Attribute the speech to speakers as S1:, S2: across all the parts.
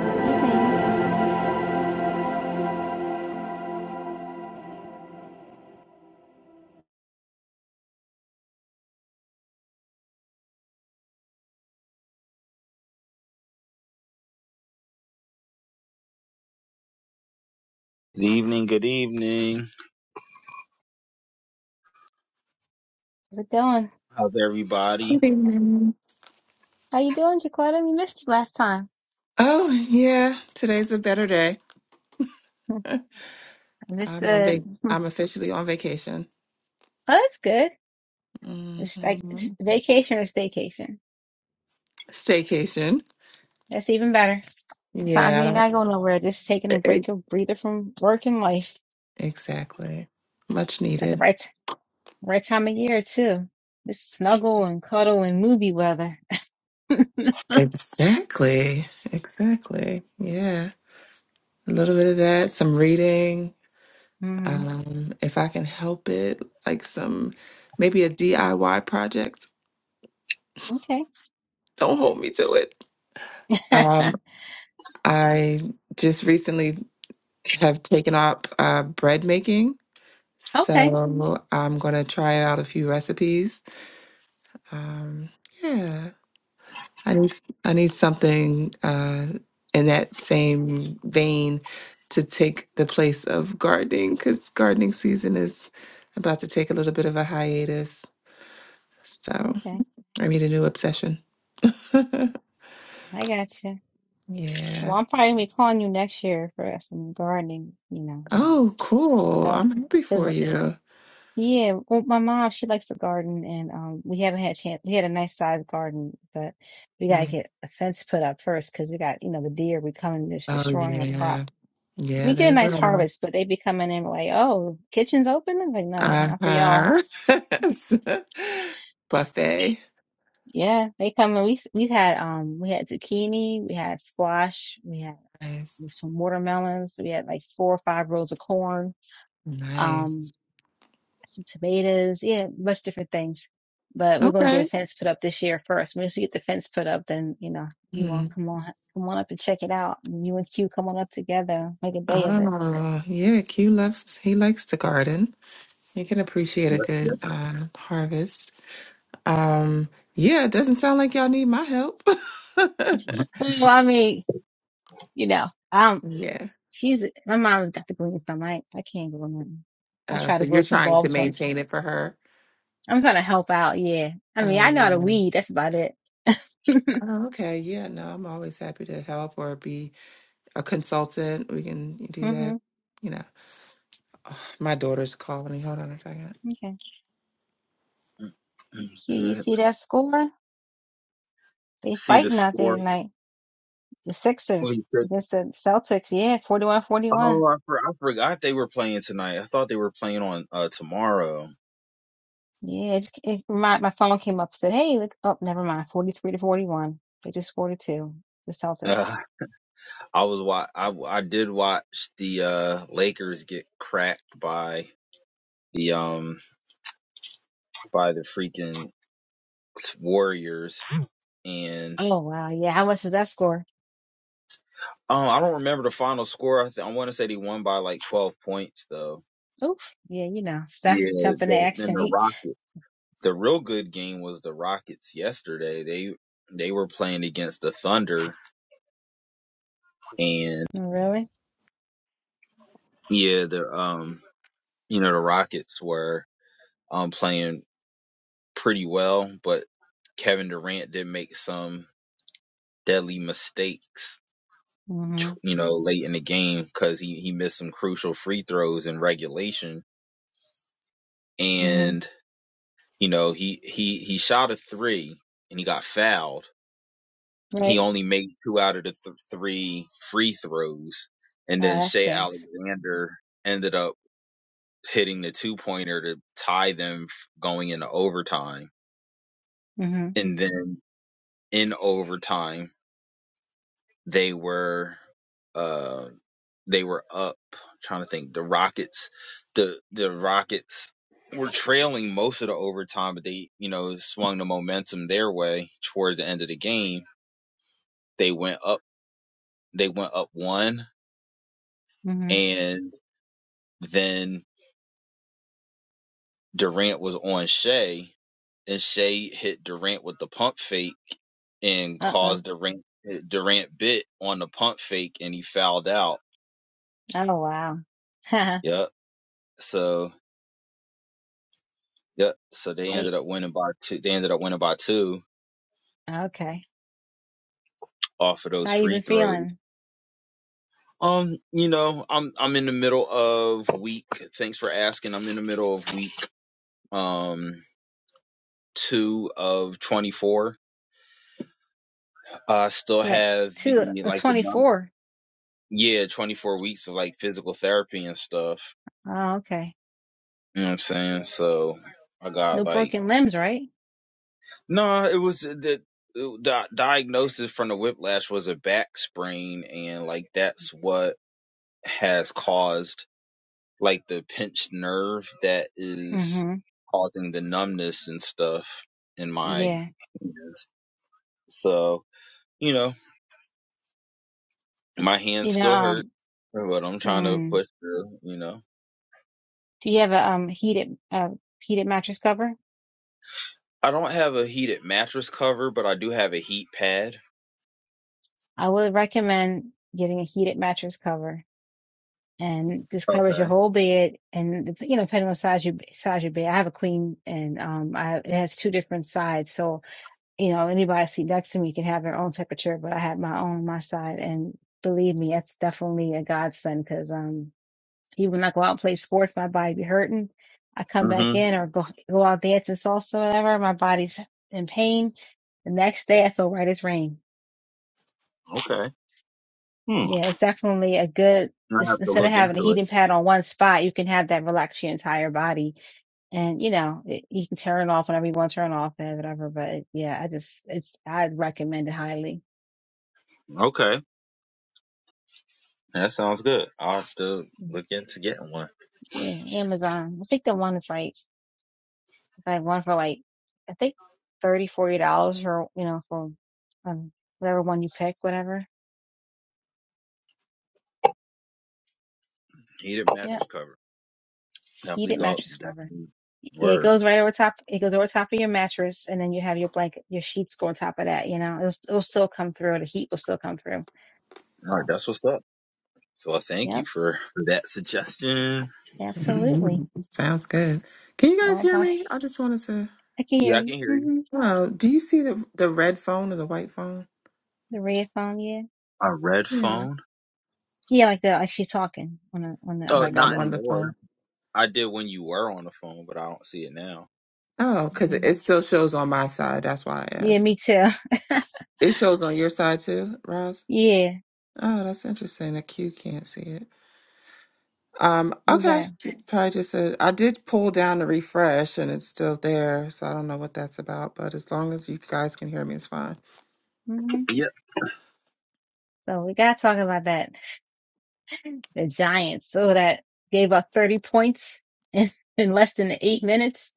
S1: Good evening.
S2: Good evening, good evening.
S1: How's it going?
S2: How's everybody?
S3: Good evening.
S1: How you doing, Jaquetta? We missed you last time.
S3: Oh yeah, today's a better day.
S1: i This
S3: I'm on
S1: uh,
S3: vac.
S1: oh,
S3: I'm officially on vacation.
S1: it's good.
S3: hmm
S1: It's like it's vacation or staycation.
S3: Staycation.
S1: That's even better. Sometimes you
S3: Yeah, I
S1: ain't
S3: don't-
S1: gotta go nowhere. Just taking a
S3: e-
S1: break
S3: e-
S1: or breather from work and life.
S3: exactly. Much
S1: Got the
S3: needed.
S1: right right time of year too. Just snuggle and cuddle and movie weather.
S3: Exactly. Exactly. Yeah, a little bit of that. Some reading.
S1: hmm
S3: Um, if I can help it, like some maybe a DIY project.
S1: Okay.
S3: Don't hold me to it. Um, I just recently have taken up uh, bread making.
S1: okay.
S3: So I'm gonna try out a few recipes. Um, yeah, I need I need something uh, in that same vein to take the place of gardening because gardening season is about to take a little bit of a hiatus. So
S1: Okay.
S3: I need a new obsession.
S1: I got you.
S3: yeah.
S1: Well, I'm probably gonna be calling you next year for some gardening. You know,
S3: Oh, cool. I'm happy
S1: help.
S3: for you.
S1: Yeah, well, my mom, she likes to garden, and um, we haven't had a chance. We had a nice sized garden, but we gotta
S3: Mm.
S1: get a fence put up first because we got, you know, the deer we coming and just
S3: Oh
S1: destroying our crop.
S3: yeah. Yeah,
S1: We get
S3: they
S1: a nice
S3: will.
S1: harvest, but they be coming in like, oh, kitchen's open. I'm like, nah, not for y'all.
S3: Uh-huh. Buffet.
S1: Yeah, they come and we we had um we had zucchini, we had squash, we had
S3: Nice.
S1: some watermelons, we had like four or five rows of corn. Um.
S3: Nice.
S1: some tomatoes, yeah, much different things. But we're gonna get a
S3: Okay.
S1: fence put up this year first. Once we get the fence put up, then you know you want
S3: Mhm.
S1: come on come on up and check it out. You and Q come on up together, make a day of it.
S3: Oh, yeah. Q loves, he likes to garden. He can appreciate a good uh, harvest. Um, yeah, it doesn't sound like y'all need my help.
S1: Well, I mean, you know, um,
S3: Yeah.
S1: she's my mom's got the green thumb. I I can't grow nothing. I
S3: Oh,
S1: tried
S3: so
S1: to
S3: you're
S1: grow some
S3: trying to
S1: bulbs once.
S3: maintain it for her?
S1: I'm gonna help out. Yeah, I mean,
S3: Oh,
S1: I know how to
S3: yeah.
S1: weed. That's about it.
S3: Oh, okay. Yeah, no, I'm always happy to help or be a consultant. We can do
S1: hmm
S3: that, you know. My daughter's calling me. Hold on a 2nd
S1: Okay. Q, you
S2: Good.
S1: see that score? They
S2: See the
S1: fighting out there
S2: score.
S1: tonight. The
S2: Well,
S1: Sixers
S2: you said,
S1: against the Celtics. Yeah, 41 41.
S2: oh, I, for, I forgot they were playing tonight. I thought they were playing on uh, tomorrow.
S1: Yeah, it, just- it, my, my phone came up and said, hey, look, oh, never mind. 43 to 41. They just scored a two, the Celtics.
S2: Uh, I was wa- I I did watch the uh, Lakers get cracked by the um by the freaking Warriors and
S1: Oh, wow. Yeah, how much does that score?
S2: um I don't remember the final score. I, th- I want to say they won by like twelve points though.
S1: Oof. Yeah, you know, Steph
S2: Yeah,
S1: jumping to
S2: the, and
S1: action.
S2: the
S1: He,
S2: Rockets. The real good game was the Rockets yesterday. They they were playing against the Thunder, and
S1: really?
S2: yeah, the um you know the Rockets were um playing pretty well, but Kevin Durant did make some deadly mistakes,
S1: Mm
S2: you know, late in the game because he he missed some crucial free throws in regulation,
S1: hmm. Mm
S2: and you know he he he shot a three and he got fouled
S1: hmm.
S2: He
S1: Right.
S2: only made two out of the th- three free throws, and
S1: Oh,
S2: then
S1: that
S2: Shea
S1: stinks.
S2: Alexander ended up hitting the two pointer to tie them f- going into overtime.
S1: Mm
S2: And then in overtime, they were uh they were up. I'm trying to think, the Rockets, the the Rockets were trailing most of the overtime, but they, you know, swung the momentum their way towards the end of the game. They went up, they went up one,
S1: hmm. Mm
S2: and Then Durant was on Shea, and Shea hit Durant with the pump fake and
S1: hmm. Uh oh.
S2: caused Durant Durant bit on the pump fake, and he fouled out.
S1: Oh, wow. I,
S2: Yep. So yep. So they ended up winning by two. They ended up winning by two
S1: okay.
S2: off of those
S1: How you
S2: free
S1: been
S2: throws.
S1: feeling?
S2: Um, you know, I'm I'm in the middle of week. Thanks for asking. I'm in the middle of week um two of 24. I uh, still
S1: What?
S2: have
S1: Two,
S2: the
S1: a
S2: like the
S1: 24.
S2: yeah, 24 weeks of like physical therapy and stuff.
S1: Oh, okay.
S2: You know what I'm saying? So I got
S1: No
S2: like,
S1: broken limbs, right?
S2: no, it was uh, the, the diagnosis from the whiplash was a back sprain. And like, that's what has caused like the pinched nerve that is
S1: hmm
S2: causing the numbness and stuff in my
S1: Yeah.
S2: hands. So, you know, my hands
S1: You know,
S2: still hurt,
S1: um,
S2: but I'm trying to
S1: mm,
S2: push through, you know.
S1: do you have a um heated uh heated mattress cover?
S2: I don't have a heated mattress cover, but I do have a heat pad.
S1: I would recommend getting a heated mattress cover and this covers your
S2: Okay.
S1: whole bed and you know, depending on size your size your bed. I have a queen and um I it has two different sides. So, you know, anybody seat next to me can have their own temperature, but I have my own on my side and believe me, that's definitely a godsend because um Even when I go out and play sports, my body be hurting. I come
S2: hmm
S1: back in or go go out dancing salsa, whatever. My body's in pain. The next day, I feel right as rain.
S2: Okay. Hmm.
S1: Yeah, it's definitely a good.
S2: I
S1: It's,
S2: have to
S1: instead of
S2: look
S1: having a
S2: into it.
S1: heating pad on one spot, you can have that relax your entire body, and you know it, you can turn it off whenever you want to turn it off and whatever. But yeah, I just it's I'd recommend it highly.
S2: Okay. That sounds good. I'll have to
S1: Mm,
S2: look into getting one.
S1: Yeah, Amazon. I think the one is right. like one for like I think thirty, forty dollars for you know for um, whatever one you pick, whatever.
S2: Heated
S1: Yeah,
S2: mattress cover.
S1: eat
S2: Definitely
S1: it
S2: go
S1: mattress cover.
S2: definitely
S1: Yeah, it
S2: word.
S1: goes right over top. It goes over top of your mattress, and then you have your blanket, your sheets go on top of that. You know, it'll it'll still come through. The heat will still come through.
S2: All
S1: So,
S2: right, that's what's up. So I thank you
S1: yep,
S2: for, for that suggestion.
S1: absolutely.
S3: Sounds good. Can you guys
S1: All
S3: hear
S1: about.
S3: me? I just wanted to.
S1: I can hear
S2: Yeah, I
S1: you.
S2: can hear you.
S1: hmm
S3: Oh, do you see the the red phone or the white phone?
S1: The red phone, yeah,
S2: A red
S3: Yeah.
S2: phone?
S1: yeah, like the like she's talking on the on the
S2: Oh,
S3: Like
S1: um.
S2: not
S3: I'm on the
S2: anymore.
S3: phone.
S2: I did when you were on the phone, but I don't see it now.
S3: Oh, because
S1: you
S3: it
S1: got-
S3: it still shows on my side. That's why I
S1: Yeah,
S3: asked.
S1: me too.
S3: It shows on your side too, Roz.
S1: yeah,
S3: Oh, that's interesting. The Q can't see it. Um.
S1: we
S3: Okay.
S1: got.
S3: Probably just a. I did pull down to refresh, and it's still there. So I don't know what that's about. But as long as you guys can hear me, it's fine.
S1: hmm
S2: Yeah.
S1: So we gotta talk about that. the Giants. So that gave up 30 points in, in less than eight minutes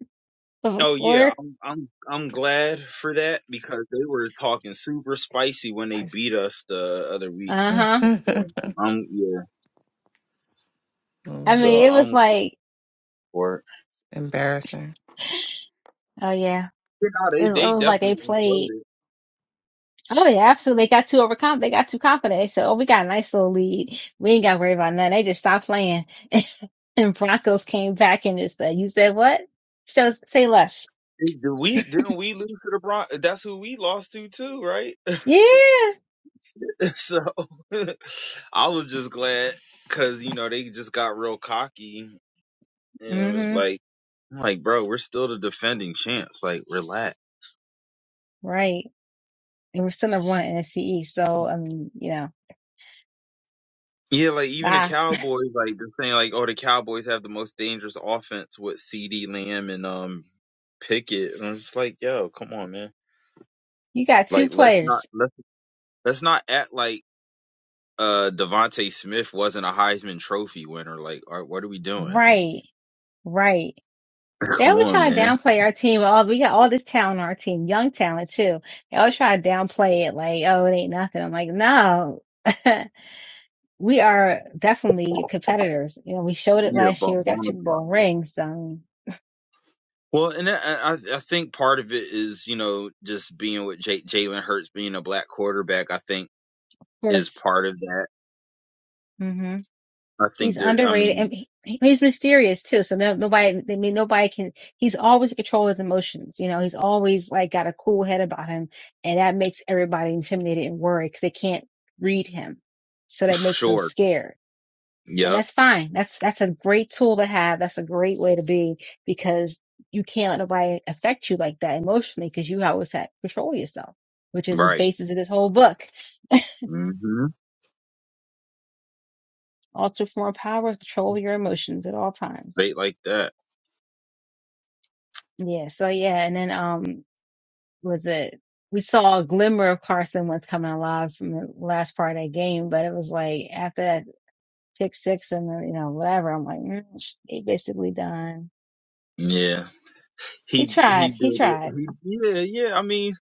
S1: of a
S2: Oh yeah,
S1: quarter.
S2: I'm I'm I'm glad for that because they were talking super spicy when they
S3: Nice.
S2: beat us the other week.
S1: Uh huh.
S2: So I'm yeah.
S1: I
S3: Mm.
S2: So
S1: mean, it was
S2: I'm
S1: like,
S2: for it.
S3: Embarrassing.
S1: oh yeah,
S2: You know,
S1: it
S2: they
S1: was, it
S2: they
S1: was like they
S2: definitely
S1: played.
S2: imploded.
S1: Oh yeah, absolutely. They got too overconfident. They got too confident. They said, oh, we got a nice little lead. We ain't got to worry about nothing. They just stopped playing. And Broncos came back and just said, you said what? So say less.
S2: Did did we didn't we lose to the Bron? That's who we lost to too, right?
S1: Yeah.
S2: so I was just glad because you know they just got real cocky and it was
S1: Mm-hmm.
S2: like, I'm like bro, we're still the defending champs. Like relax.
S1: Right. And we're still number one in NFC East. So, I mean, you know,
S2: Yeah, like even the
S1: bye.
S2: Cowboys, like they're saying, like, oh, the Cowboys have the most dangerous offense with C.D. Lamb and um Pickett, and I'm just like, yo, come on, man.
S1: You got two
S2: Like, let's not
S1: players.
S2: let's let's not act like uh Devonte Smith wasn't a Heisman Trophy winner. Like, all right, what are we doing?
S1: Right. Right. They
S2: Come
S1: always
S2: on,
S1: try to
S2: man.
S1: downplay our team. All we got all this talent on our team, young talent too. They always try to downplay it like, oh, it ain't nothing. I'm like, no. we are definitely competitors. You know, we showed it
S2: Yeah,
S1: last year.
S2: bon-
S1: We got
S2: bonus
S1: Super
S2: spot.
S1: Bowl rings. Um,
S2: Well, and I, I I think part of it is you know just being with J- Jalen Hurts being a black quarterback. I think
S1: of
S2: is
S1: course.
S2: part of that.
S1: hmm
S2: I
S1: He's
S2: think there. I
S1: underrated
S2: mean,
S1: and he, he's mysterious too. So no, nobody, I mean, nobody can, he's always in control of his emotions. You know, he's always like got a cool head about him and that makes everybody intimidated and worried because they can't read him. So that makes them
S2: sure.
S1: scared. And
S2: Yep.
S1: that's fine. That's, that's a great tool to have. That's a great way to be because you can't let nobody affect you like that emotionally because you always have to control yourself, which is the
S2: Right.
S1: basis of this whole book.
S2: hmm
S1: Alter form power, control your emotions at all times.
S2: Late like that.
S1: Yeah. So yeah, and then um, was it? We saw a glimmer of Carson was coming alive from the last part of that game, but it was like after that pick six and then, you know whatever. I'm like, mm, he basically done.
S2: Yeah.
S1: He
S2: He
S1: tried.
S2: he
S1: He
S2: did it.
S1: tried,
S2: He yeah yeah. I mean,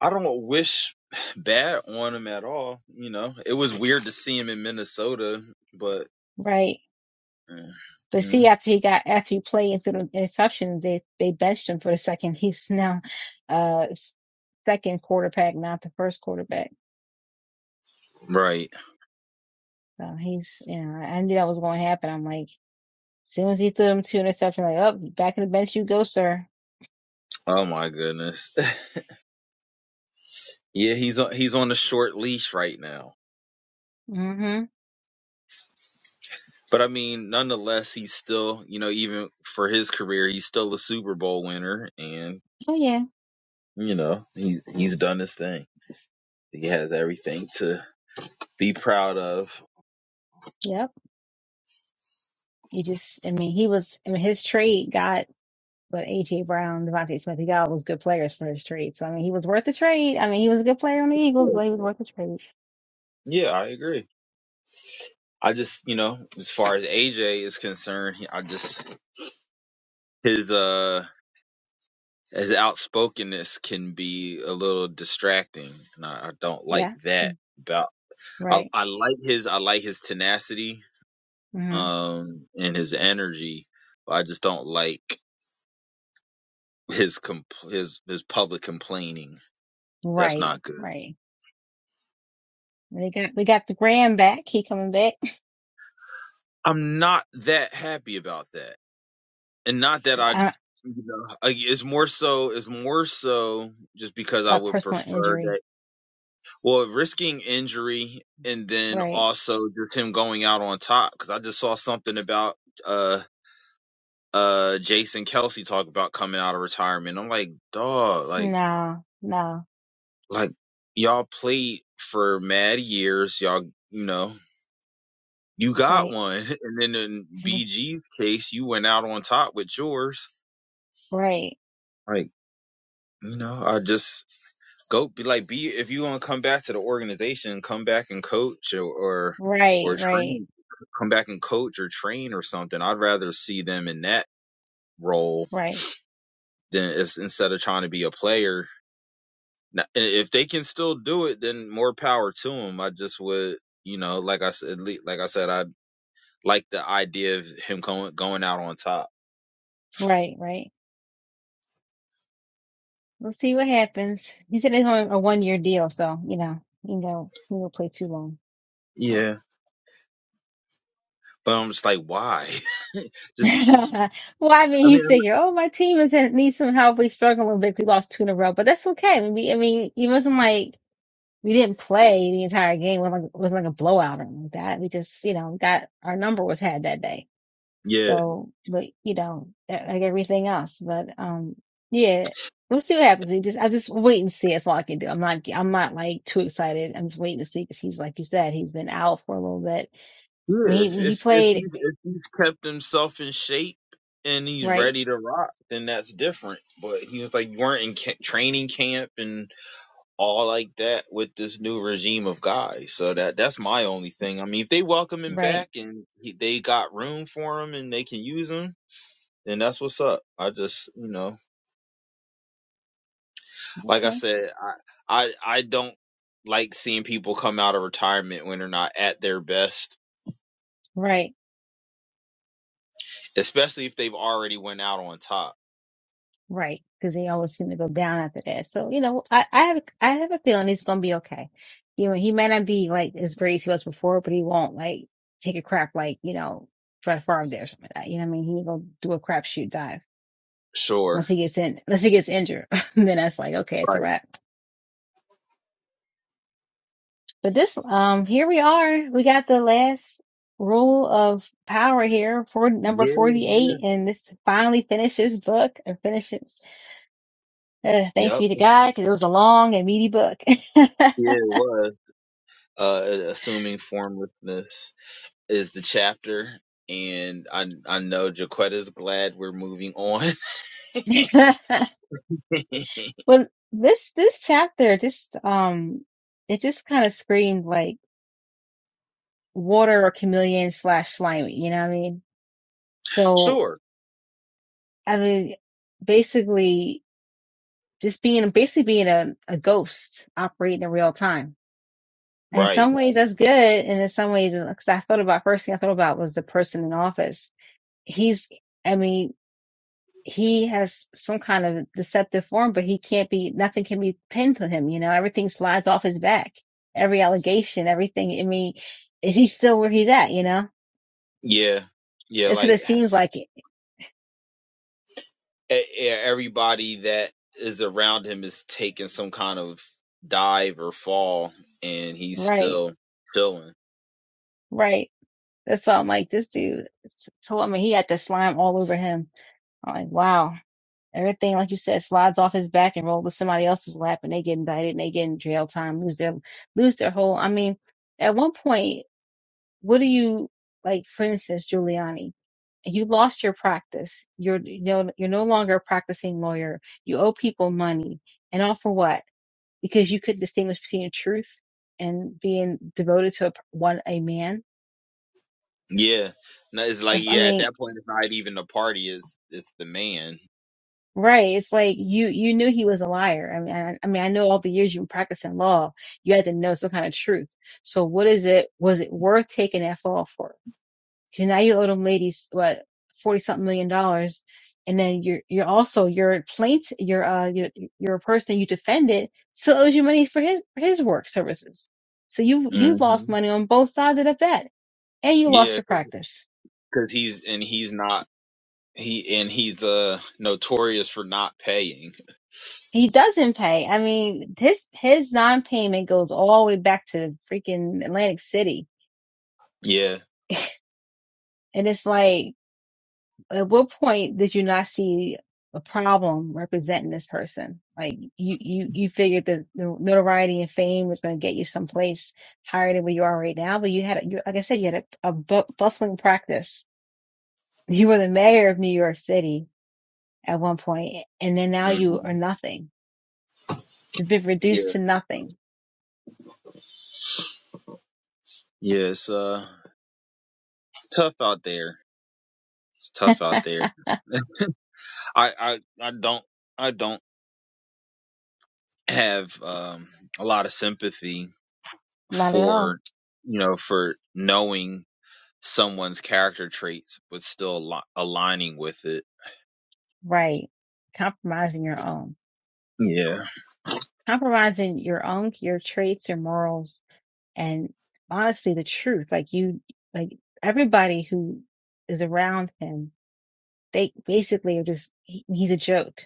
S2: I don't wish bad on him at all. You know, it was weird to see him in Minnesota, but
S1: right?
S2: eh,
S1: But
S2: you know,
S1: see, after he got after he played through the interceptions, they they benched him for the second. He's now uh s- second quarterback, not the first quarterback.
S2: right.
S1: So he's you know I knew that was going to happen. I'm like, as soon as he threw him two interceptions, like, oh, back in the bench you go, sir.
S2: Oh my goodness. yeah, he's on he's on a short leash right now.
S1: hmm
S2: But I mean, nonetheless, he's still you know even for his career, he's still a Super Bowl winner, and
S1: Oh yeah.
S2: you know he's he's done his thing. He has everything to be proud of.
S1: Yep. You just, I mean, he was, I mean, his trade got, but AJ Brown, Devontae Smith, he got all those good players for his trade. So I mean, he was worth the trade. I mean, he was a good player on the Eagles, but he was worth the trade.
S2: Yeah, I agree. I just, you know, as far as AJ is concerned, he- I just his uh his outspokenness can be a little distracting, and I, I don't like
S1: Yeah.
S2: that.
S1: Mm.
S2: About I,
S1: Right.
S2: I like his I like his tenacity,
S1: hmm
S2: um, and his energy, but I just don't like his compl- his his public complaining. That's
S1: Right.
S2: not good.
S1: Right. We got, we got the Graham back. He coming back.
S2: I'm not that happy about that. and not that I, you
S1: Yeah.
S2: know, I- it's more so, it's more so just because I
S1: My
S2: would
S1: personal
S2: prefer
S1: injury.
S2: that. Well, risking injury and then
S1: Right.
S2: also just him going out on top because I just saw something about uh uh Jason Kelsey talk about coming out of retirement. I'm like, dog, like
S1: No. No.
S2: like y'all played for mad years, y'all, you know. You got
S1: Right.
S2: one, and then in BG's case, you went out on top with yours.
S1: Right.
S2: Like, you know, I just go be like be if you want to come back to the organization, come back and coach or or,
S1: Right.
S2: or
S1: Right.
S2: train, come back and coach or train or something. I'd rather see them in that role
S1: Right.
S2: than is, instead of trying to be a player. Now, and If they can still do it, then more power to them. I just would, you know, like I said, like I said, I like the idea of him going going out on top.
S1: Right. Right. We'll see what happens. He said it's only a one year deal, so you know, you know, he will not play too long.
S2: Yeah. But I'm just like, why? just, just.
S1: well, I mean,
S2: I
S1: he
S2: mean,
S1: thinking, "Oh, my team is needs some help. We struggling a little bit. We lost two in a row, but that's okay. We, I mean, it wasn't like we didn't play the entire game. It wasn't like, it wasn't like a blowout or anything like that. We just, you know, got our number was had that day.
S2: yeah.
S1: So, but you know, that- like everything else. But um, yeah, we'll see what happens. We just, I just wait and see. That's all I can do. I'm not, I'm not like too excited. I'm just waiting to see because he's like you said, he's been out for a little bit. I
S2: Yeah,
S1: mean,
S2: if
S1: he he
S2: if if
S1: played
S2: he's if he's kept himself in shape and he's
S1: right,
S2: ready to rock, then that's different. But he was like, you weren't in ca- training camp and all like that with this new regime of guys. So that that's my only thing. I mean, if they welcome him
S1: right,
S2: back and he, they got room for him and they can use him, then that's what's up. I just you know, like I
S1: okay,
S2: said, I I I don't like seeing people come out of retirement when they're not at their best,
S1: right,
S2: especially if they've already went out on top.
S1: right, because he always seemed to go down after that. So you know, I I have I have a feeling he's gonna be okay. You know, he may not be like as great as he was before, but he won't like take a crap like you know Fred Favre did or something like that. You know what I mean? He ain't gonna do a crapshoot dive
S2: Sure
S1: Unless he gets in, unless he gets injured, then that's like, okay, it's a
S2: Right.
S1: wrap. But this, um, here we are. We got the last rule of power here for number
S2: Yeah, yeah.
S1: 48. And this finally finishes book or finishes, uh, thanks
S2: Yep.
S1: be to God because it was a long and meaty book.
S2: Yeah, it was. Uh, assuming formlessness is the chapter, and I I know Jaquetta's glad we're moving on.
S1: well, this, this chapter just, um, it just kind of screamed like water or chameleon slash slimy. You know what I mean? So,
S2: sure.
S1: I mean, basically, just being basically being a, a ghost operating in real time. And in
S2: Right.
S1: some ways that's good. And in some ways, because I thought about first thing I thought about was the person in office. He's, I mean, he has some kind of deceptive form, but he can't be, nothing can be pinned to him. You know, everything slides off his back, every allegation, everything. I mean, is he still where he's at? You know,
S2: Yeah. Yeah.
S1: that's what
S2: Like
S1: it seems like.
S2: e- e- everybody that is around him is taking some kind of dive or fall, and he's
S1: Right.
S2: still chilling.
S1: Right. That's why I'm like, this dude, told me he had the slime all over him. I'm like, wow. Everything, like you said, slides off his back and rolls to somebody else's lap, and they get indicted and they get in jail time, lose their lose their whole. I mean, at one point, what do you like? For instance, Giuliani, you lost your practice. You're you know you're no longer a practicing lawyer. You owe people money, and all for what? Because you couldn't distinguish between the truth and being devoted to a, one a man.
S2: Yeah. No, it's like
S1: I
S2: yeah. At
S1: mean,
S2: that point, it's not even the party. It's it's the man.
S1: Right. It's like you you knew he was a liar. I mean, I, I mean, I know all the years you were practicing law, you had to know some kind of truth. So what is it? Was it worth taking that fall for? Because now you owe them ladies what forty something million dollars, and then you're you're also your plaint your uh your your person you defended still owes you money for his for his work services. So you you
S2: hmm
S1: lost money on both sides of the bet, and you lost
S2: Yeah,
S1: your
S2: 'cause
S1: practice.
S2: because he's and he's not he and he's uh notorious for not paying.
S1: He doesn't pay. I mean, his his non-payment goes all the way back to freaking Atlantic City,
S2: Yeah,
S1: and it's like, at what point did you not see a problem representing this person? Like, you you you figured that the notoriety and fame was going to get you someplace higher than where you are right now, but you had, you, like I said, you had a, a bu- bustling practice. You were the mayor of New York City at one point, and then now
S2: hmm
S1: you are nothing. You've been reduced
S2: yeah,
S1: to nothing.
S2: yeah. It's uh, it's tough out there. It's tough out there. I I I don't I don't have um a lot of sympathy
S1: Not at all.
S2: for you know for knowing someone's character traits but still al- aligning with it.
S1: Right. Compromising your own.
S2: Yeah,
S1: Compromising your own, your traits, your morals, and honestly, the truth. Like you, like everybody who is around him, they basically are just, he, he's a joke,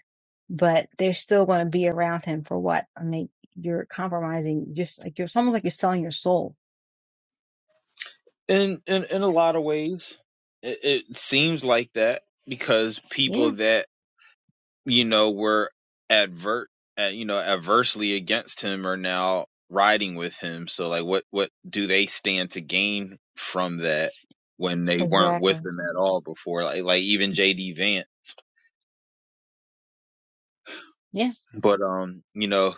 S1: but they're still going to be around him for what? I mean, you're compromising, just like you're, it's almost like you're selling your soul.
S2: in in in a lot of ways, it, it seems like that because
S1: Yeah,
S2: people that you know, were advert, uh, you know, adversely against him are now riding with him. So like, what what do they stand to gain from that when they weren't with
S1: exactly.
S2: him at all before? Like like even J.D. Vance.
S1: Yeah.
S2: But um, you know,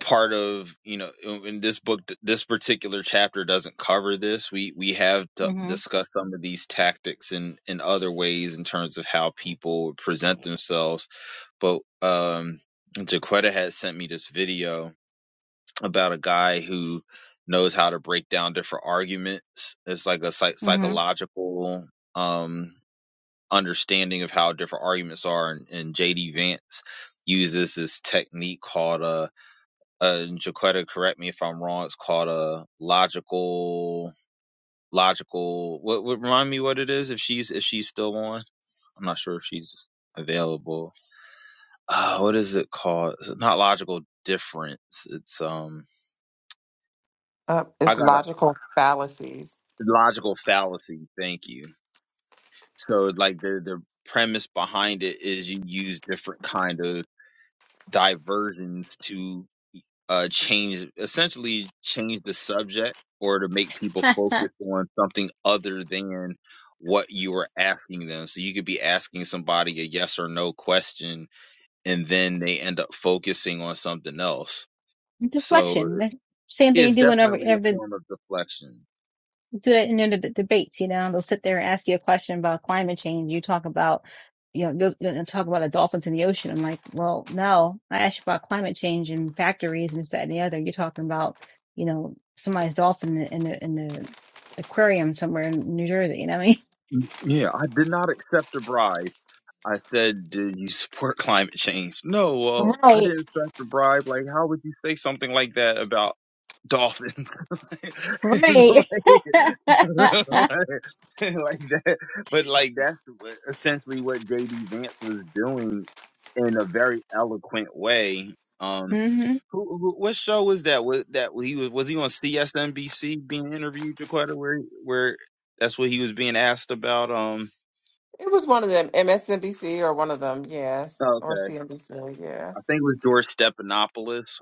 S2: part of you know in this book this particular chapter doesn't cover this we we have d
S1: Mm-hmm.
S2: discussed some of these tactics in in other ways in terms of how people present themselves but um jaquetta had sent me this video about a guy who knows how to break down different arguments it's like a psych- psychological um understanding of how different arguments are and, and jd vance uses this technique called a uh, uh, Jaquetta, correct me if I'm wrong. It's called a logical, logical. What, what remind me what it is if she's if she's still on? I'm not sure if she's available. Uh, what is it called? It's not logical difference. It's um,
S3: Uh,
S2: I
S3: it's
S2: got a
S3: logical fallacies.
S2: logical fallacy. Thank you. So like the the premise behind it is you use different kind of diversions to. uh, change essentially change the subject or to make people
S1: Mm-hmm.
S2: focus on something other than what you were asking them. So you could be asking somebody a yes or no question and then they end up focusing on something else. So
S1: Deflection. That- Same thing you
S2: it's
S1: do whenever
S2: definitely a
S1: if
S2: form of deflection.
S1: do that in the d- debates, you know, they'll sit there and ask you a question about climate change. You talk about, you know, they'll, they'll talk about the dolphins in the ocean. I'm like, well, no, I asked you about climate change and factories and this, that, and the other. You're talking about, you know, somebody's dolphin in the, in the, in the aquarium somewhere in New Jersey. You know what I mean?
S2: Yeah, I did not accept a bribe. I said, "Did you support climate change?" No, well, I
S1: Right,
S2: didn't accept a bribe. Like, how would you say something like that about dolphins? It's
S1: right.
S2: like, like that. But like that's what- essentially what JD Vance was doing in a very eloquent way. Um,
S1: hmm
S2: who, who what show was that? Was that he was was he on CSNBC being interviewed, Jaquetta, where where that's what he was being asked about? Um,
S3: It was one of them, MSNBC or one of them, yes, or CNBC, yeah,
S2: I think it was George Stephanopoulos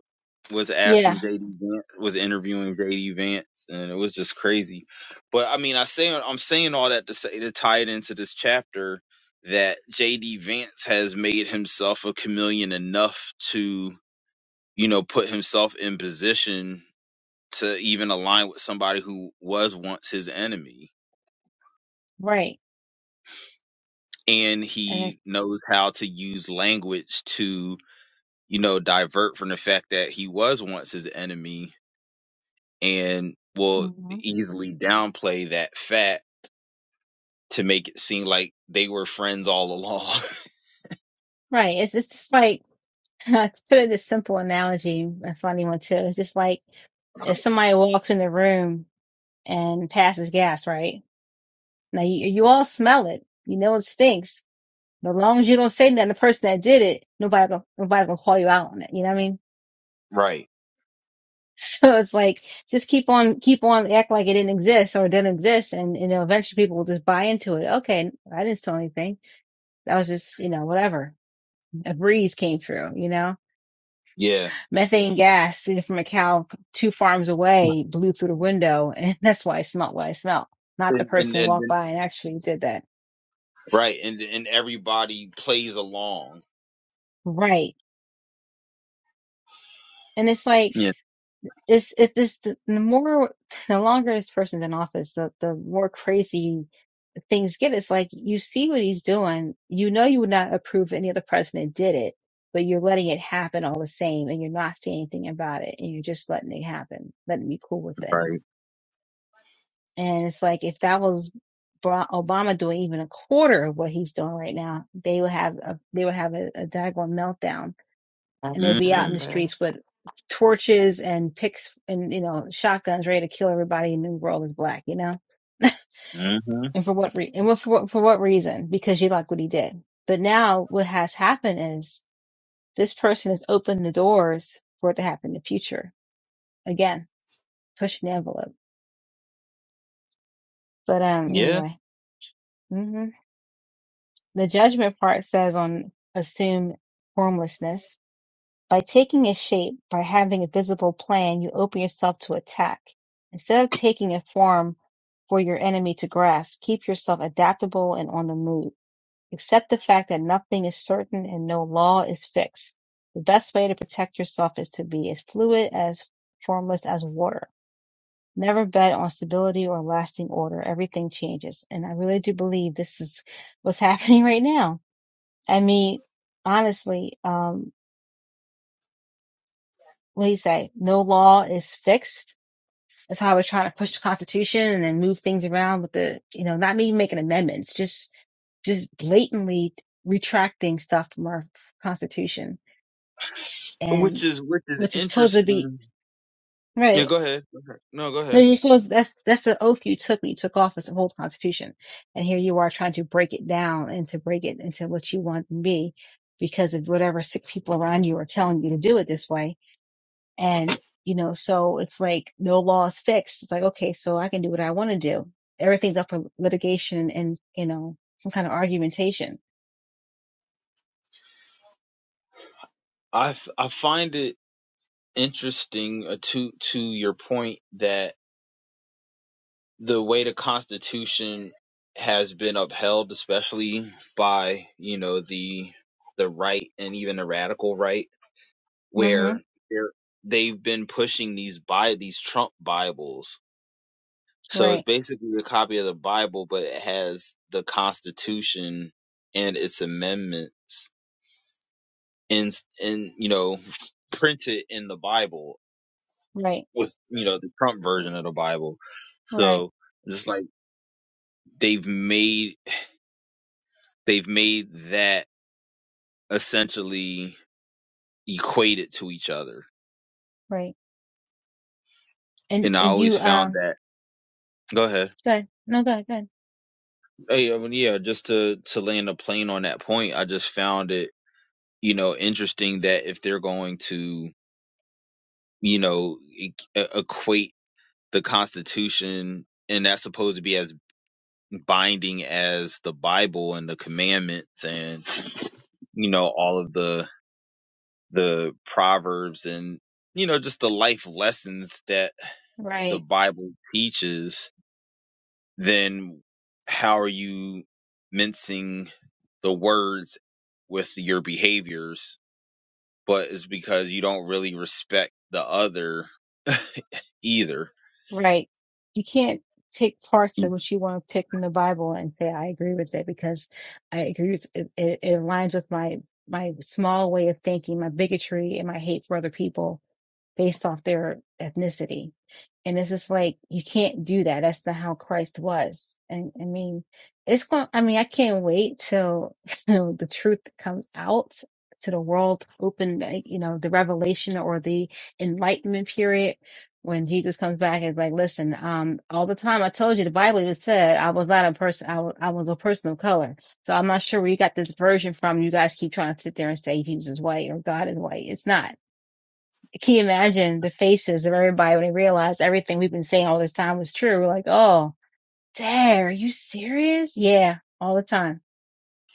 S2: was asking
S1: Yeah,
S2: JD Vance was interviewing JD Vance and it was just crazy. But I mean I say I'm saying all that to say to tie it into this chapter that JD Vance has made himself a chameleon enough to, you know, put himself in position to even align with somebody who was once his enemy.
S1: right.
S2: And
S1: And it,
S2: he knows how to use language to, you know, divert from the fact that he was once his enemy and will
S1: mhm.
S2: easily downplay that fact to make it seem like they were friends all along.
S1: right. It's, it's just like, I put in this simple analogy, a funny one too. It's just like, if somebody walks in the room and passes gas, right? Now you, you all smell it. You know it stinks. But as long as you don't say nothing, to the person that did it, nobody gonna, nobody's gonna call you out on it. You know what I mean?
S2: right.
S1: So it's like, just keep on, keep on act like it didn't exist or it didn't exist. And, you know, eventually people will just buy into it. Okay. I didn't steal anything. That was just, you know, whatever. A breeze came through, you know?
S2: Yeah.
S1: Methane gas sitting from a cow two farms away blew through the window, and that's why I smelled what I smelled. Not the
S2: And and,
S1: person
S2: and
S1: walked
S2: then,
S1: by and actually did that.
S2: right, and and everybody plays along.
S1: Right. And it's like,
S2: Yeah.
S1: it's, it's this, the, the more, the longer this person's in office, the, the more crazy things get. It's like, you see what he's doing. You know, you would not approve any other president did it, but you're letting it happen all the same, and you're not saying anything about it, and you're just letting it happen, letting me cool with it.
S2: Right.
S1: And it's like if that was Obama doing even a quarter of what he's doing right now, they would have a, they would have a, a daggone meltdown, and they'd be out in
S2: Mhm.
S1: the
S3: absolutely.
S1: streets with torches and picks and you know shotguns ready to kill everybody in the world is black, you know.
S2: Mhm.
S1: And for what re- and for what for what reason? Because you like what he did. But now what has happened is this person has opened the doors for it to happen in the future again, pushing the envelope. But um,
S2: Yeah.
S1: anyway. Mm-hmm. The judgment part says on assume formlessness. By taking a shape, by having a visible plan, you open yourself to attack. Instead of taking a form for your enemy to grasp, keep yourself adaptable and on the move. Accept the fact that nothing is certain and no law is fixed. The best way to protect yourself is to be as fluid as formless as water. Never bet on stability or lasting order. Everything changes. And I really do believe this is what's happening right now I mean, honestly, um, what do you say? No law is fixed. That's how we're trying to push the Constitution and then move things around with the, you know, not even making amendments, just, just blatantly retracting stuff from our Constitution
S2: Which
S1: and
S2: is which is
S1: which is supposed to be,
S2: interesting. Yeah.
S1: right.
S2: Go ahead. Go ahead. No. Go
S1: No,
S2: ahead.
S1: you supposed that's, that's the oath you took when you took office of the whole Constitution. And here you are trying to break it down and to break it into what you want to be because of whatever sick people around you are telling you to do it this way And, you know, so it's like no law is fixed. It's like, okay, so I can do what I want to do. Everything's up for litigation and, you know, some kind of argumentation.
S2: I f- I find it interesting uh, to to your point that the way the Constitution has been upheld, especially by you know the the right and even the radical right,
S1: mm hmm
S2: where they're- they've been pushing these by these Trump Bibles. So it's
S1: Right.
S2: basically a copy of the Bible, but it has the Constitution and its amendments in in you know printed in the Bible
S1: Right.
S2: with you know the Trump version of the Bible.
S1: Right.
S2: So just like they've made they've made that essentially equated to each other.
S1: Right. And,
S2: And I
S1: and
S2: always
S1: you,
S2: found
S1: um,
S2: that. Go ahead.
S1: good. No, good. Good.
S2: Hey, I mean, yeah, just to to land a plane on that point, I just found it, you know, interesting that if they're going to, you know, e- e-, equate the Constitution and that's supposed to be as binding as the Bible and the commandments and you know all of the the proverbs and you know just the life lessons that the
S1: Right.
S2: Bible teaches, then how are you mincing the words with your behaviors? But it's because you don't really respect the other either.
S1: Right. You can't take parts of what you want to pick from the Bible and say, I agree with it because I agree with it. It, it aligns with my, my small way of thinking, my bigotry and my hate for other people based off their ethnicity And it's just like, you can't do that. That's not how Christ was. And I mean, it's going, I mean, I can't wait till, you know, the truth comes out to the world open, like, you know, the revelation or the enlightenment period when Jesus comes back and is like, listen, um, all the time I told you the Bible even said I was not a person, I was, I was a person of color. So I'm not sure where you got this version from. You guys keep trying to sit there and say Jesus is white or God is white. It's not can you imagine the faces of everybody when they realized everything we've been saying all this time was true? We're like, oh, dad, are you serious? Yeah, all the time.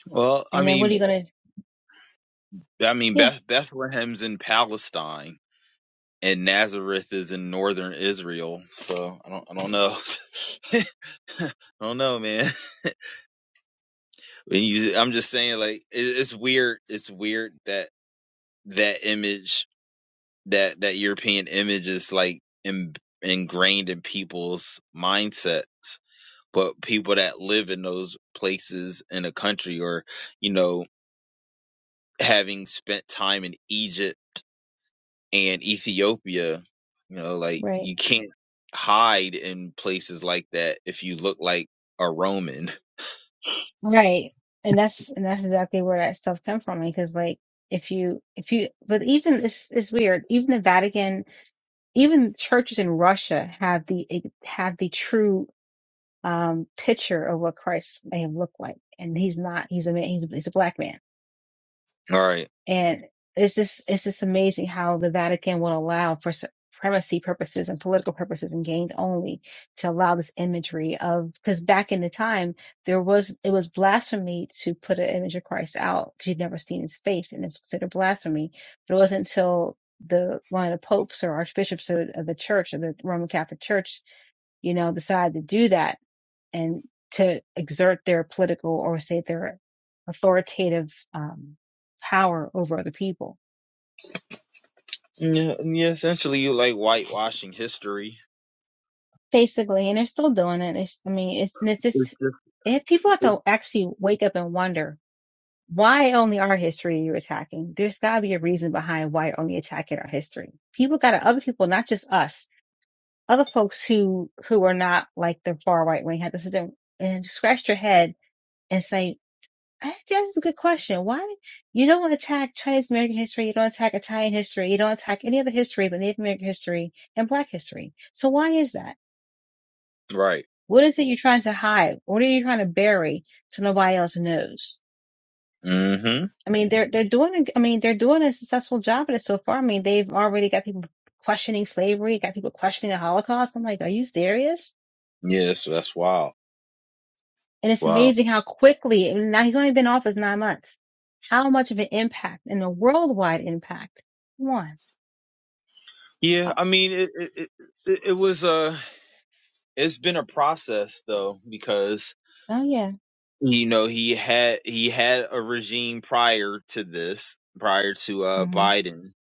S2: Well, I
S1: And then what are
S2: mean,
S1: you gonna?
S2: I mean,
S1: Yeah,
S2: Beth- Bethlehem's in Palestine and Nazareth is in northern Israel. So I don't, I don't know. I don't know, man. When you- I'm just saying, like, it, it's weird. It's weird that that image that that European image is like in, ingrained in people's mindsets. But people that live in those places in a country, or you know, having spent time in Egypt and Ethiopia, you know, like
S1: right,
S2: you can't hide in places like that if you look like a Roman.
S1: right. And that's and that's exactly where that stuff come from. Because like, if you if you, but even this is weird. Even the Vatican, even churches in Russia have the have the true um picture of what Christ may have looked like, and he's not. He's a man. He's he's a black man
S2: All right.
S1: And it's just it's just amazing how the Vatican will allow for supremacy purposes and political purposes and gained only to allow this imagery of because back in the time there was it was blasphemy to put an image of Christ out because you'd never seen his face and it's considered blasphemy. But it wasn't until the one of the popes or archbishops of, of the church of the Roman Catholic Church, you know, decided to do that and to exert their political or say their authoritative um, power over other people,
S2: Yeah, yeah. Essentially, you like whitewashing history.
S1: basically. And they're still doing it. It's, I mean, it's it's just if people have to actually wake up and wonder why only our history you're attacking. There's got to be a reason behind why you're only attacking our history. People got to other people, not just us. Other folks who who are not like the far right wing have to sit there and scratch their head and say I- think That's a good question. Why you don't attack Chinese American history, you don't attack Italian history, you don't attack any other history but Native American history and Black history. So why is that?
S2: Right.
S1: What is it you're trying to hide? What are you trying to bury so nobody else knows?
S2: Mm-hmm.
S1: I mean, they're they're doing. a- I mean, they're doing a successful job at it so far. I mean, they've already got people questioning slavery, got people questioning the Holocaust. I'm like, are you serious?
S2: Yes, that's wild.
S1: And it's
S2: Wow.
S1: amazing how quickly. Now he's only been off as nine months. How much of an impact and a worldwide impact? One.
S2: Yeah, I mean, it it, it it was a it's been a process though because
S1: Oh yeah.
S2: you know he had he had a regime prior to this, prior to uh
S1: Mhm.
S2: Biden,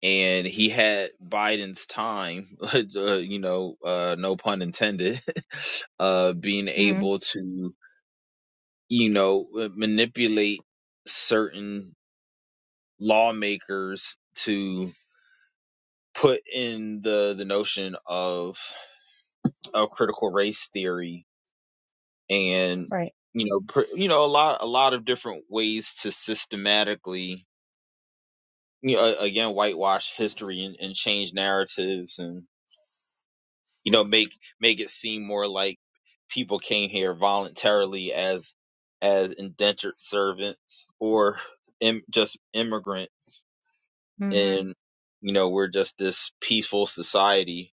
S2: and he had Biden's time, uh, you know, uh no pun intended, uh being
S1: Mhm.
S2: able to you know manipulate certain lawmakers to put in the the notion of of critical race theory and
S1: Right.
S2: you know per, you know a lot a lot of different ways to systematically you know again whitewash history and, and change narratives and you know make make it seem more like people came here voluntarily as as indentured servants or Im- just immigrants
S1: Mhm.
S2: and you know we're just this peaceful society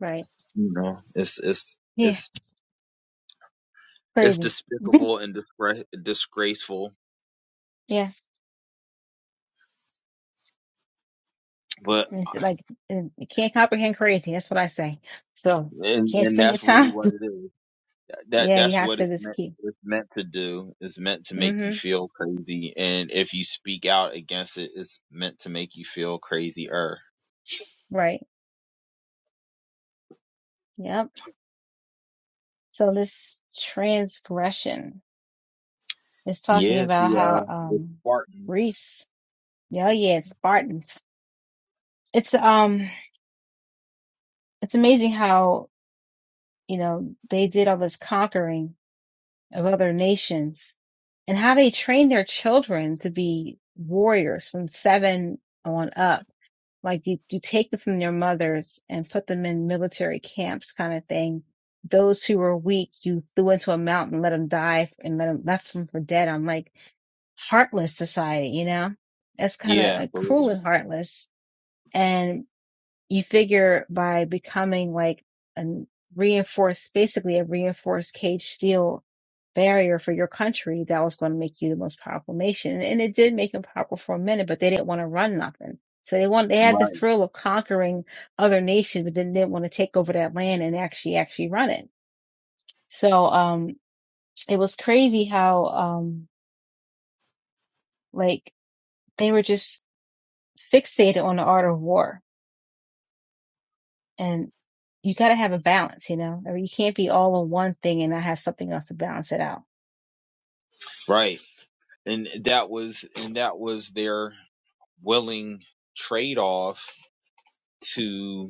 S1: Right.
S2: you know it's it's
S1: Yeah,
S2: it's it's
S1: Crazy.
S2: despicable and disgra- disgraceful
S1: yeah.
S2: but
S1: And It's like uh, you can't comprehend crazy. That's what I say. So
S2: and
S1: can't
S2: and
S1: spend your
S2: that's really
S1: time.
S2: what it is. That
S1: yeah, you
S2: that's
S1: have
S2: what
S1: to
S2: it's
S1: just
S2: meant.
S1: keep.
S2: It's meant to do. It's meant to make you
S1: Mhm.
S2: feel crazy, and if you speak out against it, it's meant to make you feel crazier.
S1: Right. Yep. So this transgression is talking
S2: Yeah,
S1: about
S2: the
S1: how
S2: uh, the
S1: um
S2: Spartans.
S1: Greece. Yeah, yeah, it's Spartans. It's um it's amazing how, you know, they did all this conquering of other nations and how they train their children to be warriors from seven on up. Like you, you take them from their mothers and put them in military camps kind of thing. Those who were weak, you threw into a mountain, let them die and let them left them for dead. I'm like heartless society, you know, that's kind of
S2: Yeah,
S1: uh,
S2: for
S1: cruel and heartless. and you figure by becoming like a reinforced, basically a reinforced cage steel barrier for your country, that was going to make you the most powerful nation. And it did make them powerful for a minute, but they didn't want to run nothing. So they want, they had the
S2: right,
S1: thrill of conquering other nations, but then didn't want to take over that land and actually, actually run it. So, um, it was crazy how, um, like they were just fixated on the art of war and you got to have a balance, you know. I mean, you can't be all on one thing and not have something else to balance it out.
S2: right, and that was and that was their willing trade off to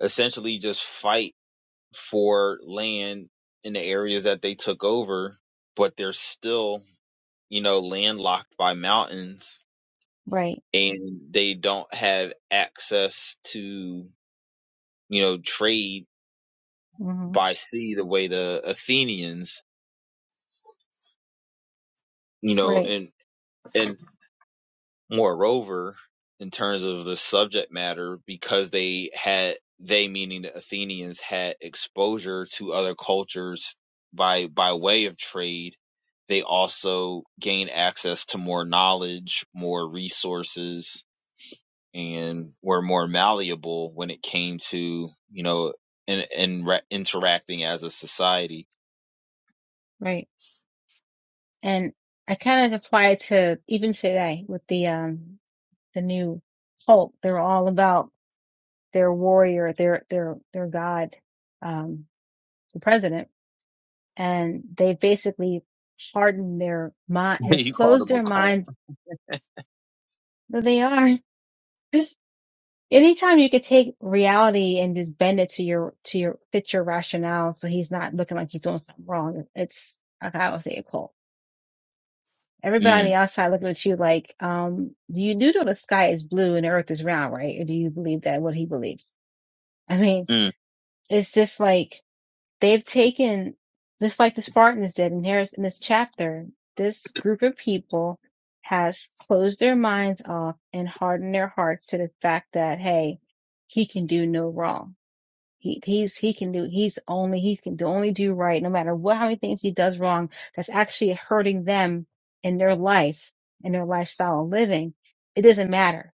S2: essentially just fight for land in the areas that they took over, but they're still you know, landlocked by mountains
S1: Right.
S2: and they don't have access to, you know, trade
S1: hmm
S2: by sea the way the Athenians, you know,
S1: Right.
S2: and, and moreover, in terms of the subject matter, because they had, they meaning the Athenians had exposure to other cultures by, by way of trade. They also gained access to more knowledge, more resources, and were more malleable when it came to you know and in re- interacting as a society.
S1: Right. And I kind of apply it to even today with the um the new Hulk. They're all about their warrior, their their their god, um, the president, and they basically hardened their mind, have closed their
S2: Oh,
S1: mind. There they are. Anytime you could take reality and just bend it to your to your fit your rationale, so he's not looking like he's doing something wrong. It's like I would say a cult. Everybody
S2: Mm,
S1: outside looking at you like, um, do you do know the sky is blue and the earth is round, right? Or do you believe that what he believes? I mean,
S2: mm.
S1: it's just like they've taken just like the Spartans did, in here's in this chapter, this group of people has closed their minds off and hardened their hearts to the fact that hey, he can do no wrong He he's he can do he's only he can do only do right no matter what how many things he does wrong that's actually hurting them in their life and their lifestyle of living. It doesn't matter.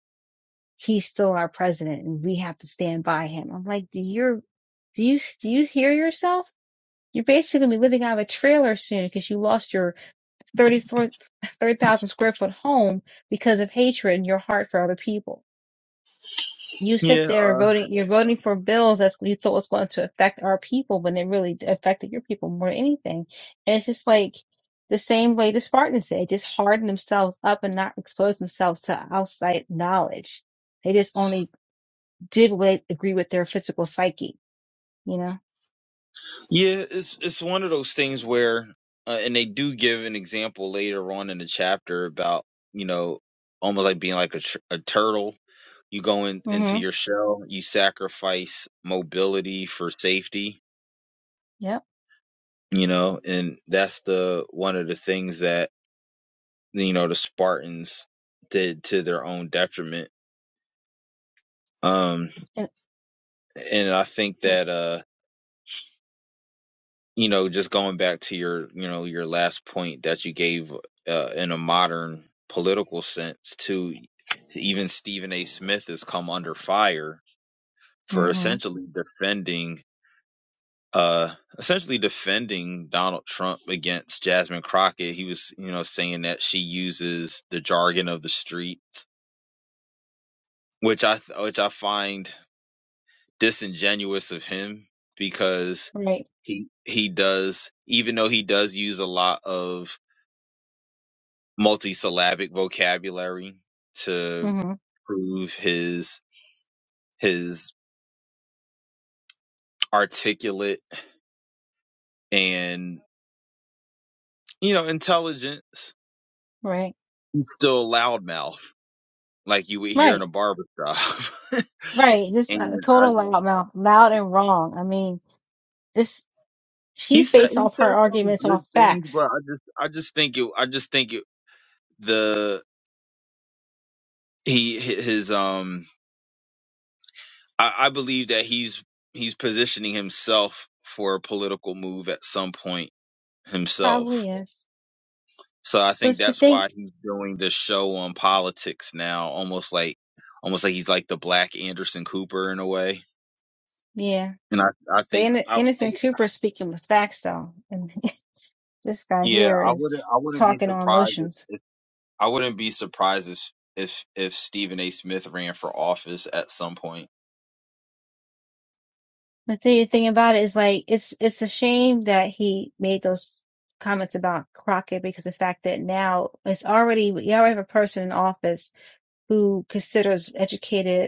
S1: He's still our president and we have to stand by him. I'm like, do you do you do you hear yourself? You're basically gonna be living out of a trailer soon because you lost your thirty-four 30, thousand square foot home because of hatred in your heart for other people you sit
S2: Yeah,
S1: there
S2: uh,
S1: voting, you're voting for bills that you thought was going to affect our people when it really affected your people more than anything. And it's just like the same way the Spartans did, just harden themselves up and not expose themselves to outside knowledge. They just only did what they agree with their physical psyche, you know?
S2: yeah, it's it's one of those things where, uh, and they do give an example later on in the chapter about you know almost like being like a, tr- a turtle. You go in, into
S1: hmm
S2: your shell, you sacrifice mobility for safety,
S1: Yep.
S2: you know, and that's the one of the things that you know the Spartans did to their own detriment Um,
S1: And,
S2: and I think
S1: and,
S2: that uh, you know, just going back to your, you know, your last point that you gave uh, in a modern political sense to even Stephen A. Smith has come under fire for
S1: hmm
S2: essentially defending uh essentially defending Donald Trump against Jasmine Crockett. He was, you know, saying that she uses the jargon of the streets, which I which I find disingenuous of him because
S1: Right.
S2: he he does even though he does use a lot of multisyllabic vocabulary to
S1: hmm
S2: prove his his articulate and you know intelligence
S1: Right.
S2: still a loudmouth like you would hear in a
S1: Right.
S2: barber shop
S1: Right. Just
S2: and
S1: a
S2: I,
S1: total loud mouth, loud and wrong. I mean, this,
S2: he
S1: she's
S2: said
S1: based
S2: he
S1: off
S2: said
S1: her
S2: some
S1: arguments
S2: good
S1: off
S2: things
S1: facts
S2: but i just i just think it i just think it the he his um I, I believe that he's he's positioning himself for a political move at some point himself.
S1: Probably is.
S2: So I think
S1: But the
S2: that's
S1: thing,
S2: why he's doing the show on politics now, almost like almost like he's like the black Anderson Cooper in a way.
S1: yeah.
S2: And I I
S1: But
S2: think
S1: Inno-
S2: I, I
S1: Innocent
S2: would-
S1: Cooper speaking with facts though, and this guy
S2: yeah
S1: here
S2: I wouldn't
S1: is
S2: I wouldn't be
S1: talking on
S2: surprised if,
S1: emotions.
S2: if I wouldn't be surprised if if if Stephen A. Smith ran for office at some point.
S1: But the thing about it is like, it's it's a shame that he made those comments about Crockett because the fact that now it's already you already have a person in office who considers educated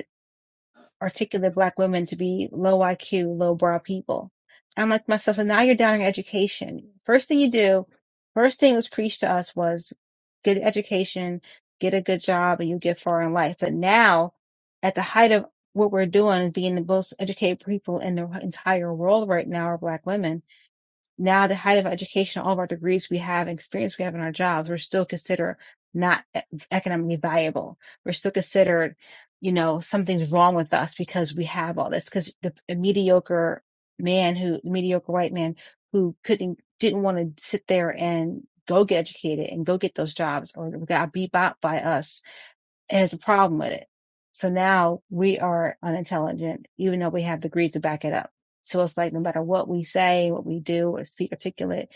S1: articulate black women to be low IQ, low brow people. I'm like myself, so now you're down in education. First thing you do, first thing was preached to us was get an education, get a good job, and you get far in life. But now, at the height of what we're doing, being the most educated people in the entire world right now are black women now the height of education, all of our degrees we have, experience we have in our jobs, we're still considered not e- economically viable. We're still considered, you know, something's wrong with us because we have all this. Because the a mediocre man who, the mediocre white man who couldn't, didn't want to sit there and go get educated and go get those jobs or got beat out by us has a problem with it. So now we are unintelligent, even though we have degrees to back it up. So it's like no matter what we say, what we do, or speak articulate,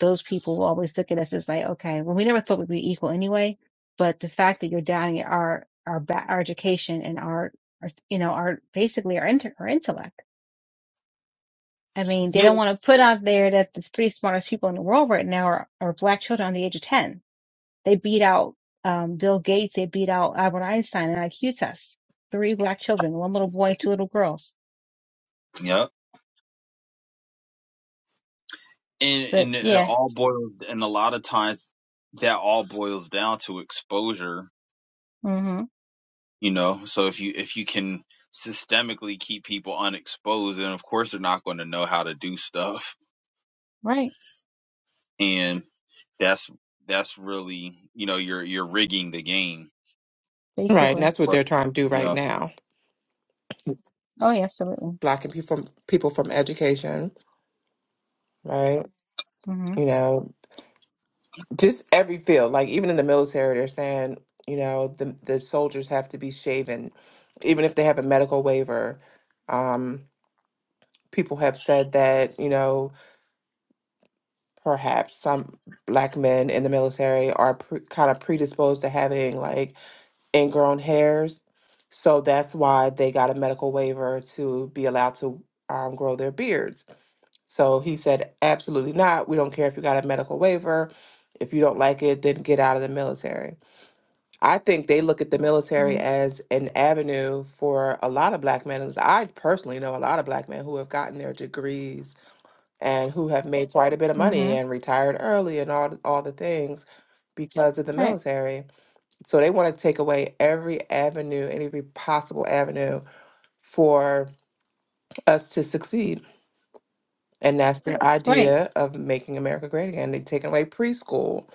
S1: those people will always look at us as like, okay, well, we never thought we'd be equal anyway. But the fact that you're doubting our our ba- our education and our, our you know our basically our inter- our intellect. I mean, they
S2: Yeah.
S1: don't want to put out there that the three smartest people in the world right now are, are black children under the age of ten they beat out um, Bill Gates. They beat out Albert Einstein in IQ tests. Three black children, one little boy, two little girls.
S2: Yep. and
S1: But
S2: and it
S1: yeah,
S2: all boils and a lot of times that all boils down to exposure
S1: hmm
S2: you know so if you if you can systemically keep people unexposed then of course they're not going to know how to do stuff
S1: right,
S2: and that's that's really you know you're you're rigging the game
S3: Right, and
S1: basically.
S3: that's what
S2: right
S3: they're trying to do
S2: you
S3: right
S2: know
S3: now,
S1: Oh yeah, absolutely.
S3: blocking people from people from education, right?
S1: mm
S3: You know, just every field. Like even in the military, they're saying, you know, the the soldiers have to be shaven, even if they have a medical waiver. Um, people have said that, you know, perhaps some black men in the military are pre- kind of predisposed to having like ingrown hairs. So that's why they got a medical waiver to be allowed to um, grow their beards. So he said, absolutely not. We don't care if you got a medical waiver. If you don't like it, then get out of the military. I think they look at the military
S1: hmm
S3: as an avenue for a lot of black men. 'cause I personally know a lot of black men who have gotten their degrees and who have made quite a bit of
S1: hmm
S3: money
S1: hmm
S3: and retired early and all all the things because of the
S1: Right,
S3: military. So they want to take away every avenue, every possible avenue for us to succeed. And that's the Yeah.
S1: right.
S3: idea of making America great again. They've taken away preschool,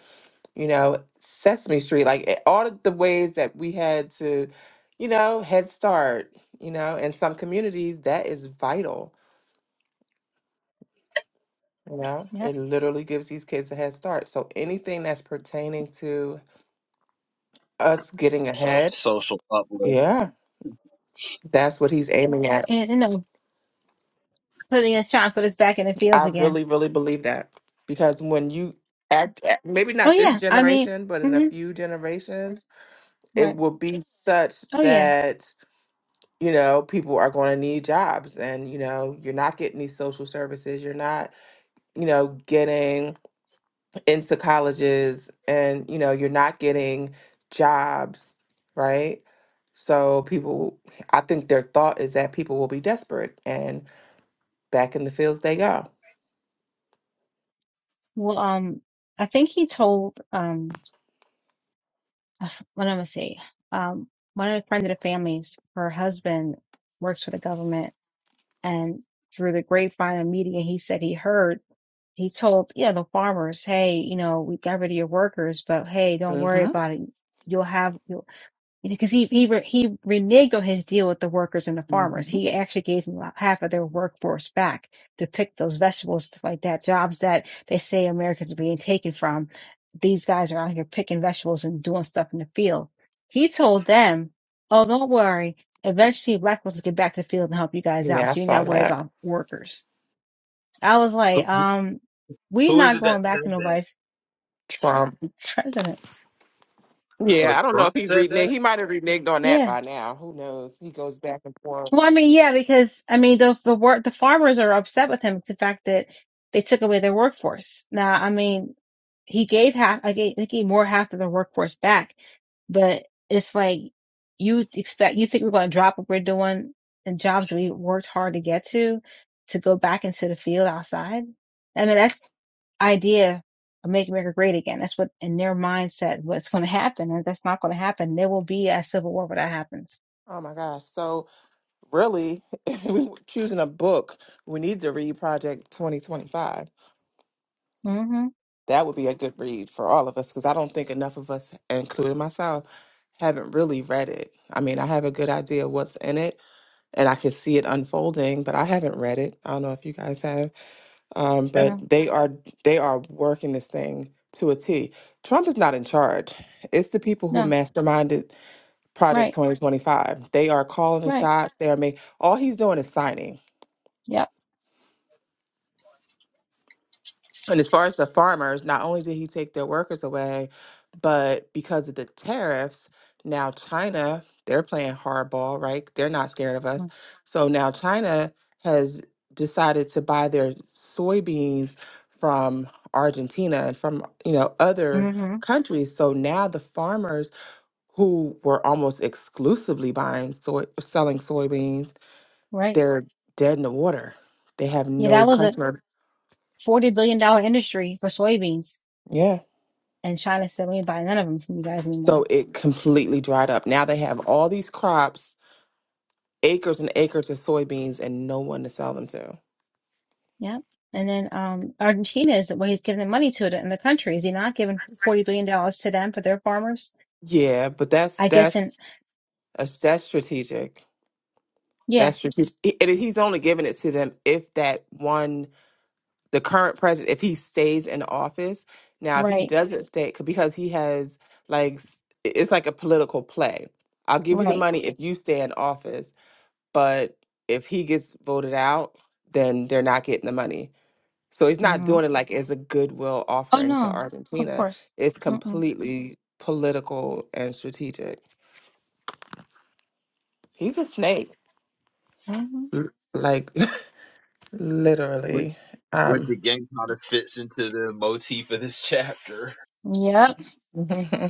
S3: you know, Sesame Street, like eh, all of the ways that we had to, you know, Head Start, you know, in some communities, that is vital Yeah,
S1: Yep.
S3: it literally gives these kids a head start. So anything that's pertaining to us getting ahead,
S2: social uplift
S3: yeah, that's what he's aiming at.
S1: And you know, putting us trying to put us back in the fields
S3: I
S1: again.
S3: really, really believe that because when you act, at- maybe
S1: Oh
S3: not this
S1: yeah, I mean,
S3: generation, but in a
S1: mm
S3: few generations,
S1: hmm
S3: it
S1: right.
S3: will be such
S1: Oh yeah.
S3: that you know people are going to need jobs, and you know you're not getting these social services, you're not, you know, getting into colleges and you know you're not getting jobs right so people i think their thought is that people will be desperate and back in the fields they go
S1: Well, um, I think he told um, uh, what I'm gonna say, um, one of the friends of the families, her husband works for the government And through the grapevine and media, he said he heard, he told, yeah, the farmers, hey, you know, we got rid of your workers, but hey, don't worry
S3: hmm
S1: about it. You'll have, you'll because he he re, he reneged on his deal with the workers and the
S3: hmm
S1: farmers. He actually gave them half of their workforce back to pick those vegetables, stuff like that. Jobs that they say Americans are being taken from. These guys are out here picking vegetables and doing stuff in the field. He told them, "Oh, don't worry. Eventually, black folks will get back to the field and help you guys out,
S3: yeah i
S1: so you ain't got
S3: saw
S1: to worry
S3: that
S1: about workers." I was
S2: who,
S1: like, "Um, we're
S2: who is
S1: not
S2: it that
S1: going back to
S2: said that
S1: nobody's
S3: trump
S1: president."
S2: oh
S3: yeah i don't know
S2: trump
S3: if he
S2: said
S3: reneged
S2: that
S3: he might have reneged on that
S1: Yeah.
S3: by now who knows he goes back and forth
S1: Well, I mean, yeah, because I mean, those the work the farmers are upset with him. It's the fact that they took away their workforce. Now, I mean, he gave half. I gave, he gave more half of the workforce back, but it's like you expect you think we're going to drop what we're doing and jobs that we worked hard to get to to go back into the field outside. I mean, that's the idea of making America great again. That's what in their mindset what's going to happen, and that's not going to happen. There will be a civil war when that happens.
S3: oh my gosh so really if we were choosing a book we need to read project 2025
S1: hmm
S3: That would be a good read for all of us because I don't think enough of us, including myself, haven't really read it. I mean, I have a good idea what's in it and I can see it unfolding, but I haven't read it. I don't know if you guys have. Um, but
S1: No,
S3: they are they are working this thing to a T. Trump is not in charge. It's the people who
S1: no,
S3: masterminded Project
S1: right.
S3: 2025. They are calling the
S1: Right.
S3: shots. They are making all he's doing is signing.
S1: Yep.
S3: And as far as the farmers, not only did he take their workers away, but because of the tariffs, now China, they're playing hardball, right? They're not scared of us. So now China has decided to buy their soybeans from Argentina and from, you know, other
S1: Mm-hmm.
S3: countries. So now the farmers who were almost exclusively buying soy selling soybeans,
S1: Right.
S3: they're dead in the water. They have
S1: Yeah,
S3: no
S1: that was a
S3: customer.
S1: forty billion dollar industry for soybeans,
S3: Yeah.
S1: and China said we ain't buying none of them from you guys
S3: So
S1: anymore.
S3: it completely dried up. Now they have all these crops, acres and acres of soybeans, and no one to sell them to.
S1: Yep. And then um Argentina is where he's giving the money to it in the country. Is he not giving forty billion dollars to them for their farmers?
S3: Yeah, but that's
S1: I guess. And
S3: that's uh, that's strategic.
S1: yeah.
S3: That's strategic. He, And he's only giving it to them if that one, the current president, if he stays in office. Now, if he
S1: Right.
S3: doesn't stay, c- because he has like s- it's like a political play. I'll give you the
S1: Right.
S3: money if you stay in office, but if he gets voted out, then they're not getting the money. So he's not
S1: Mm-hmm.
S3: doing it like as a goodwill
S1: Oh
S3: offering to
S1: no. Of
S3: Argentina.
S1: course.
S3: It's
S1: Mm-mm.
S3: completely political and strategic. He's a snake.
S1: Mm-hmm.
S3: l- Like
S2: which
S3: literally.
S2: which
S3: Um
S2: again kind of fits into the motif of this chapter
S1: Yep.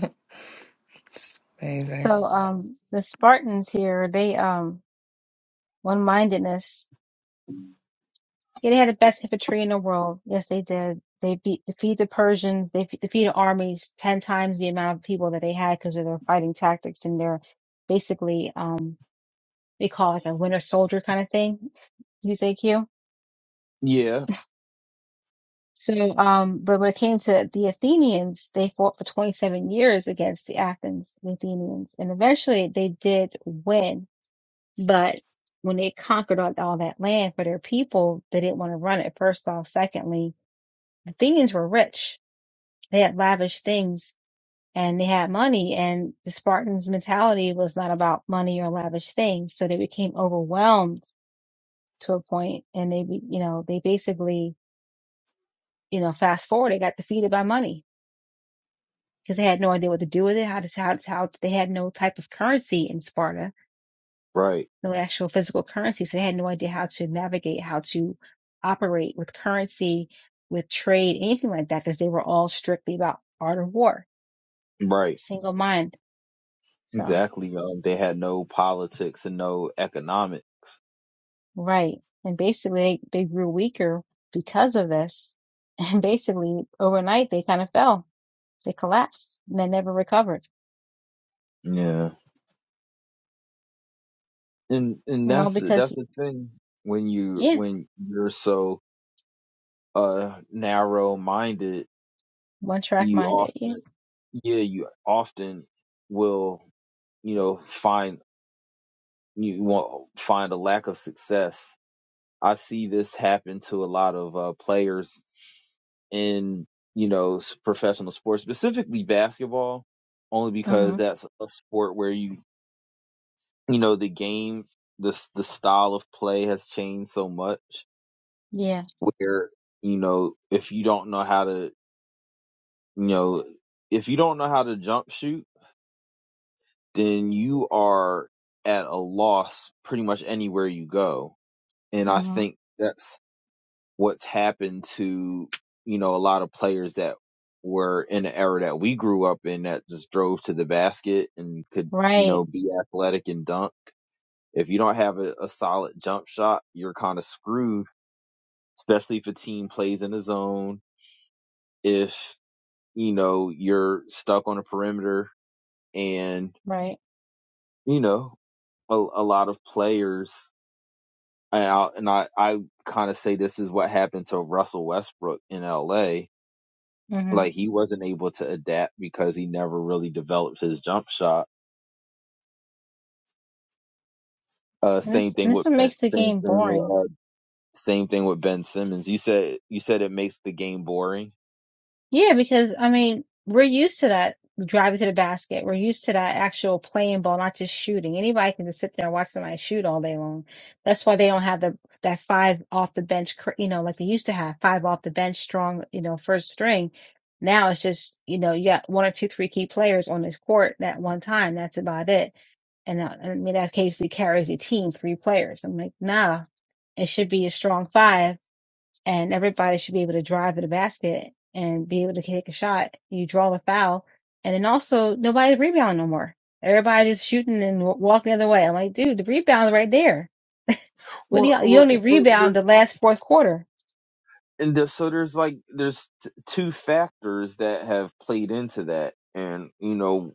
S3: amazing.
S1: So um the Spartans here, they um one mindedness. Yeah, they had the best infantry in the world. Yes, they did. They beat defeat the Persians. They fe- defeated armies ten times the amount of people that they had because of their fighting tactics and their basically um they call it like a winter soldier kind of thing. Use AQ.
S2: Yeah,
S1: So um, but when it came to the Athenians, they fought for twenty seven years against the Athens, the Athenians, and eventually they did win. But when they conquered all, all that land for their people, they didn't want to run it. First off, secondly, the Athenians were rich They had lavish things and they had money and the Spartans mentality was not about money or lavish things. So they became overwhelmed to a point and they, you know, they basically, you know, fast forward, they got defeated by money because they had no idea what to do with it, how to, how, how they had no type of currency in Sparta,
S2: right,
S1: no actual physical currency. So they had no idea how to navigate, how to operate with currency, with trade, anything like that, because they were all strictly about art of war,
S2: right.
S1: single mind. So.
S2: Exactly. Um, they had no politics and no economics.
S1: Right. And basically, they, they grew weaker because of this. And basically, overnight, they kind of fell. They collapsed and they never recovered.
S2: Yeah. And and
S1: You know,
S2: that's the,
S1: because,
S2: that's the thing when you
S1: yeah,
S2: when you're so uh narrow minded,
S1: one track
S2: you
S1: minded. Yeah.
S2: often yeah you often will you know find you will find a lack of success. I see this happen to a lot of uh, players in you know s- professional sports, specifically basketball, only because
S1: hmm
S2: that's a sport where you you know the game this the style of play has changed so much
S1: Yeah.
S2: where you know if you don't know how to you know if you don't know how to jump shoot then you are at a loss pretty much anywhere you go and i
S1: hmm
S2: think that's what's happened to you know a lot of players that were in the era that we grew up in that just drove to the basket and could you know
S1: Right.
S2: be athletic and dunk If you don't have a, a solid jump shot, you're kind of screwed, especially if a team plays in a zone. If, you know, you're stuck on a perimeter and,
S1: Right.
S2: you know, a, a lot of players, and I, and I, I kind of say this is what happened to Russell Westbrook in LA.
S1: hmm And
S2: Like he wasn't able to adapt because he never really developed his jump shot. Uh, same
S1: this,
S2: thing
S1: and
S2: with
S1: this what
S2: Ben,
S1: makes the
S2: same
S1: game
S2: thing with
S1: boring.
S2: uh, same thing with Ben Simmons. You said you said it makes the game boring.
S1: Yeah, because I mean, we're used to that driving to the basket. We're used to that actual playing ball, not just shooting. Anybody can just sit there and watch somebody shoot all day long. That's why they don't have the that five off the bench, cr- you know, like they used to have five off the bench strong, you know, first string. Now it's just, you know, you got one or two, three key players on this court at one time. That's about it. And uh, I mean, that occasionally carries a team, three players. I'm like, nah, it should be a strong five and everybody should be able to drive to the basket and be able to take a shot. You draw the foul, and then also nobody's rebounding no more. Everybody's just shooting and walking the other way. I'm like, dude, the rebound's right there. What do
S2: Well,
S1: you, you
S2: well,
S1: only
S2: so
S1: rebound the
S2: there's
S1: last fourth quarter,
S2: and there's, so there's like there's t- two factors that have played into that, and you know,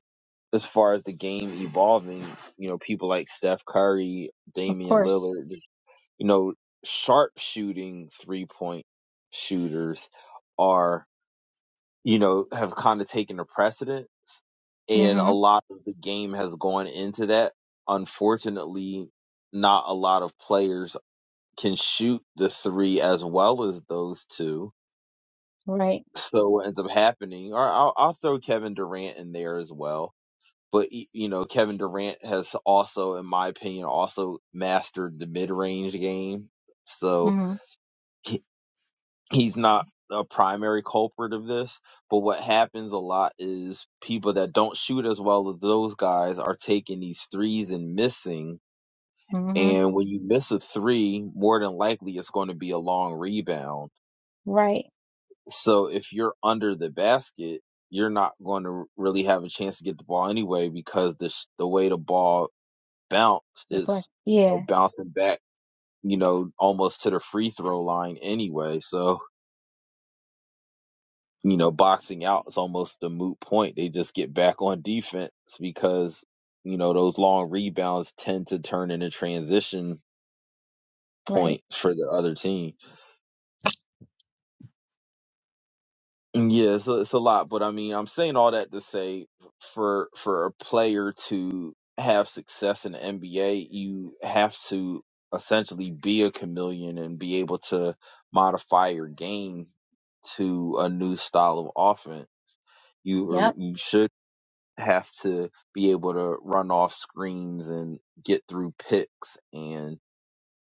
S2: as far as the game evolving, you know, people like Steph Curry,
S1: of
S2: Damian
S1: course.
S2: Lillard, you know, sharp shooting three point shooters are you know have kind of taken a precedence, and a
S1: mm
S2: lot of the game has gone into that. Unfortunately, not a lot of players can shoot the three as well as those two.
S1: hmm Right.
S2: So what ends up happening, or I'll, I'll throw Kevin Durant in there as well. But y- you know, Kevin Durant has also, in my opinion, also mastered the mid-range game. So
S1: mm
S2: he, he's not a primary culprit of this. But what happens a lot is people that don't shoot as well as those guys are taking these threes and missing.
S1: hmm mm hmm
S2: And when you miss a three, more than likely it's going to be a long rebound
S1: Right.
S2: So if you're under the basket, you're not going to really have a chance to get the ball anyway because the the way the ball bounced
S1: The play.
S2: is you know,
S1: Yeah.
S2: bouncing back, you know, almost to the free throw line anyway. So you know, boxing out is almost a moot point. They just get back on defense because you know those long rebounds tend to turn into transition
S1: Right.
S2: points for the other team. Yeah, it's a, it's a lot, but I mean, I'm saying all that to say for for a player to have success in the NBA, you have to essentially be a chameleon and be able to modify your game to a new style of offense. You or
S1: Yep.
S2: you should have to be able to run off screens and get through picks and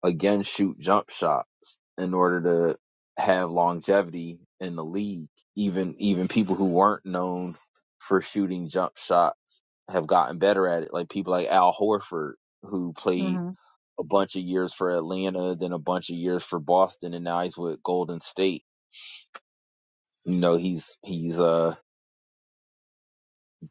S2: again shoot jump shots in order to have longevity in the league. Even even people who weren't known for shooting jump shots have gotten better at it. Like people like Al Horford, who played
S1: mm
S2: a bunch of years for Atlanta, then a bunch of years for Boston, and now he's with Golden State. You know, he's he's uh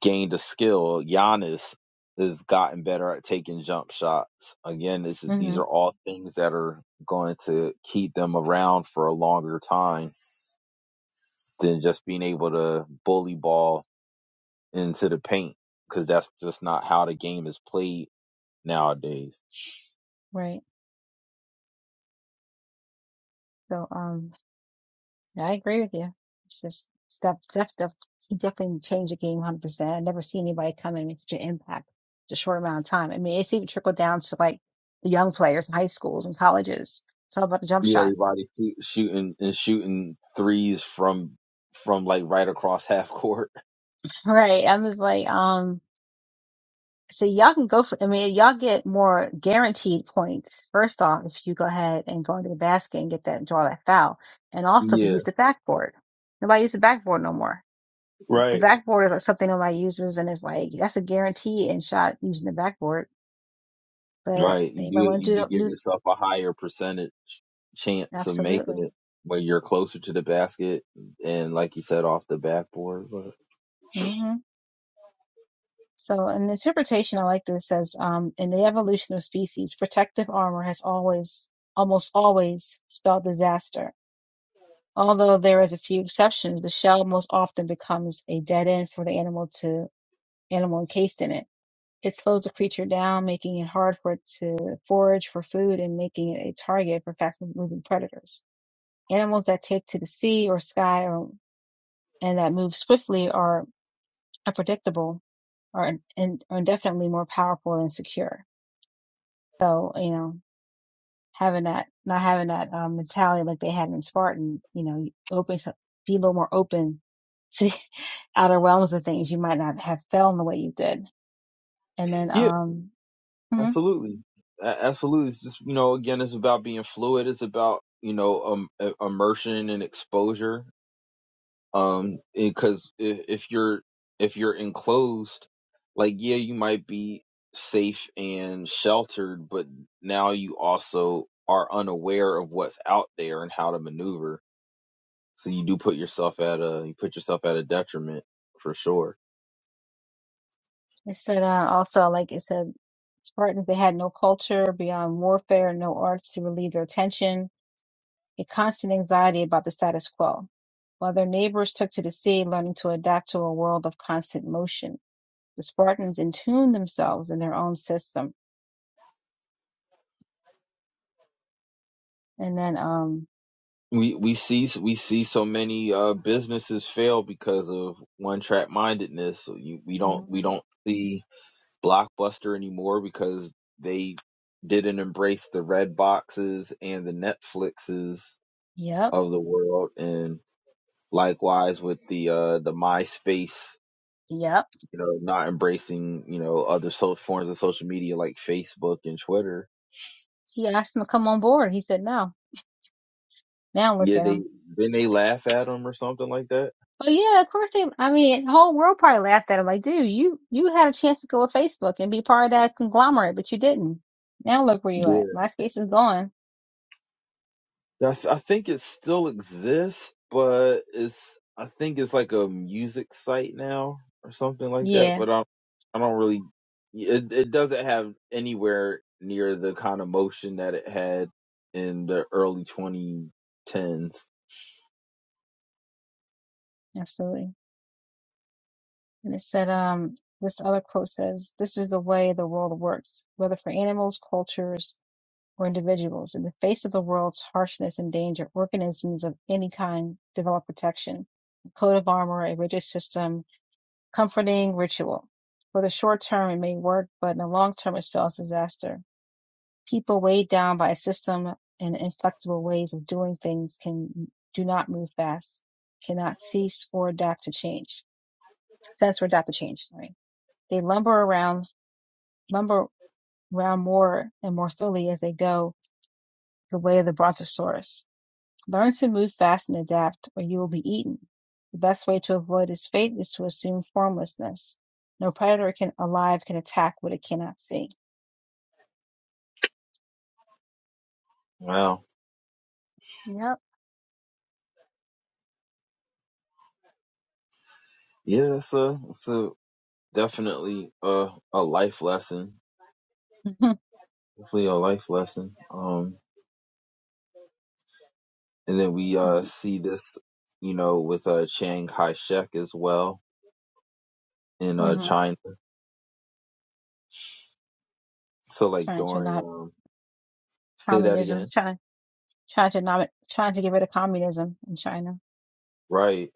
S2: gained a skill. Giannis has gotten better at taking jump shots. Again, this is,
S1: hmm mm
S2: these
S1: hmm
S2: are all things that are going to keep them around for a longer time than just being able to bully ball into the paint because that's just not how the game is played nowadays.
S1: Right. So, um, Yeah, I agree with you. It's just stuff, stuff, stuff. He definitely changed the game 100%. I never see anybody come and make such an impact in a short amount of time. I mean, it's even trickled down to like the young players in high schools and colleges. It's all about the jump
S2: Yeah,
S1: shot.
S2: everybody shooting and shooting threes from from like right across half court.
S1: Right. I'm just like, um, so y'all can go for, I mean, y'all get more guaranteed points. First off, if you go ahead and go into the basket and get that, draw that foul. And also if you
S2: Yeah,
S1: use the backboard. Nobody uses the backboard no more.
S2: right.
S1: the backboard is like something nobody uses, and it's like that's a guarantee in shot using the backboard. But
S2: Right. You
S1: they
S2: do
S1: might want
S2: you do
S1: to do,
S2: give
S1: do
S2: yourself a higher percentage chance of
S1: absolutely.
S2: making it when you're closer to the basket and like you said off the backboard. But
S1: hmm So, in the interpretation, I like this says, um, in the evolution of species, protective armor has always, almost always, spelled disaster. Although there is a few exceptions, the shell most often becomes a dead end for the animal to animal encased in it. It slows the creature down, making it hard for it to forage for food and making it a target for fast-moving predators. Animals that take to the sea or sky or, and that move swiftly are unpredictable are, and are definitely more powerful and secure. So, you know, having that, not having that um, mentality like they had in Spartan, you know, you open, so, be a little more open to the outer realms of things. You might not have felt in the way you did. And then,
S2: yeah,
S1: um, mhm,
S2: absolutely. A- Absolutely. It's just, you know, again, it's about being fluid. It's about, you know, um, i- immersion and exposure. Um, because if, if you're, if you're enclosed, like, yeah, you might be safe and sheltered, but now you also are unaware of what's out there and how to maneuver So you do put yourself at a you put yourself at a detriment for sure.
S1: it said, uh, also, like it said, Spartans, they had no culture beyond warfare, no arts to relieve their tension a constant anxiety about the status quo, while their neighbors took to the sea, learning to adapt to a world of constant motion. The Spartans entuned themselves in their own system. And then, um,
S2: We we see we see so many uh, businesses fail because of one track mindedness. So you, we don't we
S1: mhm,
S2: don't see Blockbuster anymore because they didn't embrace the red boxes and the Netflixes
S1: yep,
S2: of the world, and likewise with the uh, the MySpace,
S1: yep.
S2: you know, not embracing you know other so- forms of social media like Facebook and Twitter
S1: He asked them to come on board. He said no. Now look
S2: Yeah,
S1: at
S2: they
S1: them.
S2: then they laugh at him or something like that.
S1: But yeah, of course they, I mean, the whole world probably laughed at him. Like, dude, you, you had a chance to go with Facebook and be part of that conglomerate, but you didn't. Now look where you at.
S2: Yeah,
S1: MySpace is gone.
S2: I, th- I think it still exists, but it's I think it's like a music site now or something like that.
S1: Yeah,
S2: But I I don't really it it doesn't have anywhere near the kind of motion that it had in the early 2010s.
S1: absolutely. And it said, um, this other quote says, this is the way the world works, whether for animals, cultures, or individuals. In the face of the world's harshness and danger, organisms of any kind develop protection, a coat of armor, a rigid system, comforting ritual. For the short term, it may work, but in the long term, it spells disaster. People weighed down by a system and inflexible ways of doing things can do not move fast, cannot cease or adapt to change, sense or adapt to change. Right? They lumber around, lumber around more and more slowly as they go, the way of the brontosaurus. Learn to move fast and adapt, or you will be eaten. The best way to avoid this fate is to assume formlessness. No predator can alive can attack what it cannot see.
S2: Wow.
S1: Yep.
S2: Yeah, that's a that's a definitely a a life lesson. Definitely a life lesson. Um, and then we uh
S1: and
S2: see this. you know, with uh Chiang Kai-shek as well in uh
S1: hmm
S2: China. So like
S1: trying to
S2: during
S1: not
S2: um say that
S1: communism,
S2: again.
S1: trying trying to not trying to get rid of communism in China.
S2: Right.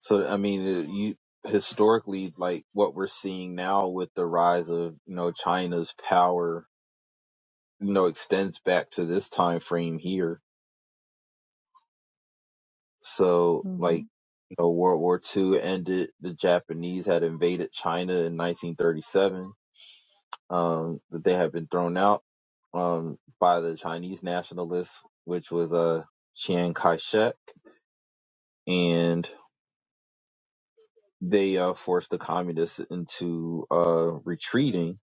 S2: So I mean uh, you historically like what we're seeing now with the rise of, you know, China's power, you know, extends back to this time frame here. So
S1: hmm
S2: like you know, World War Two ended. The Japanese had invaded China in 1937 um, that they had been thrown out um, by the Chinese nationalists, which was uh, Chiang Kai-shek, and they uh, forced the communists into uh, retreating.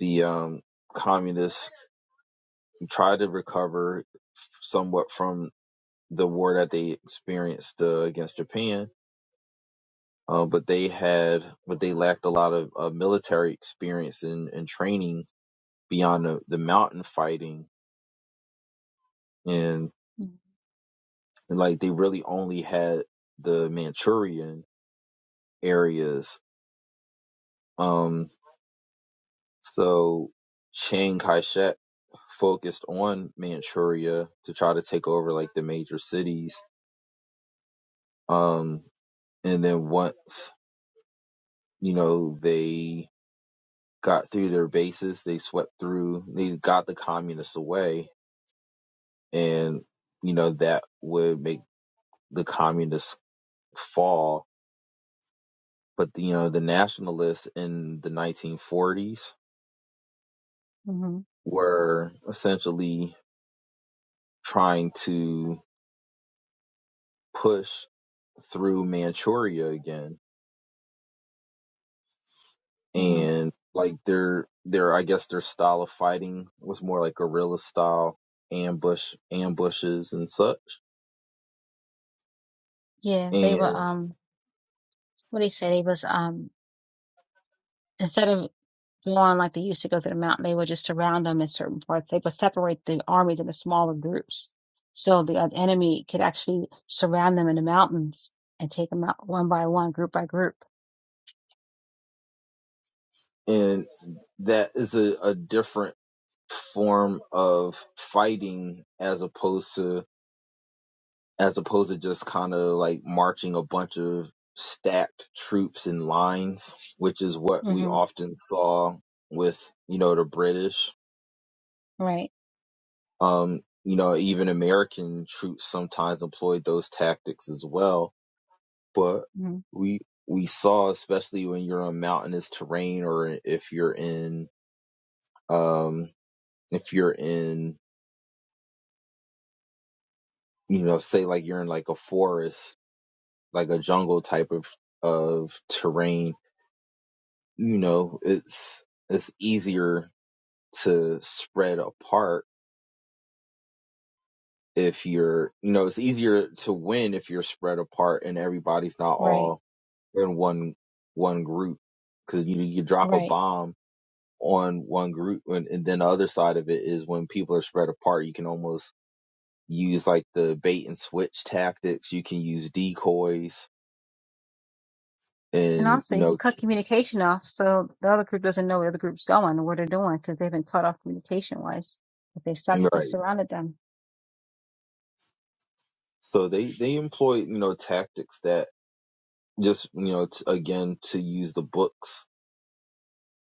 S2: The um, communists tried to recover somewhat from the war that they experienced uh, against Japan, uh, but they had, but they lacked a lot of uh, military experience and, and training beyond the, the mountain fighting and. and like they really only had the Manchurian areas. Um, so Chiang Kai-shek focused on Manchuria to try to take over like the major cities. Um, and then once, you know, they got through their bases, they swept through, they got the communists away and, you know, that would make the communists fall. But, you know, the nationalists in the 1940s
S1: hmm
S2: were essentially trying to push through Manchuria again.
S1: hmm
S2: And like their their I guess their style of fighting was more like guerrilla style ambush ambushes and such.
S1: Yeah, they were
S2: And
S1: um what do you say? They was um instead of Go on like they used to go to the mountain, they would just surround them in certain parts. They would separate the armies into smaller groups. So the uh, enemy could actually surround them in the mountains and take them out one by one, group by group.
S2: and that is a, a different form of fighting as opposed to as opposed to just kind of like marching a bunch of stacked troops in lines, which is what we
S1: hmm
S2: often saw with, you know, the British.
S1: Right.
S2: Um, you know, even American troops sometimes employed those tactics as well. But
S1: hmm
S2: we, we saw, especially when you're on mountainous terrain or if you're in, um, if you're in, you know, say like you're in like a forest, like a jungle type of, of terrain you know, it's it's easier to spread apart if you're, you know, it's easier to win if you're spread apart and everybody's not
S1: Right.
S2: all in one one group because you you drop a
S1: Right.
S2: bomb on one group and, and then the other side of it is when people are spread apart, you can almost use like the bait and switch tactics. You can use decoys
S1: And
S2: and
S1: also,
S2: you
S1: you
S2: know,
S1: cut
S2: k-
S1: communication off, so the other group doesn't know where the other group's going or what they're doing because they've been cut off communication wise. But they suck, they
S2: right.
S1: surrounded them.
S2: So they they employ you know tactics that just you know t- again to use the book's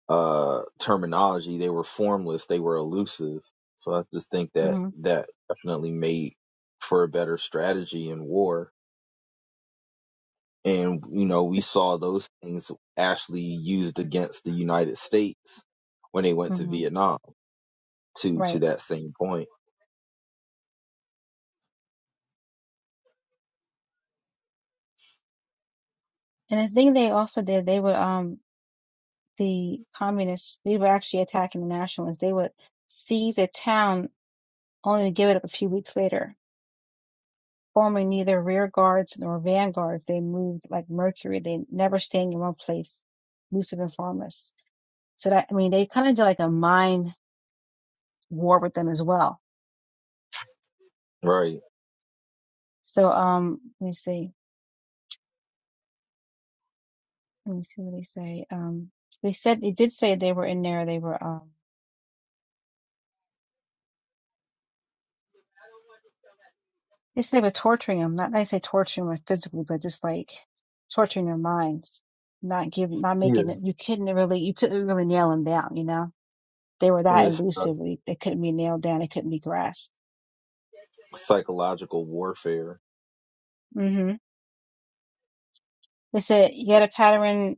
S2: uh terminology they were formless they were elusive so i just think that
S1: hmm
S2: that definitely made for a better strategy in war and you know we
S1: Just,
S2: saw those things actually used against the united states when they went to
S1: hmm
S2: vietnam to to
S1: Right.
S2: that same point
S1: And the thing they also did, they would, um, the communists, they were actually attacking the nationalists. They would seize a town only to give it up a few weeks later. Forming neither rear guards nor vanguards, they moved like mercury. They never staying in one place, elusive and formless. So that, I mean, they kind of did like a mind war with them as well.
S2: right
S1: So, um, let me see. Let me see what they say. Um, they said, they did say they were in there. They were, um, They say with torturing them, not they say torturing them physically, but just like torturing their minds, not giving, not making
S2: yeah
S1: it. You couldn't really, you couldn't really nail them down. You know, they were that
S2: with uh,
S1: elusive. They they couldn't be nailed down. They couldn't be grasped.
S2: psychological warfare
S1: hmm They said yet a pattern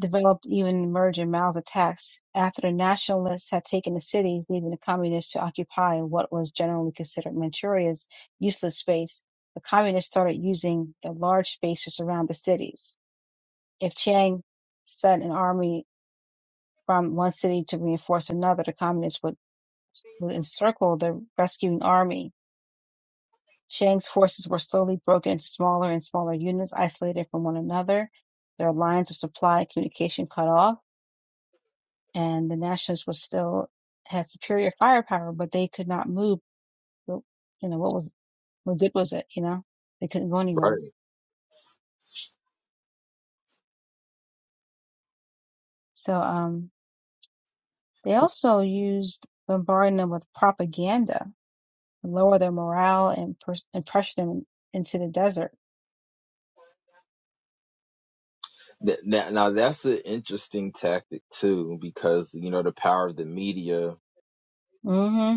S1: developed even emerged in Mao's attacks after the nationalists had taken the cities, leaving the communists to occupy what was generally considered Manchuria's useless space. The communists started using the large spaces around the cities. If Chiang sent an army from one city to reinforce another, the communists would, would encircle the rescuing army. Chiang's forces were slowly broken into smaller and smaller units, isolated from one another, their lines of supply and communication cut off, and the nationalists were still had superior firepower, but they could not move. You know, what was, what good was it? You know, they couldn't go anywhere.
S2: right
S1: So, um, they also used bombarding them with propaganda and lower their morale and, pers- and push them into the desert.
S2: Th- now, now that's an interesting tactic too because you know the power of the media
S1: hmm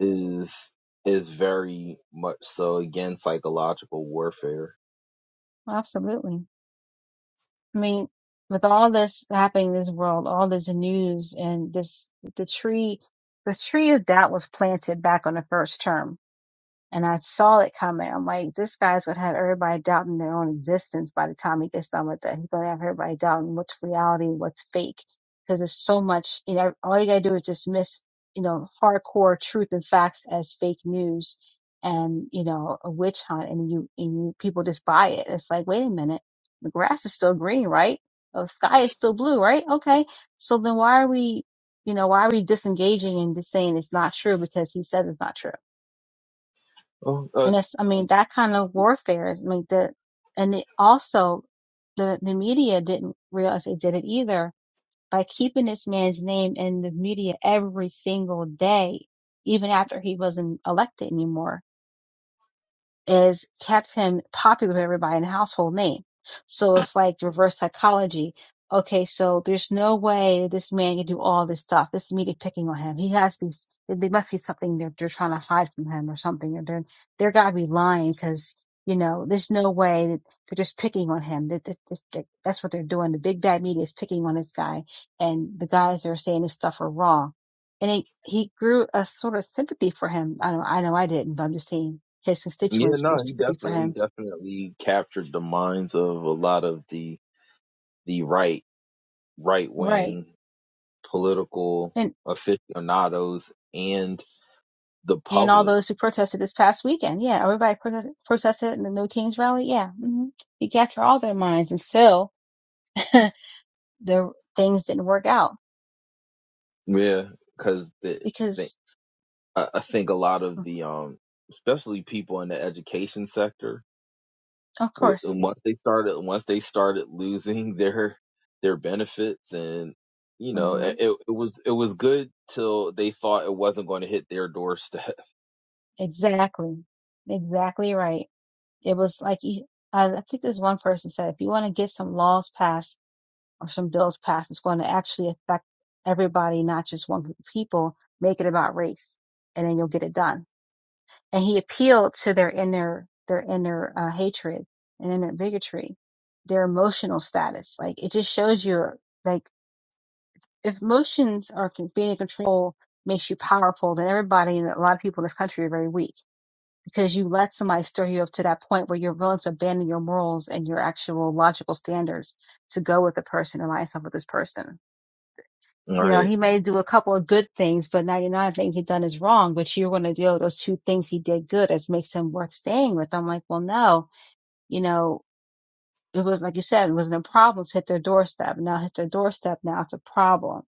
S2: is is very much so again psychological warfare.
S1: Absolutely. I mean, with all this happening in this world, all this news and this, the tree, the tree of doubt was planted back on the first term And I saw it coming. I'm like, this guy's gonna have everybody doubting their own existence by the time he gets done with that. He's gonna have everybody doubting what's reality, what's fake. Because there's so much, you know, all you gotta do is dismiss, you know, hardcore truth and facts as fake news and, you know, a witch hunt and you, and you, people just buy it. It's like, wait a minute. The grass is still green, right? The sky is still blue, right? Okay. So then why are we, you know, why are we disengaging and just saying it's not true because he says it's not true?
S2: Oh, uh,
S1: And it's, I mean, that kind of warfare is, I mean, the, and it also, the, the media didn't realize they did it either by keeping this man's name in the media every single day, even after he wasn't elected anymore is kept him popular with everybody and a household name. So it's like reverse psychology. Okay, so there's no way this man can do all this stuff. This media picking on him. He has these. There must be something they're they're trying to hide from him or something. Or they're they're gotta be lying because you know there's no way that they're just picking on him. That, that, that, that that's what they're doing. The big bad media is picking on this guy, and the guys that are saying this stuff are wrong and he he grew a sort of sympathy for him. I know I know I didn't, but I'm just saying his
S2: yeah,
S1: constituents grew
S2: no, he
S1: sympathy for
S2: definitely he
S1: him.
S2: definitely captured the minds of a lot of the the right right
S1: Right.
S2: wing political
S1: And
S2: aficionados and the
S1: and all
S2: public.
S1: those who protested this past weekend, yeah, everybody protested, protested in the No Kings rally, yeah. hmm He captured all their minds, and still the things didn't work out
S2: Yeah, because the, the
S1: because,
S2: I I think a lot of the um especially people in the education sector
S1: of
S2: Well,
S1: course,
S2: and once they started, once they started losing their their benefits, and you know,
S1: hmm
S2: it, it was it was good till they thought it wasn't going to hit their doorstep.
S1: exactly, exactly right. It was like I I think there's one person said, if you want to get some laws passed or some bills passed is going to actually affect everybody, not just one group of people, make it about race, and then you'll get it done. And he appealed to their inner, their inner uh, hatred and inner bigotry, their emotional status. Like it just shows you, like if emotions are being in control makes you powerful, then everybody and a lot of people in this country are very weak because you let somebody stir you up to that point where you're willing to abandon your morals and your actual logical standards to go with the person, align yourself with this person
S2: All
S1: You know,
S2: right,
S1: he may do a couple of good things, but 99 things he done is wrong, but you're going to do those two things he did good as makes him worth staying with. I'm like, well, no, you know, it was like you said, it wasn't a problem to hit their doorstep. Now hit their doorstep. Now it's a problem.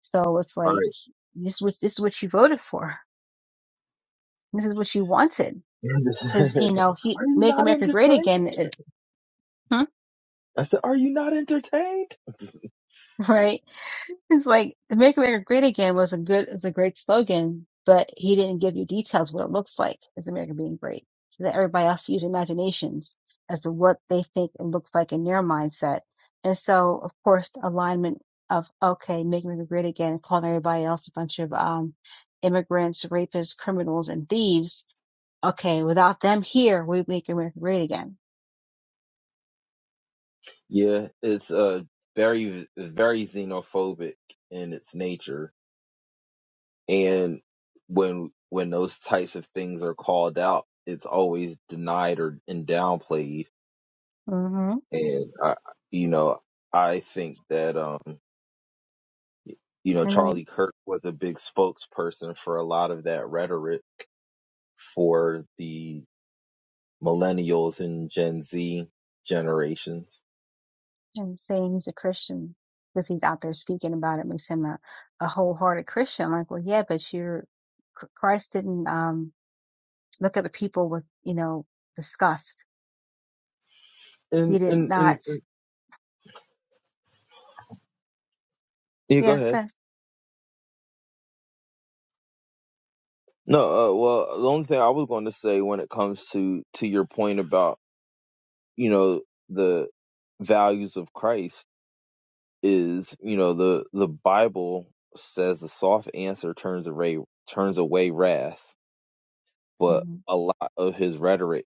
S1: So it's
S2: all
S1: like,
S2: right.
S1: this is what, this is what you voted for. This is what you wanted.
S2: And this-
S1: Cause, you know, he,
S2: are you
S1: make
S2: not
S1: America great
S2: entertained?
S1: again. eh,
S2: I said, are you not entertained?
S1: Right It's like the Make America Great Again was a good is a great slogan, but he didn't give you details what it looks like as America being great. He let everybody else use imaginations as to what they think it looks like in their mindset. And so of course the alignment of okay, make America great again calling everybody else a bunch of um immigrants, rapists, criminals and thieves. Okay, without them here we make America great again.
S2: yeah, it's uh very very xenophobic in its nature, and when when those types of things are called out, it's always denied or and downplayed
S1: hmm
S2: And I, you know, I think that um, you know,
S1: And then
S2: Charlie Kirk was a big spokesperson for a lot of that rhetoric for the millennials and Gen Z generations.
S1: and saying he's a Christian because he's out there speaking about it makes him a, a wholehearted Christian. Like, well, yeah, but you're Ch- Christ didn't um look at the people with you know disgust.
S2: And
S1: He did
S2: and and,
S1: not.
S2: and yeah, go
S1: Yeah,
S2: ahead.
S1: good.
S2: No, uh, well, the only thing I was going to say when it comes to to your point about you know the values of Christ is you know the the Bible says a soft answer turns away turns away wrath but
S1: hmm
S2: a lot of his rhetoric,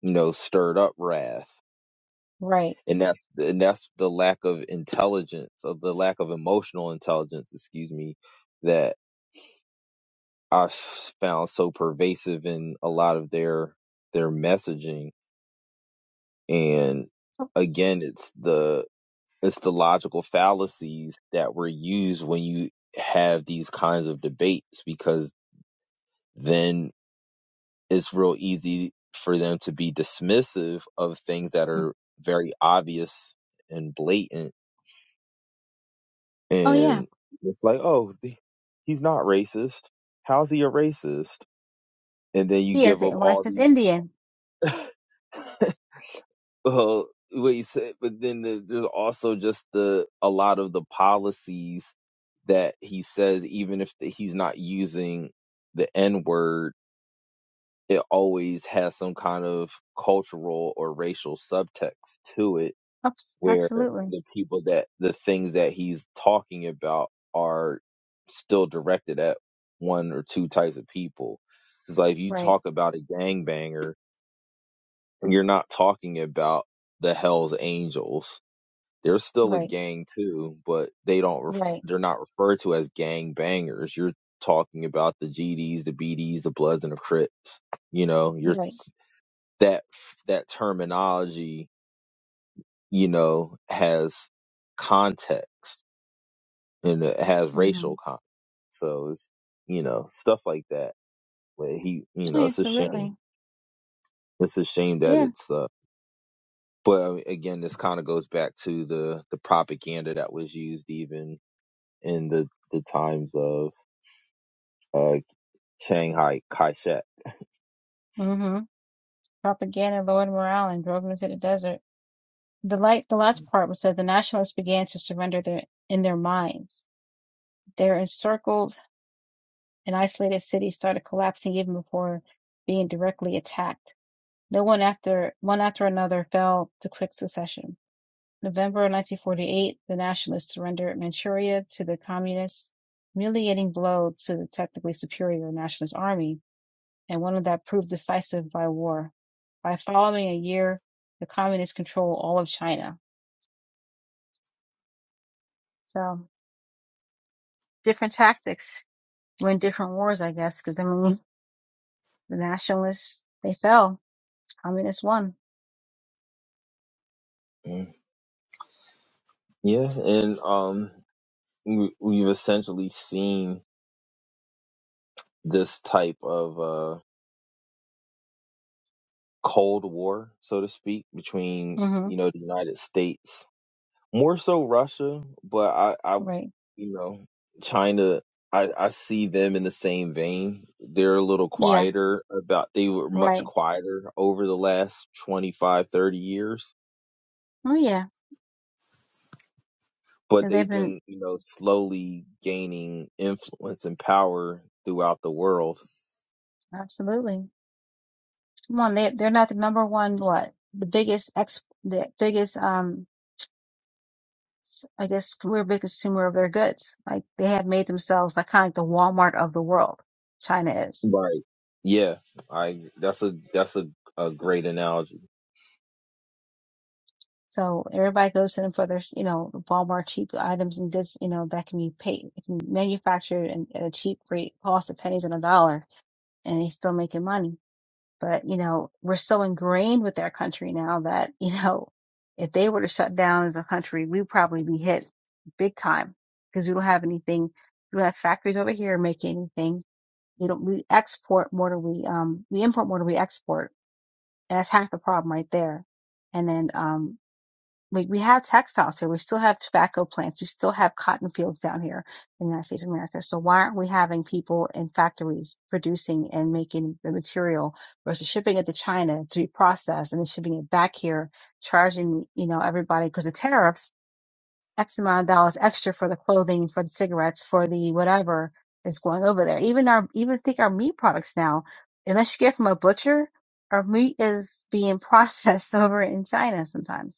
S2: you know, stirred up wrath,
S1: Right.
S2: and that's and that's the lack of intelligence, of the lack of emotional intelligence, excuse me, that I found so pervasive in a lot of their their messaging. And
S1: Oh,
S2: again, it's the it's the logical fallacies that were used when you have these kinds of debates because then it's real easy for them to be dismissive of things that
S1: mm.
S2: are very obvious and blatant.
S1: oh yeah,
S2: And it's like, oh, he's not racist. How's he a racist? And then you
S1: he has
S2: give up
S1: a
S2: all
S1: wife is
S2: these.
S1: Indian.
S2: well, what you said, but then the, there's also just the a lot of the policies that he says, even if the, he's not using the N word, it always has some kind of cultural or racial subtext to it
S1: Oops,
S2: where
S1: absolutely.
S2: the people that the things that he's talking about are still directed at one or two types of people. It's like if you
S1: Right.
S2: talk about a gangbanger, you're not talking about the Hell's Angels. They're still a
S1: Right.
S2: gang too, but they don't. Ref-
S1: Right.
S2: they're not referred to as gangbangers. You're talking about the GDs, the BDs, the Bloods, and the Crips. You know, you're
S1: Right.
S2: that that terminology. You know, has context and it has
S1: hmm
S2: racial comments. So it's you know stuff like that. But he, you
S1: Oh,
S2: know,
S1: yeah,
S2: it's a shame.
S1: absolutely.
S2: It's a shame that
S1: Yeah.
S2: it's. Uh, but uh, again, this kind of goes back to the the propaganda that was used even in the the times of uh, Shanghai Kai-shek.
S1: hmm Propaganda, Lord morale, and drove him into the desert. The light the last part was that the nationalists began to surrender their in their minds. Their encircled and isolated cities started collapsing even before being directly attacked. No one after one after another fell to quick succession. November 1948, the nationalists surrendered Manchuria to the communists, humiliating blow to the technically superior nationalist army, and one that proved decisive by war. By following a year, the communists control all of China. So different tactics win different wars, I guess, because I mean, the nationalists, they fell. Communists won.
S2: Mm. Yeah, and um, we, we've essentially seen this type of uh, cold war, so to speak, between
S1: hmm
S2: you know the United States more so Russia, but I, I
S1: Right.
S2: you know, China. I, I see them in the same vein. They're a little
S1: Yeah.
S2: quieter about, they were much
S1: Right.
S2: quieter over the last 25, 30 years,
S1: Oh, yeah.
S2: but
S1: Yeah,
S2: they've
S1: They've been,
S2: been, you know, slowly gaining influence and power throughout the world.
S1: absolutely. Come on. They, they're not the number one, what? The biggest ex, the biggest, um, s- I guess we're big consumer of their goods. Like they have made themselves like kind of like the Walmart of the world. China is.
S2: Right. Yeah. I, that's a, that's a, a great analogy.
S1: So everybody goes to them for their, s- you know, Walmart cheap items and goods, you know, that can be paid, can be manufactured and at a cheap rate, cost of pennies on a dollar and he's still making money. But, you know, we're so ingrained with our country now that, you know, if they were to shut down as a country, we'd probably be hit big time because we don't have anything. We don't have factories over here making anything. We don't, we export more than we, um, we import more than we export. And that's half the problem right there. And then, um, we, we have textiles here. We still have tobacco plants. We still have cotton fields down here in the United States of America. So why aren't we having people in factories producing and making the material versus shipping it to China to be processed and then shipping it back here, charging, you know, everybody because the tariffs, X amount of dollars extra for the clothing, for the cigarettes, for the whatever is going over there. Even our, even think our meat products now, unless you get from a butcher, our meat is being processed over in China sometimes.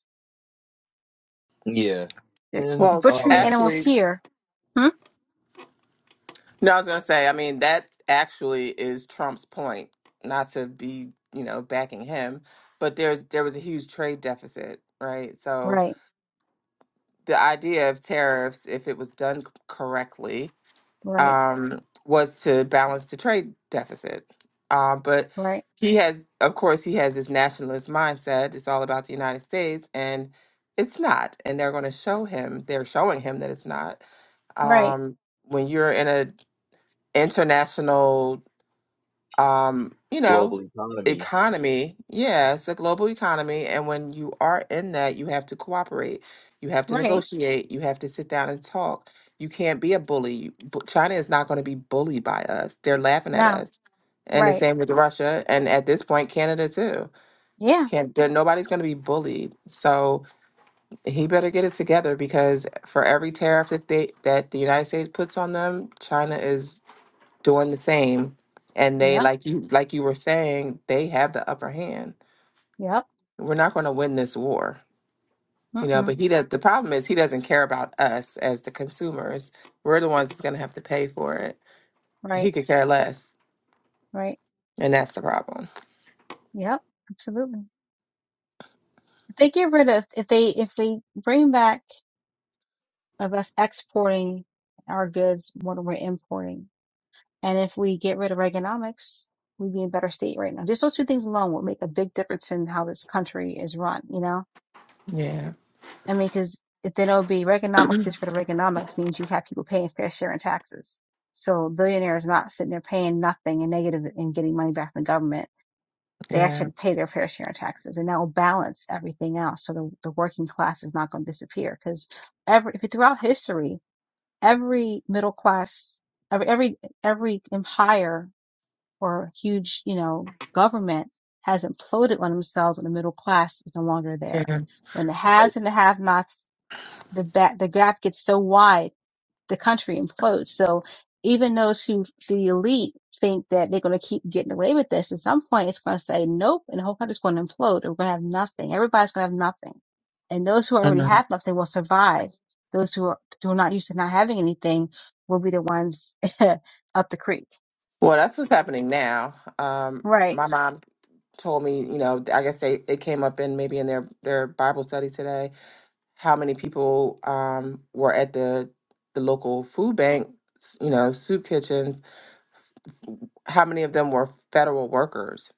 S2: Yeah.
S1: They're
S2: And,
S3: Well,
S1: butchering
S2: um,
S1: animals
S3: actually,
S1: here. Hmm?
S3: no, I was gonna say, I mean, that actually is Trump's point, not to be, you know, backing him, but there's there was a huge trade deficit, right? So
S1: Right,
S3: the idea of tariffs, if it was done c- correctly,
S1: right,
S3: um, was to balance the trade deficit. Uh, but
S1: right,
S3: he has, of course, he has this nationalist mindset. It's all about the United States, and it's not. And they're going to show him. They're showing him that it's not.
S1: right,
S3: Um, when you're in an international um, you know,
S2: global economy.
S3: economy. Yeah, it's a global economy. And when you are in that, you have to cooperate. You have to
S1: right.
S3: negotiate. You have to sit down and talk. You can't be a bully. You- bu- China is not going to be bullied by us. They're laughing at
S1: No,
S3: us. And the
S1: right.
S3: same with Russia. And at this point, Canada too.
S1: Yeah.
S3: Can't there nobody's gonna be bullied. So he better get it together because for every tariff that they that the United States puts on them, China is doing the same and they
S1: Yep.
S3: like you like you were saying they have the upper hand
S1: Yep.
S3: we're not going to win this war you know
S1: Mm-mm.
S3: but he does the problem is he doesn't care about us as the consumers we're the ones that's going to have to pay for it he
S1: Right,
S3: could care less
S1: right.
S3: and that's the problem
S1: Yep. Absolutely. If they get rid of, if they, if they bring back of us exporting our goods more than we're importing, and if we get rid of Reaganomics, we'd be in a better state right now. Just those two things alone will make a big difference in how this country is run, you know?
S3: yeah
S1: I mean, because then it'll be Reaganomics because for the Reaganomics means you have people paying fair share in taxes. So billionaires not sitting there paying nothing and negative and getting money back from the government. They
S3: yeah
S1: actually pay their fair share in taxes and that will balance everything else. So the, the working class is not going to disappear because every, if you throughout history, every middle class, every, every, every empire or huge, you know, government has imploded on themselves when the middle class is no longer there
S3: yeah
S1: when the
S2: Right.
S1: haves and the have-nots the ba- the gap gets so wide, the country implodes. So even those who the elite think that they're going to keep getting away with this, at some point it's going to say nope, and the whole country's going to implode. and We're going to have nothing. Everybody's going to have nothing, and those who
S3: I
S1: already
S3: know.
S1: have nothing will survive. Those who are who are not used to not having anything will be the ones up the creek.
S3: well that's what's happening now um
S1: Right?
S3: my mom told me you know i guess they it came up in maybe in their their bible study today how many people um, were at the the local food bank, s- you know, soup kitchens. How many of them were federal workers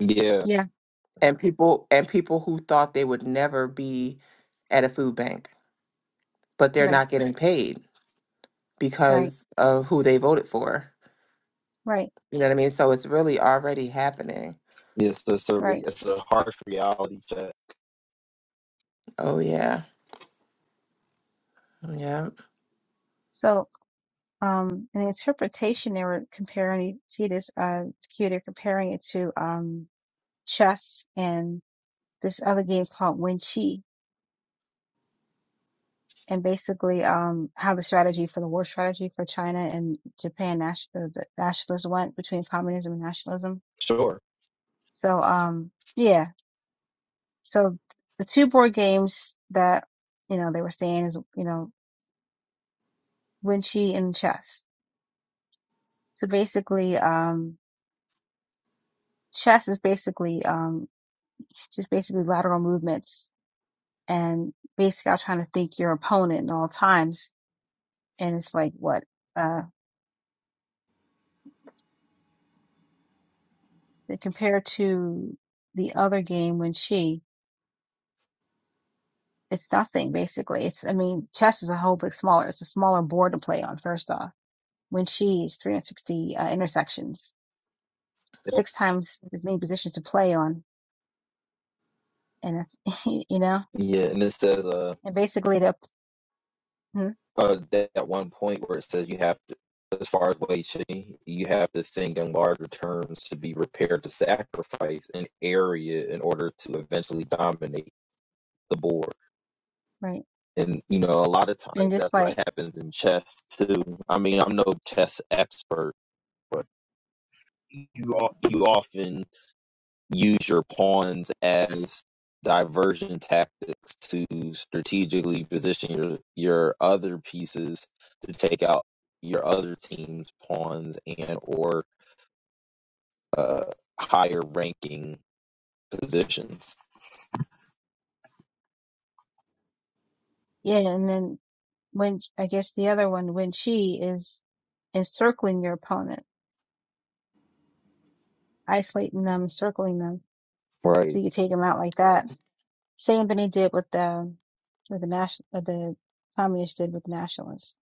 S2: Yeah.
S1: Yeah.
S3: and people and people who thought they would never be at a food bank, but they're
S1: Right.
S3: not getting paid
S1: Right.
S3: because of who they voted for.
S1: Right.
S3: You know what I mean? So it's really already happening.
S2: Yes, it's a
S1: Right.
S2: it's a harsh reality check.
S3: Oh yeah, yeah.
S1: So, um, in the interpretation, they were comparing. See this? Uh, here they're comparing it to. Um, chess and this other game called Wen Chi, and basically um, how the strategy for the war strategy for China and Japan national the nationalists went between communism and nationalism.
S2: Sure.
S1: So um, yeah, so the two board games that you know they were saying is you know Wen Chi and chess. So basically, um, chess is basically um, just basically lateral movements and basically out trying to think your opponent at all times. And it's like what? uh. So compared to the other game when she, it's nothing basically. It's, I mean, chess is a whole bit smaller. It's a smaller board to play on first off. When she is 360 uh, intersections, six times as many positions to play on. And that's, you know,
S2: Yeah, and it says uh,
S1: and basically the, hmm,
S2: uh that at one point where it says you have to, as far as wage shifting, you have to think in larger terms to be prepared to sacrifice an area in order to eventually dominate the board.
S1: right.
S2: And you know, a lot of
S1: And
S2: times that's
S1: just
S2: what
S1: like,
S2: happens in chess too. I mean, I'm no chess expert, but you all, you often use your pawns as diversion tactics to strategically position your your other pieces to take out your other team's pawns and or uh higher ranking positions.
S1: yeah. And then when, I guess the other one, when she is encircling your opponent, isolating them, circling them. So
S2: Right,
S1: you take them out like that Same thing they did with the with the national uh, the communists did with nationalists.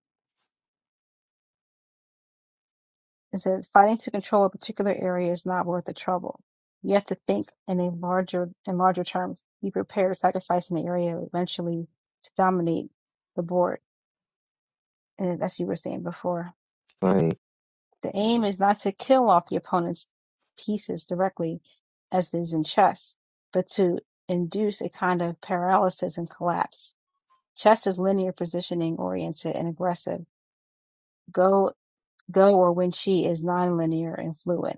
S1: It says fighting to control a particular area is not worth the trouble. You have to think in a larger in larger terms. Be prepared to sacrifice an area eventually to dominate the board. And as you were saying before,
S2: right.
S1: the aim is not to kill off the opponent's pieces directly, as is in chess, but to induce a kind of paralysis and collapse. Chess is linear positioning oriented and aggressive go go or when she is nonlinear and fluid.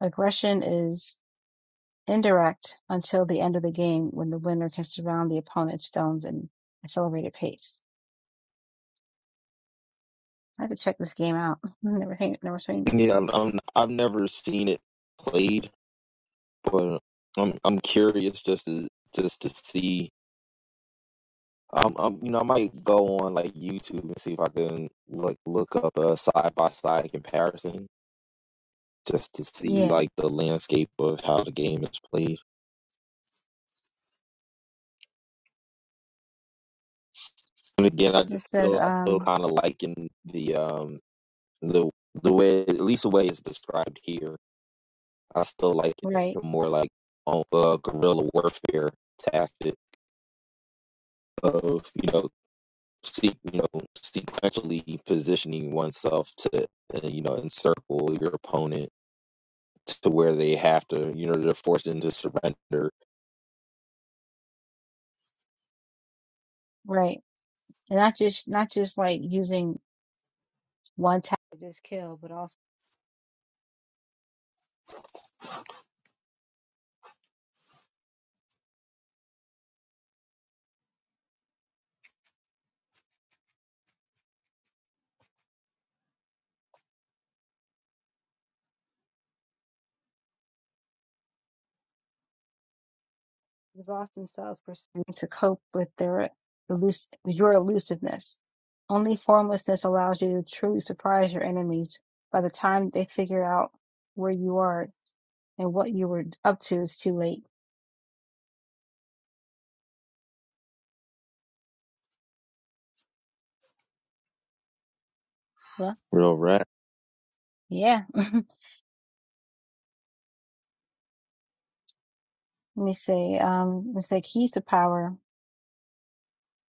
S1: Aggression is indirect until the end of the game when the winner can surround the opponent's stones in accelerated pace. I have to check this game out. I've never never seen it
S2: Yeah,
S1: before.
S2: I'm, I'm I've never seen it played, but I'm I'm curious just to just to see. Um, um, you know, I might go on like YouTube and see if I can like look up a side by side comparison just to see
S1: Yeah.
S2: like the landscape of how the game is played. And again, I
S1: It
S2: just
S1: says
S2: still I still
S1: um
S2: kind of liking the um the the way at least the way it's described here. I still like it
S1: right,
S2: more like on uh, guerrilla warfare tactic of you know seek you know sequentially positioning oneself to uh, you know encircle your opponent to where they have to you know they're forced into surrender.
S1: right. And not just not just like using one tactic to just kill, but also. exhaust themselves pursuing to cope with their elus- your elusiveness. Only formlessness allows you to truly surprise your enemies. By the time they figure out where you are and what you were up to, it's too late. Well,
S2: Real rat.
S1: yeah. Let me say, um, let's say keys to power.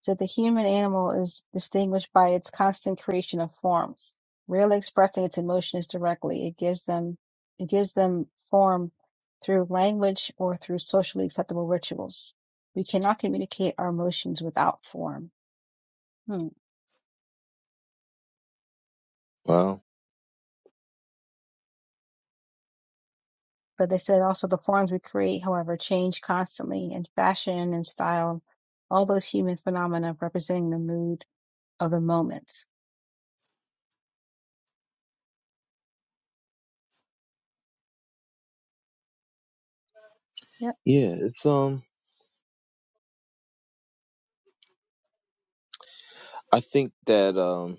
S1: that the human animal is distinguished by its constant creation of forms. Rarely expressing its emotions directly, it gives them it gives them form through language or through socially acceptable rituals. We cannot communicate our emotions without form. Hmm.
S2: Wow.
S1: But they said also the forms we create, however, change constantly in fashion and style, all those human phenomena representing the mood of the moment. Yep.
S2: Yeah, it's um I think that um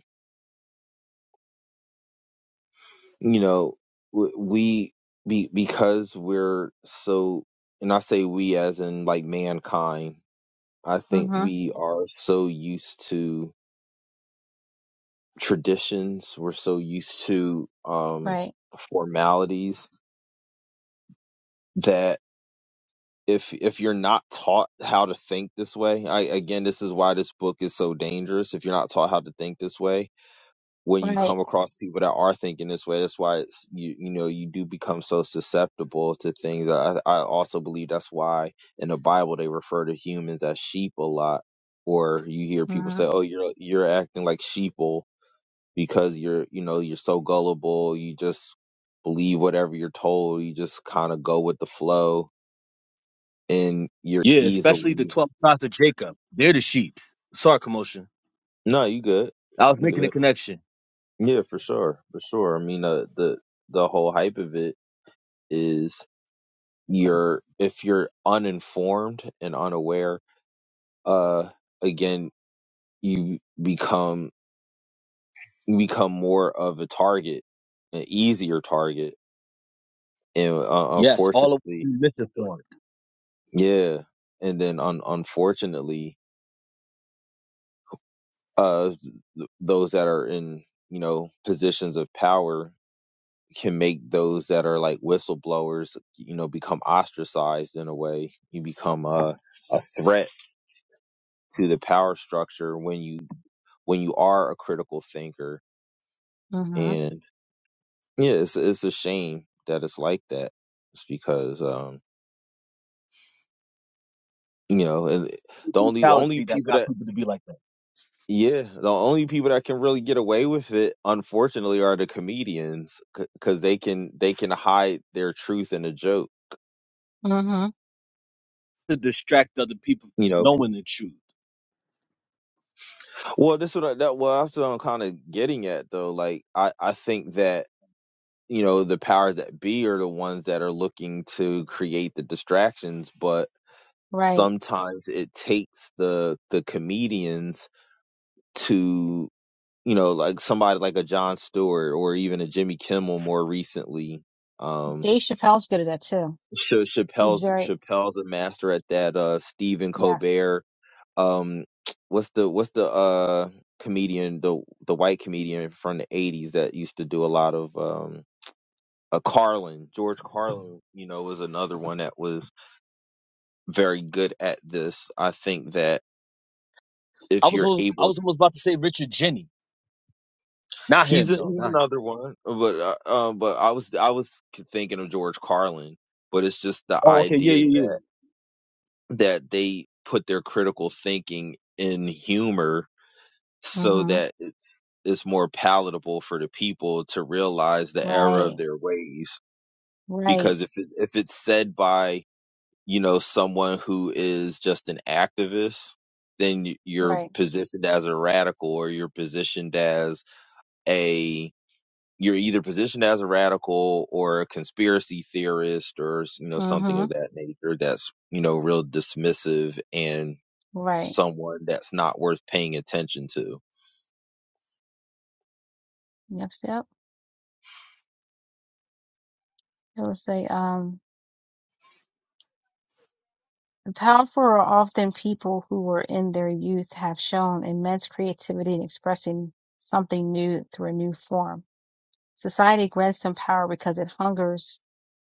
S2: you know w- we be because we're so and i say we as in like mankind i think
S1: Mm-hmm.
S2: we are so used to traditions we're so used to um
S1: Right.
S2: formalities that if if you're not taught how to think this way i again this is why this book is so dangerous if you're not taught how to think this way when you
S1: Right.
S2: come across people that are thinking this way. That's why it's you you know you do become so susceptible to things. I I also believe that's why in the Bible they refer to humans as sheep a lot, or you hear people
S1: Mm-hmm.
S2: say, "Oh, you're you're acting like sheeple because you're you know you're so gullible. You just believe whatever you're told. You just kind of go with the flow, and you're
S4: Yeah, especially the
S2: easily
S4: 12 tribes of Jacob. They're the sheep. Sorry, commotion.
S2: no, you good,
S4: I was
S2: you
S4: making a
S2: good."
S4: connection.
S2: Yeah, for sure, for sure. I mean, uh, the the whole hype of it is you're if you're uninformed and unaware uh again you become you become more of a target an easier target and uh,
S4: Yes, all of
S2: unfortunately
S4: we listen for it.
S2: yeah and then un- unfortunately uh th- those that are in you know positions of power can make those that are like whistleblowers you know become ostracized in a way you become a threat to the power structure when you when you are a critical thinker.
S1: Mm-hmm.
S2: And yeah, it's it's a shame that it's like that. It's because um, you know, and
S4: It's
S2: the
S4: The
S2: only the only
S4: mentality that
S2: people
S4: got
S2: that
S4: people to be like that.
S2: yeah, the only people that can really get away with it, unfortunately, are the comedians because they can they can hide their truth in a joke.
S1: Mm-hmm.
S4: To distract other people
S2: You
S4: from
S2: know,
S4: knowing the truth.
S2: well, this is what I, that well, that's what I'm kind of getting at though. Like, I I think that you know the powers that be are the ones that are looking to create the distractions, but
S1: Right.
S2: sometimes it takes the the comedians to you know like somebody like a John Stewart or even a Jimmy Kimmel more recently. Um,
S1: Dave Chappelle's good at that too.
S2: Cha-
S1: He's
S2: Chappelle's
S1: very
S2: Chappelle's a master at that. Uh, Stephen
S1: yes.
S2: Colbert. Um, what's the what's the uh comedian the the white comedian from the eighties that used to do a lot of um. A Carlin, George Carlin, you know, was another one that was very good at this. I think that
S4: I
S2: if
S4: was
S2: you're
S4: almost, I
S2: able
S4: was almost about to say Richard Jenny. Not
S2: He's
S4: him,
S2: a,
S4: no,
S2: he's
S4: not him.
S2: another one, but uh, uh, but I was I was thinking of George Carlin, but it's just the
S4: Oh, okay, yeah,
S2: idea
S4: yeah, yeah.
S2: that that they put their critical thinking in humor so
S1: Mm-hmm.
S2: that it's it's more palatable for the people to realize the error of
S1: Right.
S2: their ways.
S1: Right.
S2: Because if it, if it's said by you know someone who is just an activist, then you- you're
S1: Right.
S2: positioned as a radical or you're positioned as a you're either positioned as a radical or a conspiracy theorist or you know something
S1: Mm-hmm.
S2: of that nature that's you know real dismissive and
S1: Right.
S2: someone that's not worth paying attention to
S1: Yep. Yep. It would say, um, the powerful are often people who were in their youth have shown immense creativity in expressing something new through a new form. Society grants them power because it hungers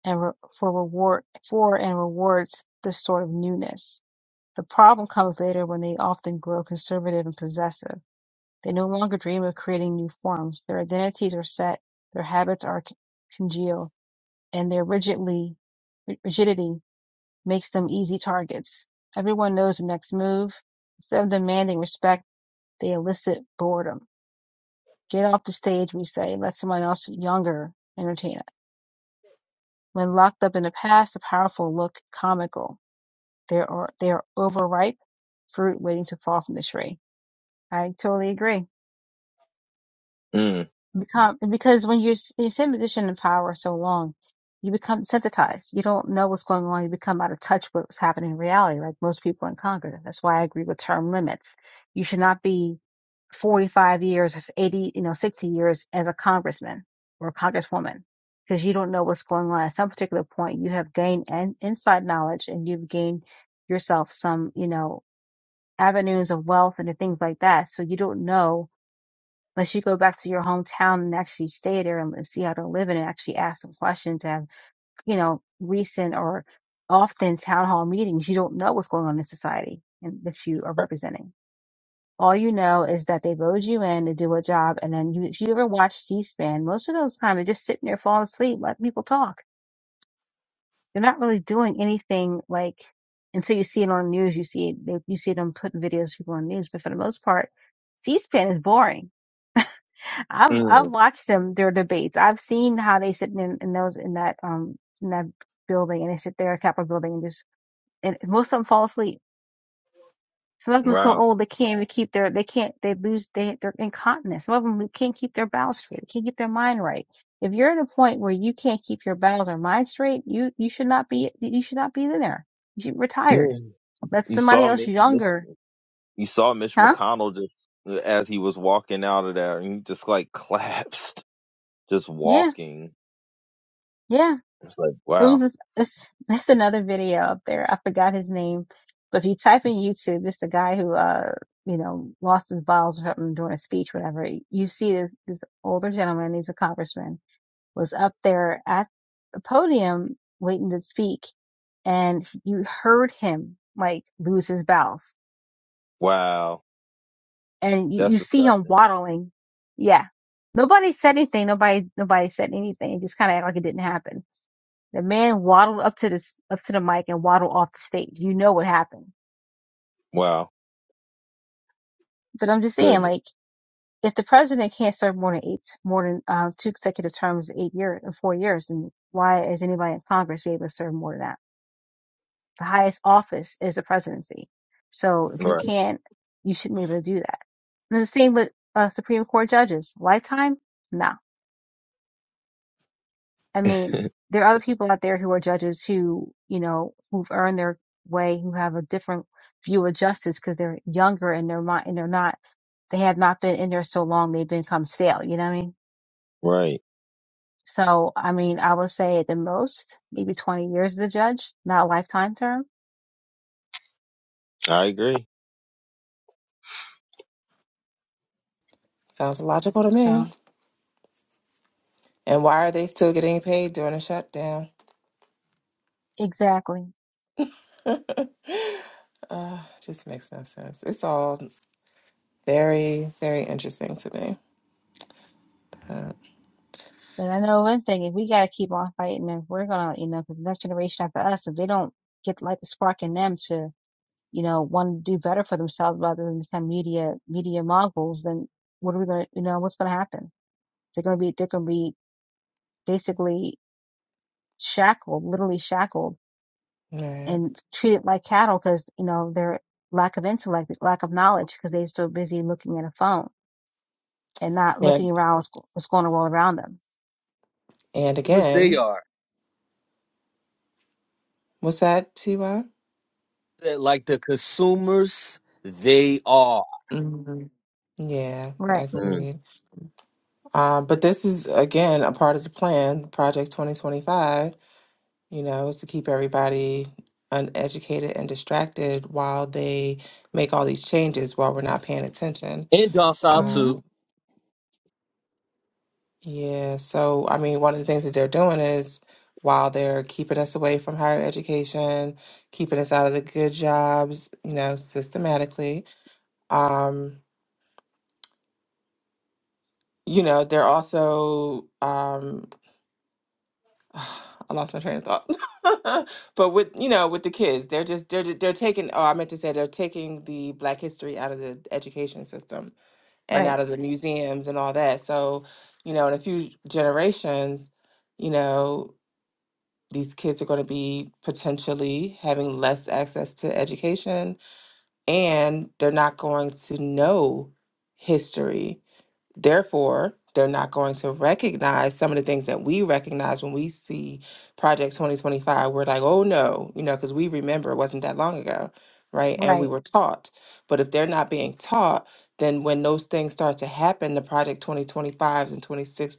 S1: and re- for reward for and rewards this sort of newness. The problem comes later when they often grow conservative and possessive. They no longer dream of creating new forms. Their identities are set, their habits are congealed, and their rigidly, rigidity makes them easy targets. Everyone knows the next move. Instead of demanding respect, they elicit boredom. Get off the stage, we say, let someone else younger entertain it. When locked up in the past, the powerful look comical. They are, they are overripe fruit waiting to fall from the tree. I totally agree.
S2: mm,
S1: become because when you're s- you sit in a position of power so long, you become desensitized. You don't know what's going on. You become out of touch with what's happening in reality, like most people in Congress. That's why I agree with term limits. You should not be 45 years, if 80, you know, 60 years as a congressman or a congresswoman because you don't know what's going on. At some particular point, you have gained an inside knowledge and you've gained yourself some, you know, avenues of wealth and things like that. So you don't know unless you go back to your hometown and actually stay there and see how they're living and actually ask some questions and have, you know, recent or often town hall meetings, you don't know what's going on in society and that you are representing. All you know is that they voted you in to do a job. And then you, if you ever watch C-SPAN, most of those times they're just sitting there falling asleep, letting people talk. They're not really doing anything like, until you see it on the news, you see it, you see them putting videos of people on the news. But for the most part, C-SPAN is boring I've I've
S2: mm,
S1: watched them their debates. I've seen how they sit in, in those in that um in that building and they sit there, Capitol building, and just and most of them fall asleep. Some of them are so
S2: wow
S1: old they can't even keep their they can't they lose they they're incontinent. Some of them can't keep their bowels straight, they can't keep their mind right. If you're at a point where you can't keep your bowels or mind straight, you you should not be you should not be in there. You should be retired.
S2: Mm.
S1: Let
S2: you
S1: somebody
S2: saw
S1: else
S2: mitch, mitch
S1: younger,
S2: you saw mitch
S1: huh?
S2: mcconnell just as he was walking out of there and he just like collapsed just
S1: Yeah,
S2: walking
S1: yeah.
S2: it's like
S1: It was
S2: wow
S1: this, it's, that's another video up there. I forgot his name, but if you type in YouTube, it's the guy who, uh, you know, lost his balls or something during a speech, whatever. You see this, this older gentleman, he's a congressman, was up there at the podium waiting to speak and you heard him like lose his bowels
S2: wow
S1: and you,
S2: that's
S1: you see him
S2: disgusting
S1: waddling. Yeah. Nobody said anything. Nobody, nobody said anything. It just kind of acted like it didn't happen The man waddled up to this up to the mic and waddled off the stage. You know what happened.
S2: wow
S1: But I'm just saying,
S2: goodness
S1: like, if the president can't serve more than eight, more than uh, two consecutive terms, eight years, four years, then why is anybody in Congress be able to serve more than that? The highest office is the presidency. So if you
S2: right
S1: can't, you shouldn't be able to do that. And the same with uh, Supreme Court judges. Lifetime? no. I mean, there are other people out there who are judges who, you know, who've earned their way, who have a different view of justice because they're younger and they're not, and they're not, they have not been in there so long, they've become stale, you know what I mean?
S2: right
S1: So, I mean, I would say at the most, maybe 20 years as a judge, not a lifetime term.
S2: i agree
S3: Sounds logical to me.
S1: So,
S3: And why are they still getting paid during a shutdown?
S1: exactly.
S3: uh, just makes no sense. It's all Very, very interesting to me. Uh,
S1: But I know one thing, if we got to keep on fighting, and we're going to, you know, 'cause the next generation after us, if they don't get like the spark in them to you know, want to do better for themselves rather than become media media moguls, then what are we going to, you know, what's going to happen? They're going to be they're going to be basically shackled, literally shackled,
S3: right.
S1: and treated like cattle because you know their lack of intellect, lack of knowledge, because they're so busy looking at a phone and not
S3: And
S1: looking around what's, what's going on all around them.
S3: and
S4: Consumers they
S3: again,
S4: are.
S3: was that Tiwa?
S4: They're Like the consumers they are.
S3: hmm Yeah, I
S1: Right.
S2: Mm.
S3: agreed. Uh, but this is again a part of the plan, Project 2025, you know, is to keep everybody uneducated and distracted while they make all these changes while we're not paying attention.
S4: And docile
S1: Mm-hmm.
S3: Um,
S4: too.
S3: Yeah, so I mean, one of the things that they're doing is while they're keeping us away from higher education, keeping us out of the good jobs, you know, systematically, um, you know, they're also, um, I lost my train of thought. But with, you know, with the kids, they're just they're they're taking, oh, I meant to say they're taking the Black history out of the education system and out
S1: Right.
S3: of the museums and all that. So, you know, in a few generations, you know, These kids are going to be potentially having less access to education, and they're not going to know history Therefore, they're not going to recognize some of the things that we recognize when we see Project 2025. We're like, oh no, you know, because we remember it wasn't that long ago, right? And we
S1: Right.
S3: were taught. But if they're not being taught, then when those things start to happen, the Project 2025s and 26,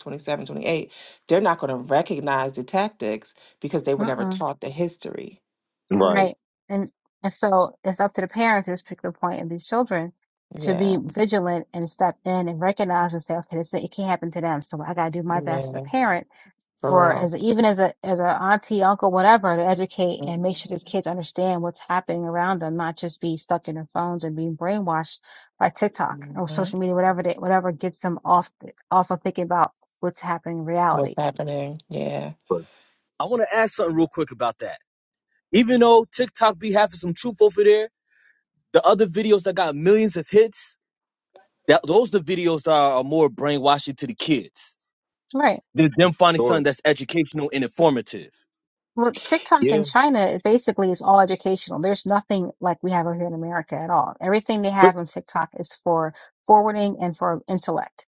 S3: they're not going to recognize the tactics because they were never
S1: Mm-mm.
S3: taught the history.
S2: right
S1: Right. And and so it's up to the parents at this particular point of these children to be
S3: Yeah.
S1: vigilant and step in and recognize and say, okay, this it can't happen to them. So I gotta do my best as a
S3: Yeah.
S1: parent
S3: For
S1: or
S3: real.
S1: as a, even as a as a auntie, uncle, whatever, to educate and make sure these kids understand what's happening around them, not just be stuck in their phones and being brainwashed by TikTok or
S3: Mhm.
S1: social media, whatever they, whatever gets them off off of thinking about what's happening in
S3: What's
S1: reality.
S3: happening? Yeah.
S4: I want to ask something real quick about that. Even though TikTok be having some truth over there, the other videos that got millions of hits, That those the videos that are, more brainwashing to the kids
S1: Right.
S4: than them finding something
S2: Sure.
S4: that's educational and informative.
S1: Well, TikTok in
S2: Yeah.
S1: China it basically is all educational. There's nothing like we have over here in America at all. Everything they
S4: But
S1: have on TikTok is for forwarding and for intellect.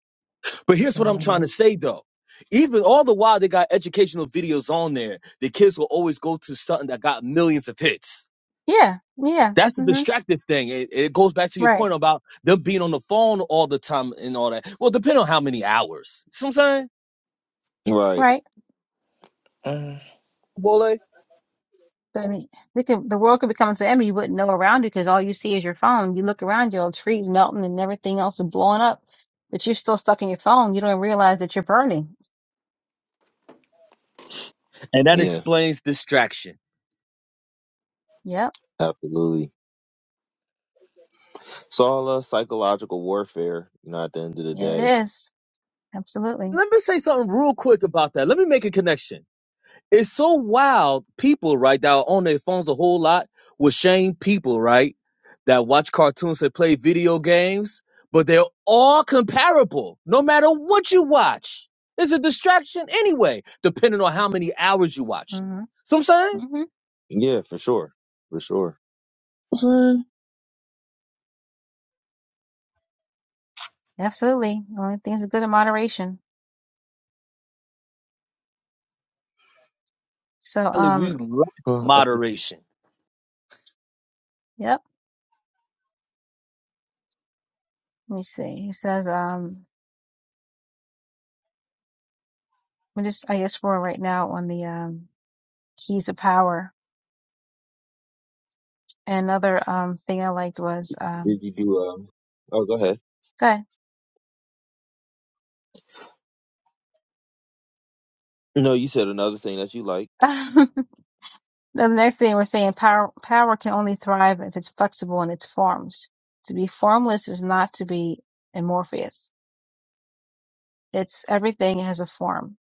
S4: but here's what I'm trying to say though. Even all the while they got educational videos on there, the kids will always go to something that got millions of hits.
S1: Yeah, yeah,
S4: That's the
S1: hmm
S4: distracted thing. It, it goes back to your
S1: right,
S4: point about them being on the phone all the time and all that. Well, depend on how many hours. See what I'm saying,
S2: Right.
S1: right.
S3: Mhm.
S4: Bole?
S1: But I mean, we could, the world could become to end. You wouldn't know around you because all you see is your phone. You look around you, all trees melting and everything else is blowing up, but you're still stuck in your phone. You don't realize that you're burning.
S4: And that
S2: Yeah.
S4: explains distraction.
S1: Yep,
S2: Absolutely. It's all uh, psychological warfare, you know, at the end of the
S1: it
S2: day.
S1: is absolutely.
S4: Let me say something real quick about that. Let me make a connection It's so wild. People, right, that are on their phones a whole lot with shame people, right, that watch cartoons and play video games, but they're all comparable no matter what you watch. It's a distraction anyway, depending on how many hours you watch it.
S1: hmm
S4: So I'm saying,
S1: hmm
S2: Yeah, for sure. For sure.
S4: Saying?
S1: Absolutely. Only things are good in moderation. So,
S4: Ali, we
S1: um.
S4: lack
S2: Well, I think-
S4: moderation.
S1: Yep. Let me see. He says, um, I'm just, I guess we're right now on the, um, keys of power. And another, um, thing I liked was, um,
S2: did you do, um, oh, go ahead.
S1: go ahead.
S2: No, you said another thing that you liked.
S1: the next thing we're saying, power, power can only thrive if it's flexible in its forms. To be formless is not to be amorphous. It's everything has a form.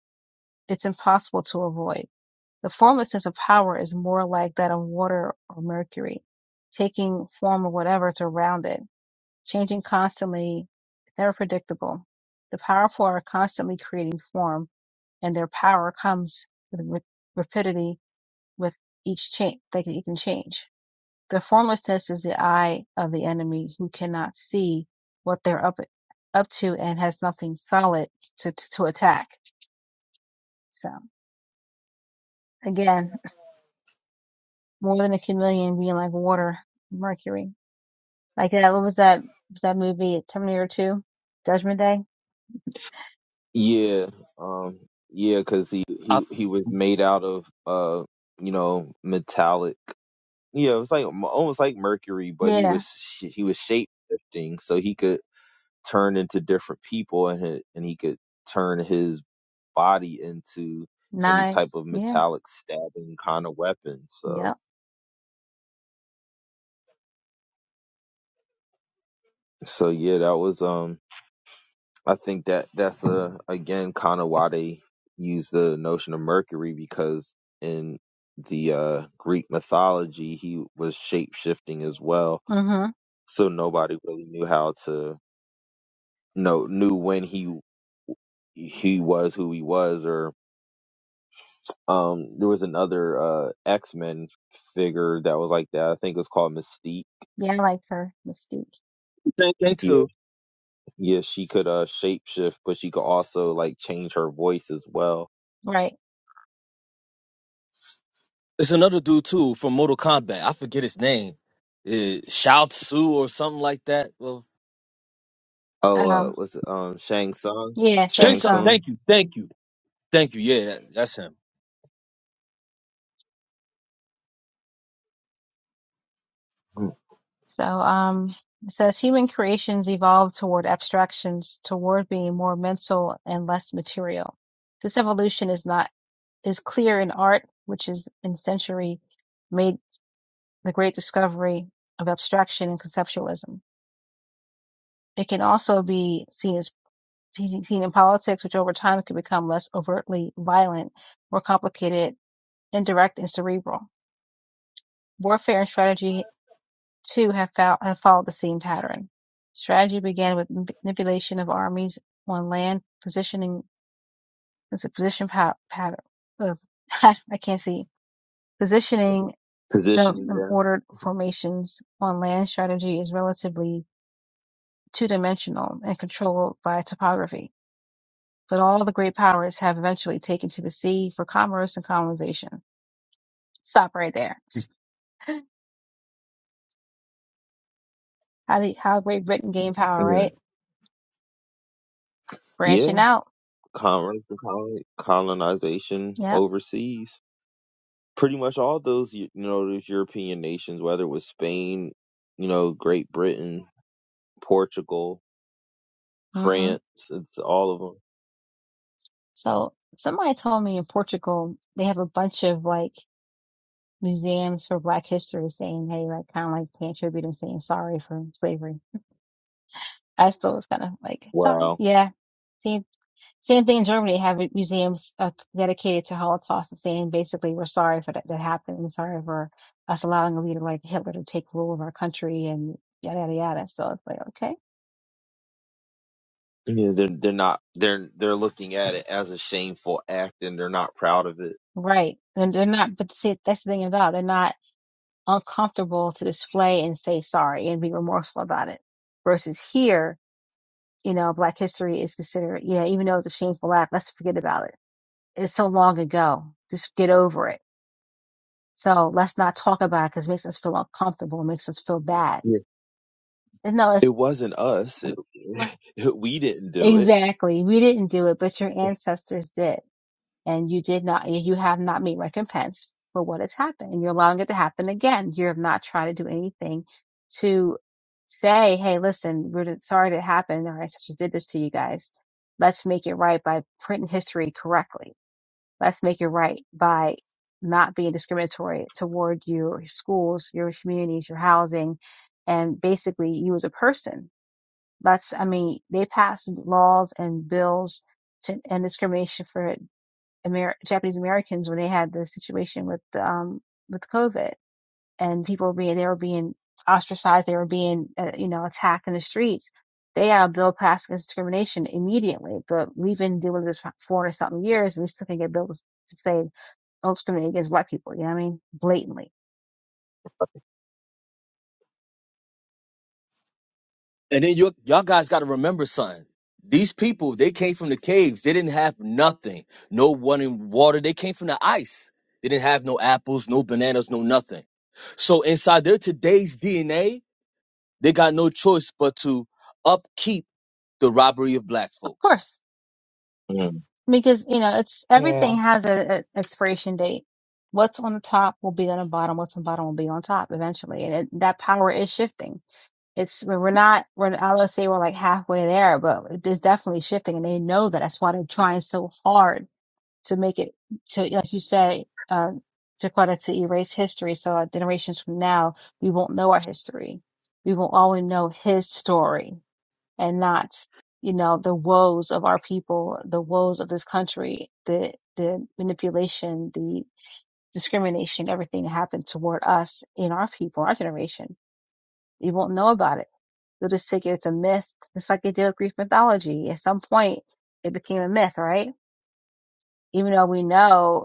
S1: It's impossible to avoid. The formlessness of power is more like that of water or mercury, taking form or whatever is around it Changing constantly, it's never predictable. The powerful are constantly creating form, and their power comes with rapidity with each change. They can, you change. The formlessness is the eye of the enemy who cannot see what they're up up to and has nothing solid to to attack. So again, more than a chameleon being like water, mercury. Like that. What was that? Was that movie Terminator Two, Judgment Day?
S2: Yeah. Um, yeah, cause he,
S4: I
S2: he, he was made out of, uh, you know, metallic. Yeah, it was like almost like mercury, but he
S1: Yeah,
S2: was, sh- he was shape shifting so he could turn into different people and, he- and he could turn his body into any type
S1: knives.
S2: of
S1: Yeah.
S2: metallic stabbing kind of weapon.
S1: Yep.
S2: So so yeah, that was um I think that that's uh again kind of why they use the notion of Mercury because in the uh Greek mythology he was shape shifting as well.
S1: Mm-hmm.
S2: So nobody really knew how to know knew when he he was who he was or um there was another uh X Men figure that was like that. I think it was called Mystique.
S1: Yeah, I liked her, Mystique.
S4: same thing
S2: He
S4: too.
S2: Yeah, she could uh shapeshift, but she could also like change her voice as well.
S1: Right.
S4: It's another dude too from Mortal Kombat. I forget his name. Uh, Shao Tsu or something like that. Well,
S2: Oh, uh,
S1: Um,
S2: was um Shang Tsung,
S1: yeah, Shang
S4: Shang
S2: Shang
S4: Tsung,
S1: Tsung.
S2: Tsung
S4: thank you, thank you. Thank you. Yeah, that, that's him.
S1: So, um, it says human creations evolve toward abstractions, toward being more mental and less material. This evolution is not, is clear in art, which is in century made the great discovery of abstraction and conceptualism. It can also be seen as seen in politics, which over time could become less overtly violent, more complicated, indirect, and cerebral. Warfare and strategy too have, fol- have followed the same pattern. Strategy began with manipulation of armies on land, positioning was a position pa- pattern. uh, I can't see positioning the,
S2: positioning
S1: the
S2: them.
S1: ordered formations on land. Strategy is relatively two-dimensional and controlled by topography, but all the great powers have eventually taken to the sea for commerce and colonization. Stop right there. How the, how Great Britain gained power,
S2: Mhm.
S1: right? Branching
S2: Yeah,
S1: out.
S2: colon, colon- colonization
S1: Yep.
S2: overseas. Pretty much all those you know those European nations, whether it was Spain, you know, Great Britain, Portugal,
S1: hmm
S2: France, it's all of them.
S1: So somebody told me in Portugal they have a bunch of like museums for Black history saying, hey, like kind of like paying tribute and saying sorry for slavery. I still was kind of like, sorry.
S2: Wow.
S1: Yeah. Same, same thing in Germany. They have museums uh, dedicated to Holocaust and saying basically we're sorry for that, that happened and sorry for us allowing a leader like Hitler to take rule of our country and yada, yada, yada. So it's like, okay.
S2: Yeah, they're they're not they're they're looking at it as a shameful act and they're not proud of it.
S1: Right. And they're not, but see, that's the thing about it. They're not uncomfortable to display and say sorry and be remorseful about it. Versus here, you know, Black history is considered, you know, even though it's a shameful act, let's forget about it. It's so long ago. Just get over it. So let's not talk about it because it makes us feel uncomfortable, it makes us feel bad. And no,
S2: It
S1: it's
S2: wasn't us. It, we didn't do it.
S1: exactly. We didn't do it, but your ancestors did. and you did not, you have not made recompense for what has happened. And you're allowing it to happen again. You're not trying to do anything to say, Hey, listen, we're sorry that happened. Our ancestors did this to you guys. Let's make it right by printing history correctly. Let's make it right by not being discriminatory toward your schools, your communities, your housing, and basically you as a person. Let's, I mean, they passed laws and bills to end discrimination for Amer- Japanese Americans when they had the situation with um with COVID and people were being they were being ostracized, they were being uh, you know attacked in the streets. They had a bill passed against discrimination immediately, but we've been dealing with this for four or something years, and we still can get bills to say don't discriminate against black people. You know what I mean? Blatantly,
S4: And then you, y'all guys got to remember something. These people, they came from the caves. They didn't have nothing. No running water. They came from the ice. They didn't have no apples, no bananas, no nothing. So inside their today's DNA, they got no choice but to upkeep the robbery of black
S1: of
S4: folks.
S1: course,
S2: Mm,
S1: because you know it's
S3: Yeah.
S1: everything has an expiration date. What's on the top will be on the bottom. What's on the bottom will be on top eventually, and it, that power is shifting It's we're not we're I would say we're like halfway there, but there's definitely shifting, and they know that. That's why they're trying so hard to make it to, like you say, uh, Jaquetta, to erase history. So our generations from now, we won't know our history. We will only know his story and not, you know, the woes of our people, the woes of this country, the the manipulation, the discrimination, everything that happened toward us in our people, our generation. We won't know about it You'll just figure it's a myth, It's like they did with Greek mythology. At some point, it became a myth, right? Even though we know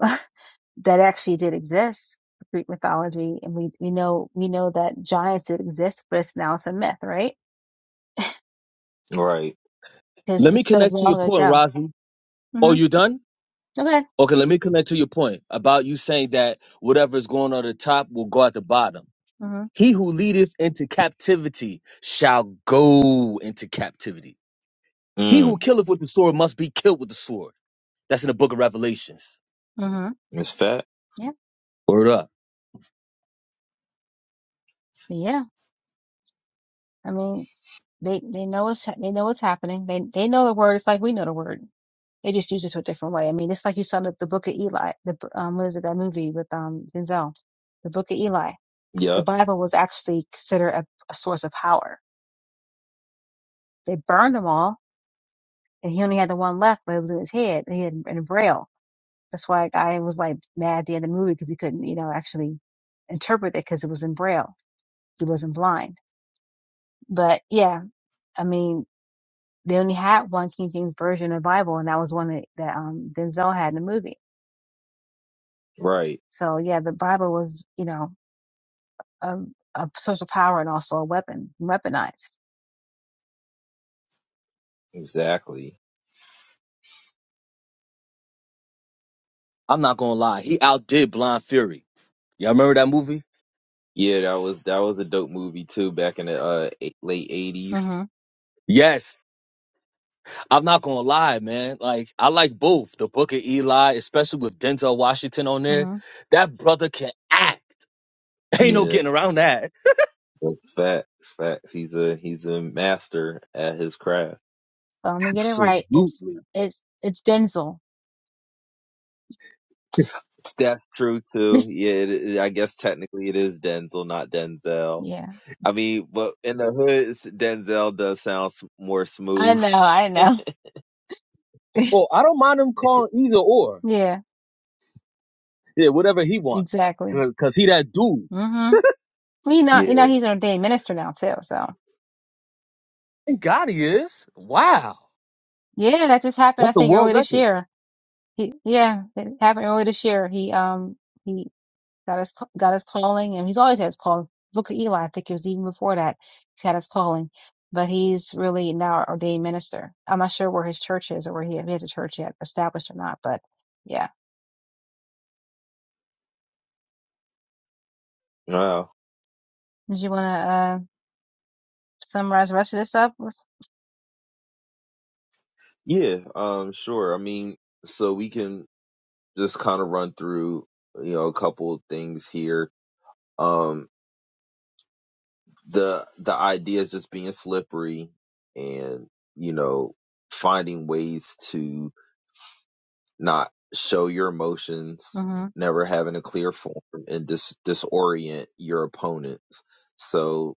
S1: that actually did exist, Greek mythology, and we, we know, we know that giants did exist, but it's now it's a myth, right?
S2: right.
S1: Because
S4: Let me
S1: it's so
S4: connect to your
S1: long
S4: point,
S1: ago.
S4: Razi. Oh,
S1: hmm
S4: you done?
S1: Okay.
S4: Okay, let me connect to your point about you saying that whatever is going on at the top will go at the bottom.
S1: hmm mm
S4: He who leadeth into captivity shall go into captivity. He who
S2: Mm,
S4: killeth with the sword must be killed with the sword. That's in the book of Revelations.
S1: hmm
S2: it's fat.
S1: Yeah.
S4: Word up.
S1: Yeah. I mean, they, they know what's, they know what's happening. They, they know the word. It's like we know the word. They just use it to a different way. I mean, it's like you saw the, the book of Eli, the, um, what is it, that movie with, um, Denzel, the book of Eli the
S2: Yep.
S1: Bible was actually considered a, a source of power. They burned them all, and he only had the one left, but it was in his head, and he had in Braille. That's why I was like mad at the end of the movie because he couldn't, you know, actually interpret it because it was in Braille. He wasn't blind. But yeah, I mean, they only had one King James version of the Bible, and that was one that, that um, Denzel had in the movie.
S2: Right.
S1: So yeah, the Bible was, you know, a, a source of power and also a weapon, weaponized.
S2: Exactly.
S4: I'm not gonna lie. He outdid Blind Fury. Y'all remember that movie?
S2: Yeah, that was that was a dope movie too back in the uh, eight, late eighties.
S1: Mm
S4: Yes. I'm not gonna lie, man. Like, I like both. The book of Eli, especially with Denzel Washington on there.
S1: hmm
S4: That brother can act. Ain't no
S2: Yeah.
S4: getting around that.
S2: Facts, facts. He's a he's a master at his craft.
S1: So let me get it right. It's
S4: Absolutely.
S1: it's it's Denzel.
S2: That's true too. Yeah, it, it- I guess technically it is Denzel, not Denzel.
S1: Yeah,
S2: I mean, but in the hood, it's- Denzel does sound s- more
S1: I
S2: smooth.
S1: know, I know.
S4: Well, I don't mind him calling either or.
S1: Yeah,
S4: Yeah, whatever he wants.
S1: exactly.
S4: Cause, 'cause he that dude.
S1: hmm You know, you
S2: Yeah.
S1: know, he's an ordained minister now too. So
S4: Thank God he is. Wow.
S1: yeah, that just happened.
S4: That's
S1: I
S4: a
S1: think
S4: world
S1: earlier this
S4: record.
S1: year. He, yeah, it happened earlier this year. He um he got his got his calling, and he's always had his call. Look at Eli. I think it was even before that he had his calling, but he's really now an ordained minister. I'm not sure where his church is or where he, if he has a church yet established or not. But yeah,
S2: Wow.
S1: did you want to? summarize the rest of this up.
S2: Yeah, um, sure. I mean, so we can just kind of run through, you know, a couple of things here. Um, the the idea is just being slippery and, you know, finding ways to not show your emotions,
S1: Mm-hmm.
S2: never having a clear form and dis disorient your opponents. So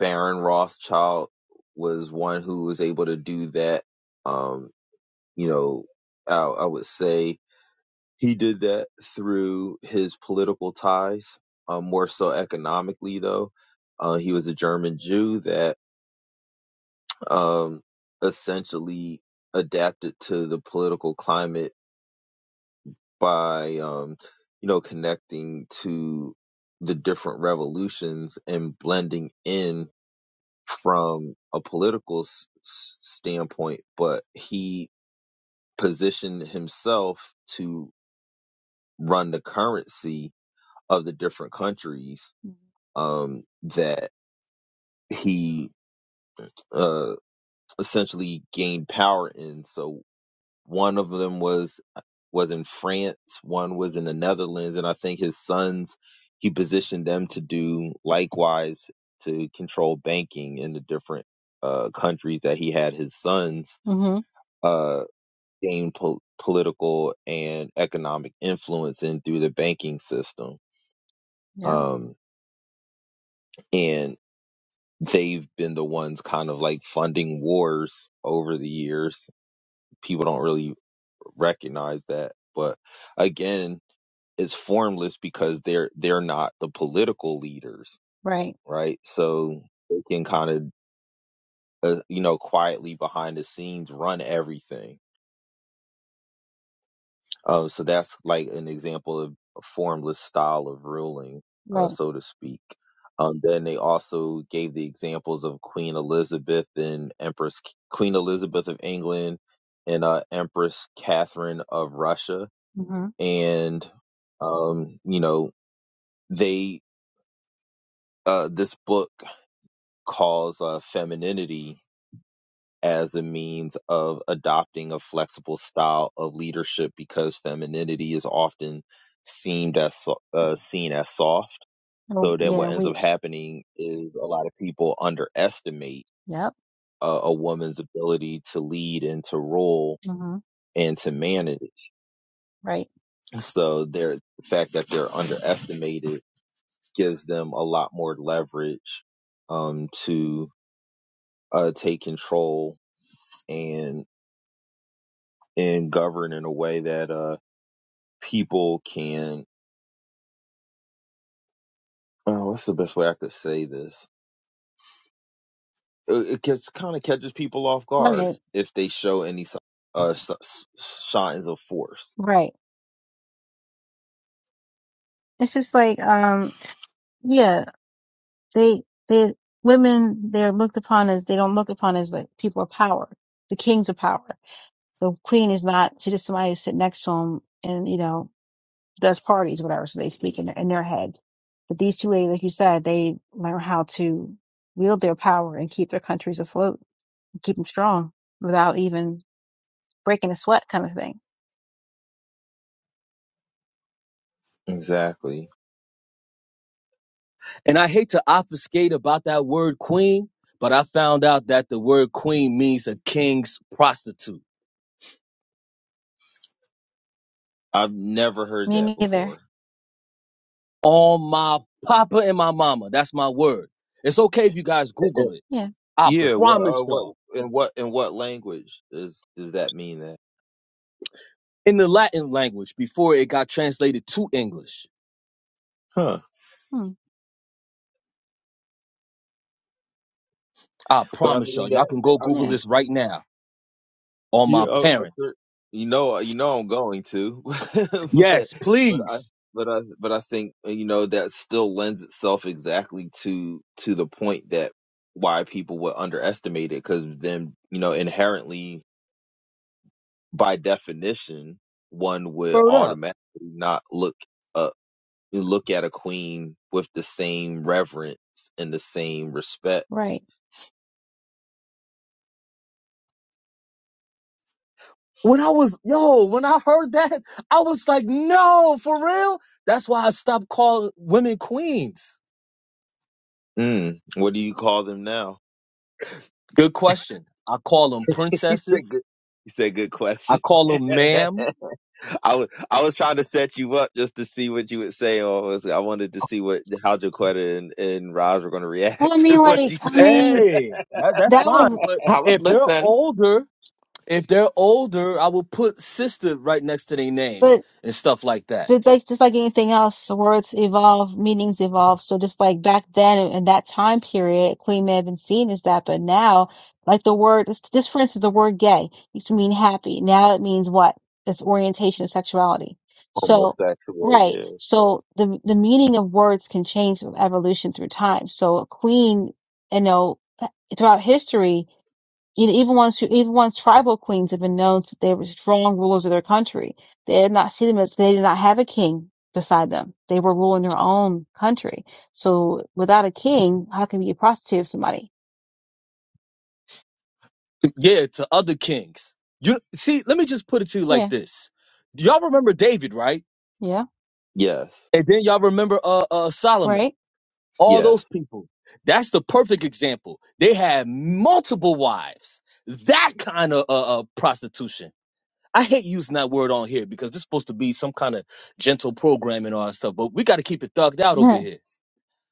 S2: Baron Rothschild was one who was able to do that. Um, you know, I, I would say He did that through his political ties, um, more so economically, though. Uh, he was a German Jew that um, essentially adapted to the political climate by, um, you know, connecting to the different revolutions and blending in from a political s- standpoint. But he positioned himself to run the currency of the different countries um, that he uh, essentially gained power in. So one of them was was in France, one was in the Netherlands, and I think his sons he positioned them to do likewise to control banking in the different uh, countries that he had his sons
S1: Mm-hmm.
S2: uh, gain po- political and economic influence in through the banking system.
S1: Yep.
S2: Um, and they've been the ones kind of like funding wars over the years. People don't really recognize that. But again, it's formless because they're they're not the political leaders,
S1: Right.
S2: right? So they can kind of uh, you know quietly behind the scenes run everything Oh, so that's like an example of a formless style of ruling, uh,
S1: Right.
S2: so to speak. Um, then they also gave the examples of Queen Elizabeth and Empress Queen Elizabeth of England and uh, Empress Catherine of Russia,
S1: Mm-hmm.
S2: and um, you know they uh, this book calls uh, femininity as a means of adopting a flexible style of leadership because femininity is often seen as so- uh, seen as soft.
S1: Oh,
S2: So then
S1: yeah.
S2: what ends up
S1: Weak.
S2: happening is a lot of people underestimate
S1: Yep.
S2: a, a woman's ability to lead and to rule
S1: Mm-hmm.
S2: and to manage.
S1: Right.
S2: So their the fact that they're underestimated gives them a lot more leverage um, to uh, take control and and govern in a way that uh, people can oh what's the best way i could say this it, it gets kind of catches people off guard
S1: Right.
S2: if they show any si- uh signs of force
S1: Right. It's just like, um, yeah, they, they, women, they're looked upon as, they don't look upon as like people of power, the kings of power. The queen is not, she just somebody who sit next to him and, you know, does parties, whatever. So they speak in, their- in their head. But these two ladies, like you said, they learn how to wield their power and keep their countries afloat keep them strong without even breaking a sweat kind of thing.
S2: exactly
S4: And I hate to obfuscate about that word queen, but I found out that the word queen means a king's prostitute.
S2: i've never heard
S1: Me
S2: that
S1: neither.
S2: before
S4: On my papa and my mama. That's my word. It's okay if you guys Google it.
S1: Yeah.
S4: I
S2: yeah what
S4: promise
S2: uh, what
S4: y'all.
S2: in what in what language does does that mean that
S4: In the Latin language before it got translated to English.
S2: huh
S1: Hmm.
S4: I
S2: but i
S4: promise y'all.
S2: mean that
S4: Y'all can go
S2: i
S4: Google
S2: mean
S1: Yeah.
S4: this right now. On
S2: Yeah,
S4: my
S2: uh, uh,
S4: parents.
S2: sir, you know, uh, you know, I'm going to, but
S4: Yes,
S2: but I
S4: please.
S2: but I but I think uh, you know that still lends itself exactly to to the point that why people would underestimate it because then you know inherently by definition one would
S4: Word up.
S2: automatically not look uh look at a queen with the same reverence and the same respect.
S1: Right.
S4: When I was, yo, when I heard that, I was like, no, for real? That's why I stopped calling women queens.
S2: Mm, what do you call them now?
S4: Good question. I call them
S2: You
S4: princesses.
S2: said good, you said good
S4: I
S2: question.
S4: call them ma'am.
S2: I was I was trying to set you up just to see what you would say. Or was- I wanted to see what how Jaquetta and, and Roz were going to
S1: Well, I
S2: react to
S1: mean,
S2: what you
S1: like, I
S2: said.
S1: mean,
S4: Hey, that, that's
S1: that
S4: fine.
S1: was,
S4: But
S3: I was
S4: if they're
S3: listening.
S4: older, if they're older, I will put sister right next to their name
S1: but
S4: and stuff like that.
S1: but like just like anything else, the words evolve, meanings evolve. So just like back then in that time period, Queen may have been seen as that, but now, like the word, just just for instance, the word gay used to mean happy. Now it means what? It's orientation of sexuality. So,
S2: Homosexual,
S1: right.
S2: yeah, sure.
S1: So the the meaning of words can change with evolution through time. So a queen, you know, throughout history you even once, even once tribal queens have been known that they were strong rulers of their country, they did not see them as they did not have a king beside them. They were ruling their own country. So without a king, how can you be a prostitute of somebody?
S4: Yeah, to other kings. You see, let me just put it to you like
S1: Yeah,
S4: this. Y'all remember David, right?
S1: yeah,
S2: Yes,
S4: And then y'all remember uh, uh Solomon.
S1: right.
S4: all
S2: yes,
S4: those people. That's the perfect example. They had multiple wives. That kind of uh, uh, prostitution. I hate using that word on here because this is supposed to be some kind of gentle program and all that stuff, but we got to keep it thugged out over
S1: Yeah,
S4: here.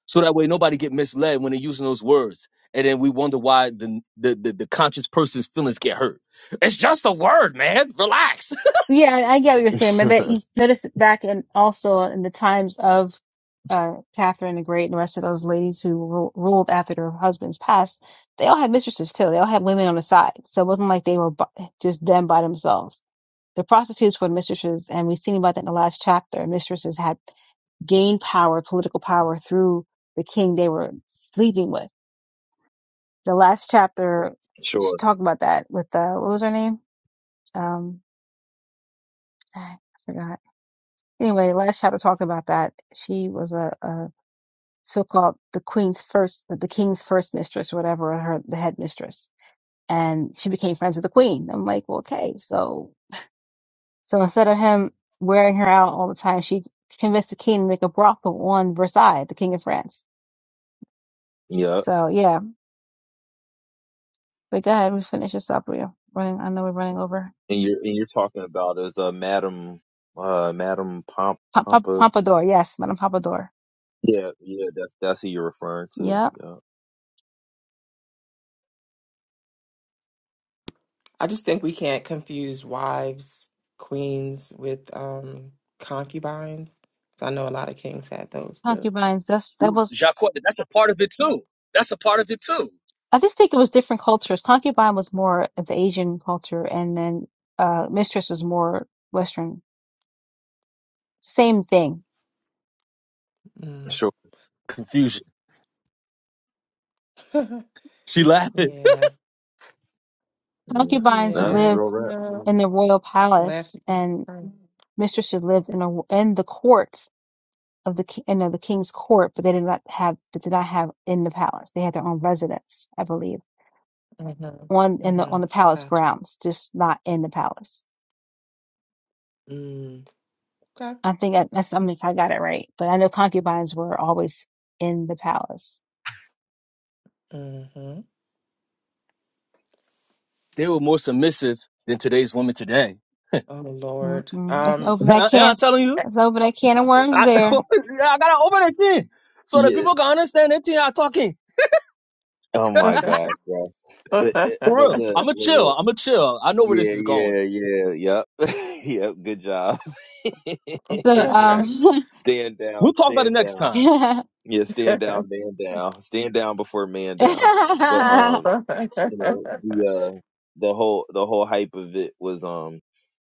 S4: So that way nobody get misled when they're using those words. And then we wonder why the, the, the, the conscious person's feelings get hurt. It's just a word, man. Relax.
S1: yeah, I I get what you're saying. But you notice back in also in the times of uh, Catherine the Great and the rest of those ladies who ru- ruled after their husbands passed, they all had mistresses too. They all had women on the side. So it wasn't like they were bu- just them by themselves. The prostitutes were mistresses, and we've seen about that in the last chapter. Mistresses had gained power, political power, through the king they were sleeping with. The last chapter, she
S2: Sure.
S1: talked about that with uh, what was her name? Um, I forgot. Anyway, the last chapter talked about that. She was a, a so-called the queen's first, the king's first mistress, or whatever, her the head mistress, and she became friends with the queen. I'm like, well, okay, so So instead of him wearing her out all the time, she convinced the king to make a brothel on Versailles, the king of France.
S2: yeah.
S1: So yeah, but go ahead, we finish this up. We're running. I know we're running over.
S2: And you're and you're talking about as a Madam uh Madam Pomp
S1: Pomp- Pomp-
S2: Pompa.
S1: Pompadour, yes, Madame Pompadour.
S2: Yeah, yeah. That's that's who you're referring to.
S1: Yep,
S2: Yeah,
S3: I just think we can't confuse wives, queens with um concubines. So I know a lot of kings had those too.
S1: concubines. That's that
S4: No,
S1: was.
S4: Jacques, that's a part of it too. That's a part of it too.
S1: I just think it was different cultures. Concubine was more of the Asian culture, and then uh, mistress was more Western. Same thing.
S3: Mm.
S2: Sure.
S4: Confusion. She laughing.
S3: yeah.
S2: yeah.
S1: Concubines
S2: That's
S3: Yeah.
S2: real
S1: lived
S2: rap. Real
S3: No.
S1: in
S2: rap.
S1: the royal
S3: Left.
S1: palace, and
S3: Mm-hmm.
S1: mistresses lived in a, in the court of the ki- you know the king's court, but they did not have but did not have in the palace. They had their own residence, I believe, on in the
S3: Mm-hmm.
S1: on the palace
S3: Got you.
S1: grounds, just not in the palace.
S3: Mm. Okay.
S1: I think I, that's I mean if I got it right, but I know concubines were always in the palace.
S3: Mm-hmm.
S4: They were more submissive than today's women today.
S3: Oh Lord.
S1: Mm-mm. Let's
S3: Um
S1: open that
S4: Yeah,
S1: can.
S4: I'm telling you.
S1: Let's open that can of worms
S4: I,
S1: there.
S4: I gotta open that thing so that
S2: Yeah.
S4: people can understand that thing I'm talking.
S2: Oh my gosh, bro. It- it-
S4: For
S2: but
S4: real.
S2: look,
S4: I'ma
S2: look,
S4: chill.
S2: look.
S4: I'ma chill. I know where this
S2: Yeah,
S4: is going.
S2: yeah, yeah, yep. yep, good job.
S1: So um,
S2: stand down,
S4: We'll talk about it
S2: stand
S4: next
S2: down.
S4: time.
S1: yeah.
S2: Yeah, stand down, man down. Stand down before man down. But um, you know, the uh the whole the whole hype of it was um,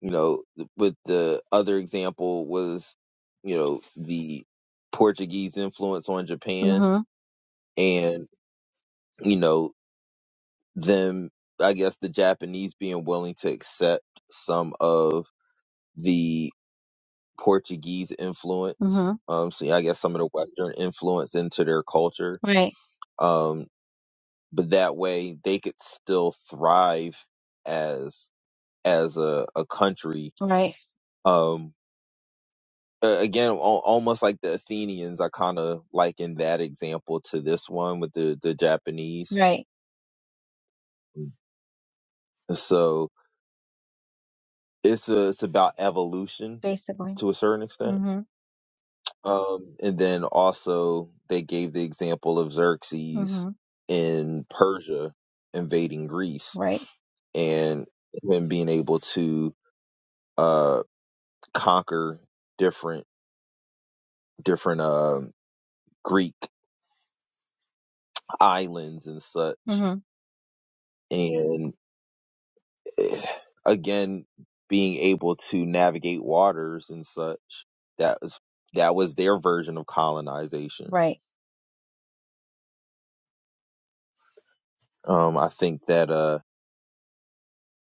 S2: you know, with the other example was, you know, the Portuguese influence on Japan
S1: mhm,
S2: and, you know, them I guess the Japanese being willing to accept some of the Portuguese influence.
S1: mhm.
S2: Um, so yeah, I guess some of the Western influence into their culture.
S1: Right,
S2: Um, but that way they could still thrive as as a, a country.
S1: right,
S2: Um, a- again, al- almost like the Athenians, I kind of liken that example to this one with the the Japanese.
S1: right.
S2: So it's a, it's about evolution
S1: Basically.
S2: to a certain extent
S1: Mhm,
S2: Um, and then also they gave the example of Xerxes
S1: mhm.
S2: in Persia invading Greece
S1: Right,
S2: and him being able to uh conquer different different uh, Greek islands and such,
S1: mhm.
S2: and eh, again being able to navigate waters and such. That was that was their version of colonization.
S1: Right,
S2: Um, I think that uh,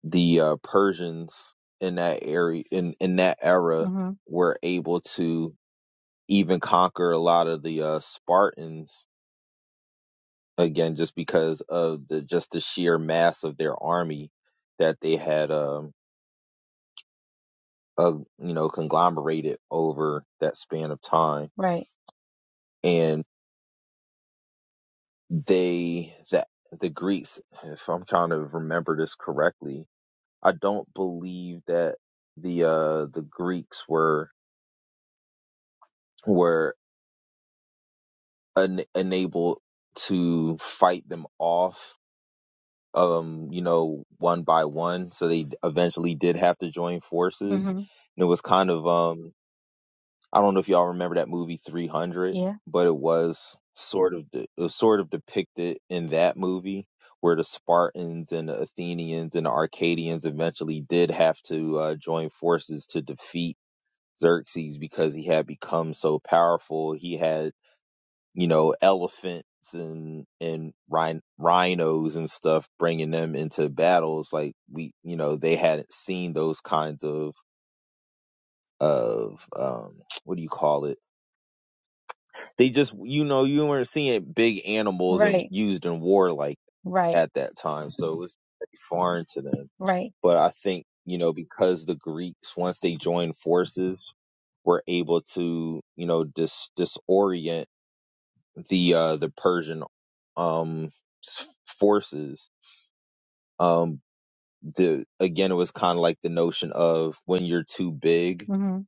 S2: the uh, Persians in that area in in that era
S1: mhm.
S2: were able to even conquer a lot of the uh, Spartans again just because of the just the sheer mass of their army that they had um uh, you know conglomerated over that span of time
S1: Right.
S2: and they that the Greeks if I'm trying to remember this correctly I don't believe that the uh the Greeks were were un- unable to fight them off um you know one by one so they eventually did have to join forces
S1: hmm
S2: and it was kind of um i don't know if y'all remember that movie 300
S1: Yeah.
S2: but it was sort of it was sort of depicted in that movie where the spartans and the athenians and the arcadians eventually did have to uh, join forces to defeat xerxes because he had become so powerful he had you know, elephants and and rhin- rhinos and stuff, bringing them into battles. Like we, you know, they hadn't seen those kinds of of um, what do you call it? They just, you know, you weren't seeing big animals and
S1: Right.
S2: used in war like
S1: Right.
S2: at that time, so it was very foreign to them.
S1: Right.
S2: But I think you know because the Greeks once they joined forces were able to you know dis disorient the uh the Persian um forces um the again it was kind of like the notion of when you're too big
S1: hmm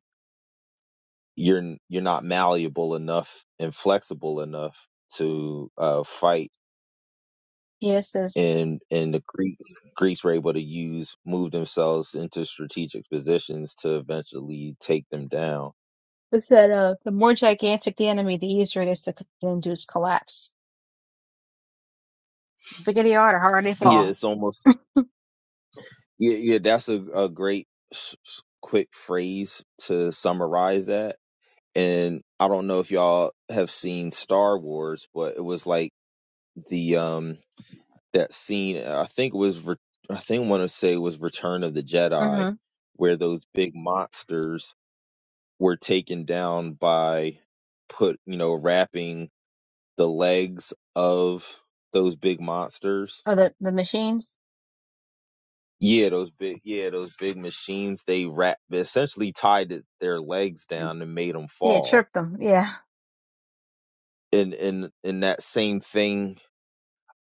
S2: you're you're not malleable enough and flexible enough to uh fight
S1: Yes. Is
S2: and and the Greeks Greeks were able to use move themselves into strategic positions to eventually take them down
S1: it said uh, the more gigantic the enemy, the easier it is to c- to induce collapse. Bigger they are, the harder they
S2: yeah
S1: fall.
S2: it's almost yeah yeah that's a, a great s- s- quick phrase to summarize that and I don't know if y'all have seen Star Wars, but it was like the um that scene. I think it was Re- I think I want to say it was Return of the Jedi,
S1: hmm
S2: where those big monsters were taken down by put you know wrapping the legs of those big monsters.
S1: Oh, the the machines.
S2: Yeah, those big yeah those big machines. They wrap essentially tied their legs
S1: Mm.
S2: down and made them
S1: Yeah,
S2: fall
S1: trip them. Yeah.
S2: and and and that same thing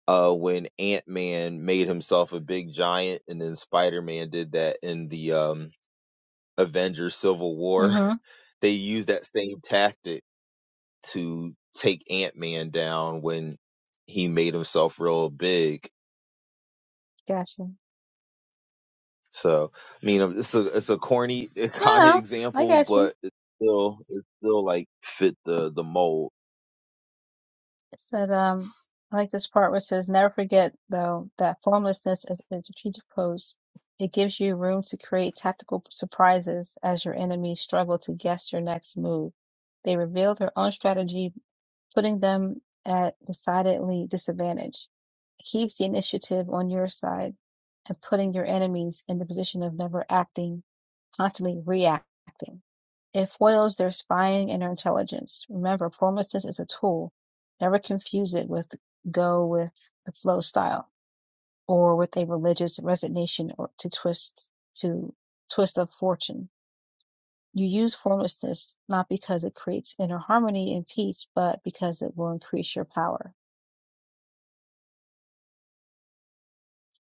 S2: uh, when Ant Man made himself a big giant, and then Spider Man did that in the um, Avengers Civil War.
S1: hmm
S2: they used that same tactic to take Ant Man down when he made himself real big.
S1: Gotcha.
S2: So, I mean, um, it's a it's a corny
S1: No,
S2: kind of
S1: no, I
S2: example,
S1: gotcha.
S2: but it's still it's still like fit the the mold.
S1: It said, um, I like this part where it says, never forget though that formlessness is a strategic pose. It gives you room to create tactical surprises as your enemies struggle to guess your next move. They reveal their own strategy, putting them at decidedly disadvantage. It keeps the initiative on your side and putting your enemies in the position of never acting, constantly reacting. It foils their spying and their intelligence. Remember, formlessness is a tool. Never confuse it with go with the flow style or with a religious resignation or to twist to twist of fortune. You use formlessness not because it creates inner harmony and peace, but because it will increase your power.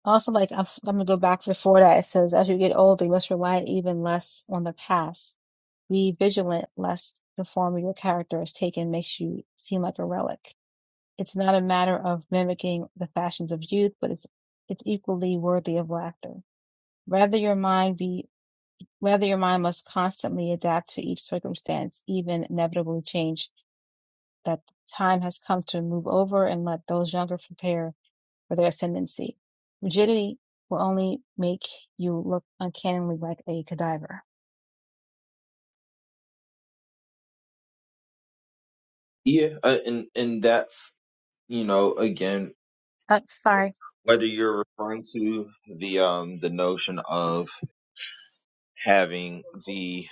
S1: Also, like I'm, I'm gonna go back before that. It says, as you get older, you must rely even less on the past. Be vigilant lest the form of your character is taken makes you seem like a relic. It's not a matter of mimicking the fashions of youth, but it's it's equally worthy of laughter. Rather your mind be rather your mind must constantly adapt to each circumstance, even inevitably change, that time has come to move over and let those younger prepare for their ascendancy. Rigidity will only make you look uncannily like a cadaver.
S2: Yeah, uh, and and that's you know again
S1: Uh, sorry.
S2: whether you're referring to the um the notion of having the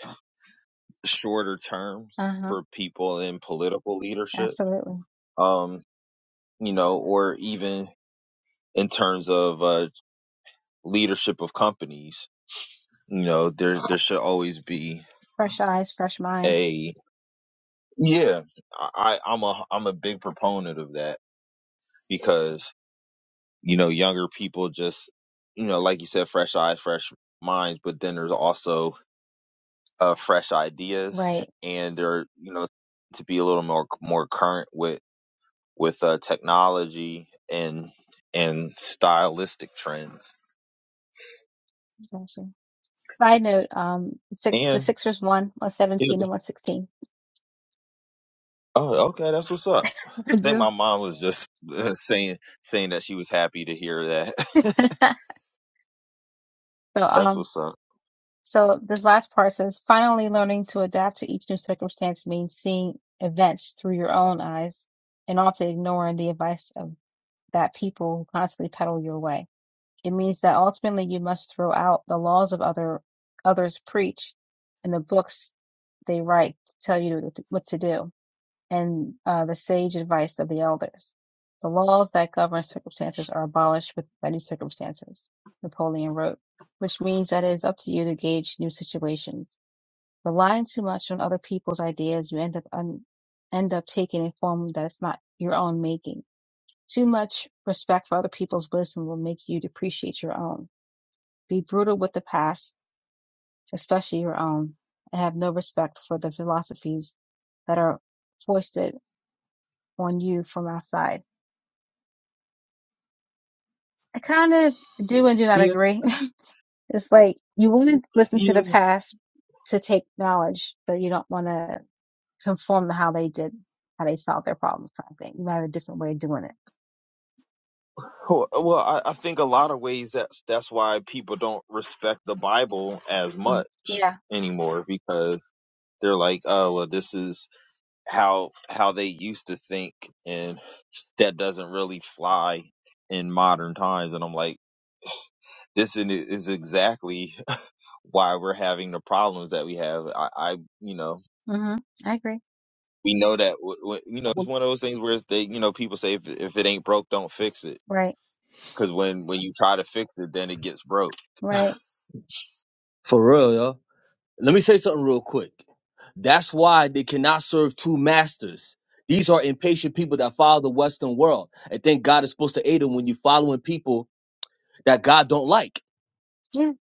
S2: shorter terms
S1: Uh huh.
S2: for people in political leadership,
S1: Absolutely.
S2: um, you know, or even in terms of uh, leadership of companies, you know, there there should always be
S1: Fresh eyes, fresh mind.
S2: a yeah. I, I'm a I'm a big proponent of that because you know younger people just you know like you said fresh eyes fresh minds, but then there's also uh, fresh ideas
S1: Right.
S2: and they're you know to be a little more more current with with uh, technology and and stylistic trends.
S1: Gotcha. Side note, um, six, the
S2: And
S1: Sixers won
S2: it,
S1: 117 to 116.
S2: oh, okay, that's what's up. I think my
S1: Just-
S2: mom was just uh, saying saying that she was happy to hear that.
S1: so,
S2: that's
S1: um,
S2: what's up.
S1: so this last part says, finally learning to adapt to each new circumstance means seeing events through your own eyes and often ignoring the advice of that people who constantly pedal your way. It means that ultimately you must throw out the laws of other others preach and the books they write to tell you what to do and uh, the sage advice of the elders. The laws that govern circumstances are abolished with by new circumstances, Napoleon wrote, which means that it is up to you to gauge new situations. Relying too much on other people's ideas, you end up un- end up taking a form that is not your own making. Too much respect for other people's wisdom will make you depreciate your own. Be brutal with the past, especially your own, and have no respect for the philosophies that are foisted on you from outside I kind of do and do not
S2: Yeah,
S1: agree. it's like you want to listen to
S2: yeah.
S1: the past to take knowledge, but you don't want to conform to how they did, how they solved their problems, kind of thing. You might have a different way of doing it.
S2: Well, well, I, I think a lot of ways that's that's why people don't respect the Bible as
S1: Mm.
S2: much
S1: Yeah.
S2: anymore because they're like, oh, well, this is how how they used to think, and that doesn't really fly in modern times. And I'm like, this is exactly why we're having the problems that we have. I, I you know,
S1: hmm I agree.
S2: we know that, you
S4: I
S2: know, it's
S4: want-
S2: one of those things where it's they, you know, people say if, if it ain't broke, don't fix it.
S1: Right.
S2: Cause when, when you try to fix it, then it gets broke.
S1: Right.
S4: For real, yo. Let me say something real quick. That's why they cannot serve two masters. These are impatient people that follow the Western world and think God is supposed to aid them when you're following people that God don't like.
S1: Yeah.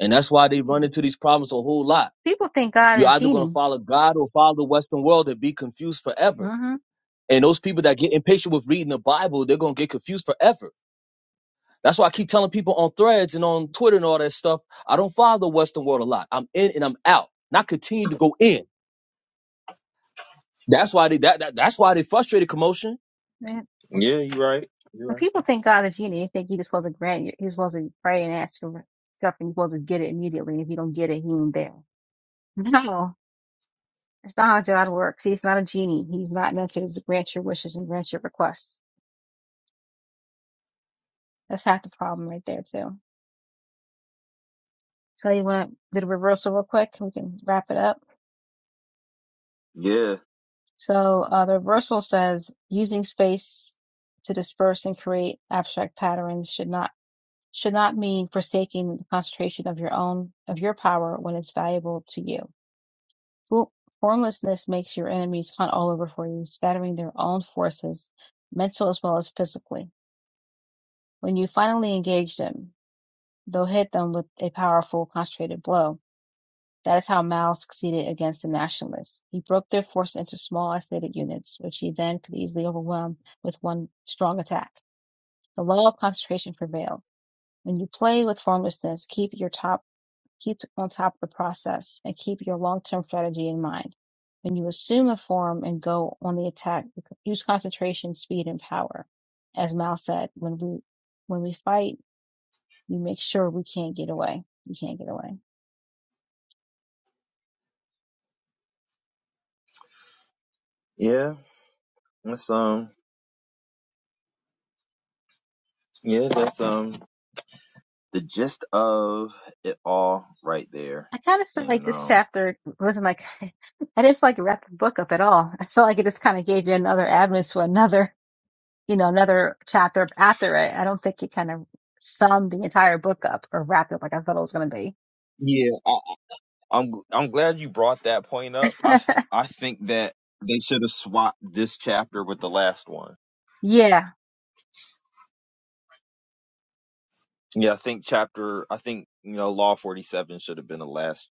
S4: And that's why they run into these problems a whole lot
S1: People think God
S4: You're
S1: a
S4: either going to
S1: genie.
S4: follow God or follow the Western world and be confused forever.
S1: hmm
S4: And those people that get impatient with reading the Bible, they're going to get confused forever. That's why I keep telling people on threads and on Twitter and all that stuff, I don't follow the Western world a lot. I'm in and I'm out. And I continue to go in. That's why they that, that that's why they frustrated commotion.
S1: Yeah.
S2: Yeah, you're right. You're
S1: When
S2: right.
S1: people think God a genie, they think you're supposed to grant, you- you're supposed to pray and ask for stuff and you're supposed to get it immediately. If you don't get it, he ain't there. No. That's not how God works. He's not a genie. He's not meant to just grant your wishes and grant your requests. That's half the problem right there too. So you want to do the reversal real quick? We can wrap it up.
S2: Yeah.
S1: So uh, the reversal says using space to disperse and create abstract patterns should not should not mean forsaking the concentration of your own of your power when it's valuable to you. Well, formlessness makes your enemies hunt all over for you, scattering their own forces, mental as well as physically. When you finally engage them, though hit them with a powerful, concentrated blow. That is how Mao succeeded against the nationalists. He broke their force into small, isolated units, which he then could easily overwhelm with one strong attack. The law of concentration prevailed. When you play with formlessness, keep your top, keep on top of the process and keep your long-term strategy in mind. When you assume a form and go on the attack, use concentration, speed, and power. As Mao said, when we, when we fight, we make sure we can't get away. We can't get away.
S2: Yeah. That's, um, yeah, that's, um, the gist of it all right there.
S1: I kind of felt like
S2: And,
S1: this
S2: um,
S1: chapter wasn't like I didn't feel like it wrapped the book up at all. I felt like it just kind of gave you another avenue to another, you know, another chapter after it. I don't think it kind of summed the entire book up or wrapped it up like I thought it was going to be.
S2: yeah. I'm I'm glad you brought that point up. I f- I think that they should have swapped this chapter with the last one.
S1: yeah,
S2: Yeah, I think chapter I think you know law 47 should have been the last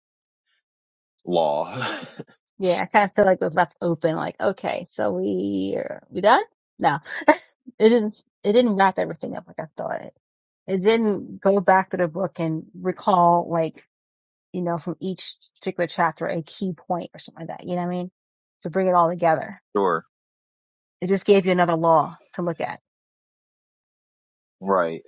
S2: law.
S1: yeah, I kind of feel like it was left open. Like, okay, so we are we done? No, it didn't. It didn't wrap everything up like I thought. It didn't go back to the book and recall like you know, from each particular chapter, a key point or something like that. You know what I mean? To bring it all together.
S2: sure.
S1: It just gave you another law to look at.
S2: Right.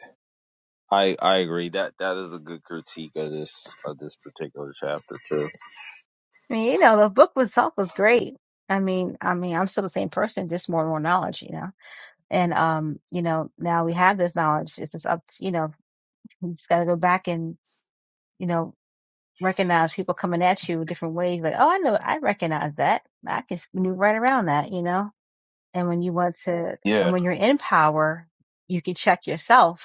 S2: I I agree. That that is a good critique of this of this particular chapter too.
S1: I mean, you know, the book itself was great. I mean, I mean, I'm still the same person, just more and more knowledge, you know. And um, you know, now we have this knowledge. It's just up to, you know, you just gotta go back and, you know, recognize people coming at you different ways, like, oh I know I recognize that. I can maneuver right around that, you know. And when you want to and
S2: Yeah.
S1: when you're in power, you can check yourself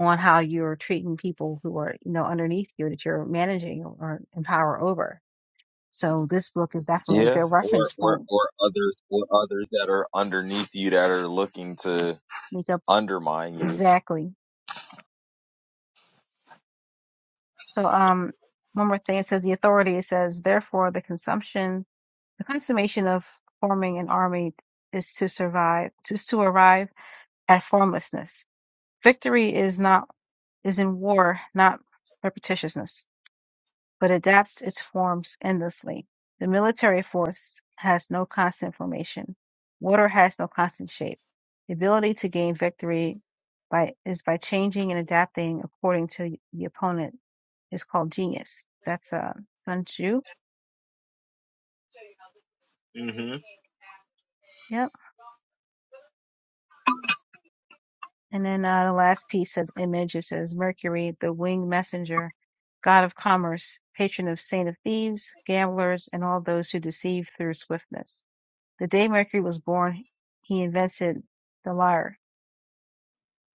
S1: on how you're treating people who are, you know, underneath you that you're managing or in power over. So this book is definitely a
S2: Yeah.
S1: good
S2: Or
S1: reference
S2: or
S1: point.
S2: or others or others that are underneath you that are looking to
S1: Sneak up
S2: undermine you.
S1: exactly. So um one more thing it says the authority it says therefore the consumption the consummation of forming an army is to survive is to arrive at formlessness. Victory is not is in war, not repetitiousness. but adapts its forms endlessly. The military force has no constant formation. Water has no constant shape. The ability to gain victory by is by changing and adapting according to the opponent is called genius. That's uh, Sun Tzu.
S2: Mhm.
S1: Yep. And then uh, the last piece says image. It says Mercury, the winged messenger, god of commerce, patron of saint of thieves, gamblers, and all those who deceive through swiftness. The day Mercury was born, he invented the lyre.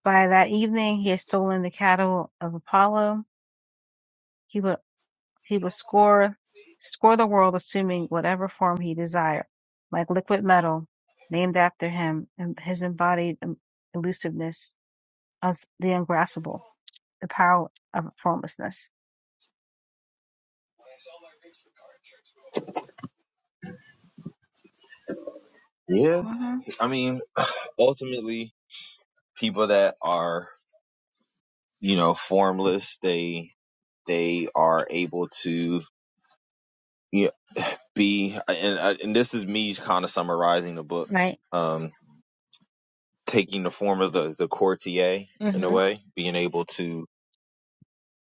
S1: By that evening, he had stolen the cattle of Apollo. He would he would score score the world, assuming whatever form he desired, like liquid metal, named after him and his embodied um, elusiveness, as the ungraspable, the power of formlessness.
S2: Yeah.
S1: hmm
S2: I mean, ultimately people that are you know formless they they are able to you know, be and uh, and this is me kind of summarizing the book
S1: Right.
S2: um taking the form of the the courtier in a
S1: hmm
S2: way being able to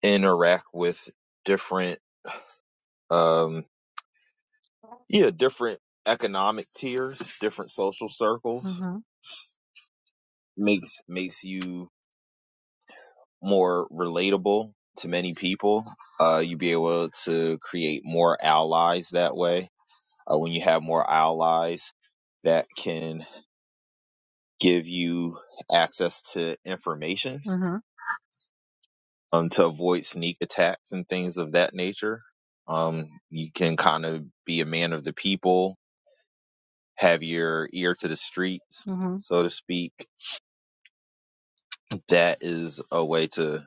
S2: interact with different um yeah different economic tiers different social circles
S1: hmm
S2: makes makes you more relatable to many people uh you be able to create more allies that way uh, when you have more allies that can give you access to information
S1: hmm
S2: um, to avoid sneak attacks and things of that nature. Um, you can kind of be a man of the people, have your ear to the streets,
S1: hmm
S2: so to speak. That is a way to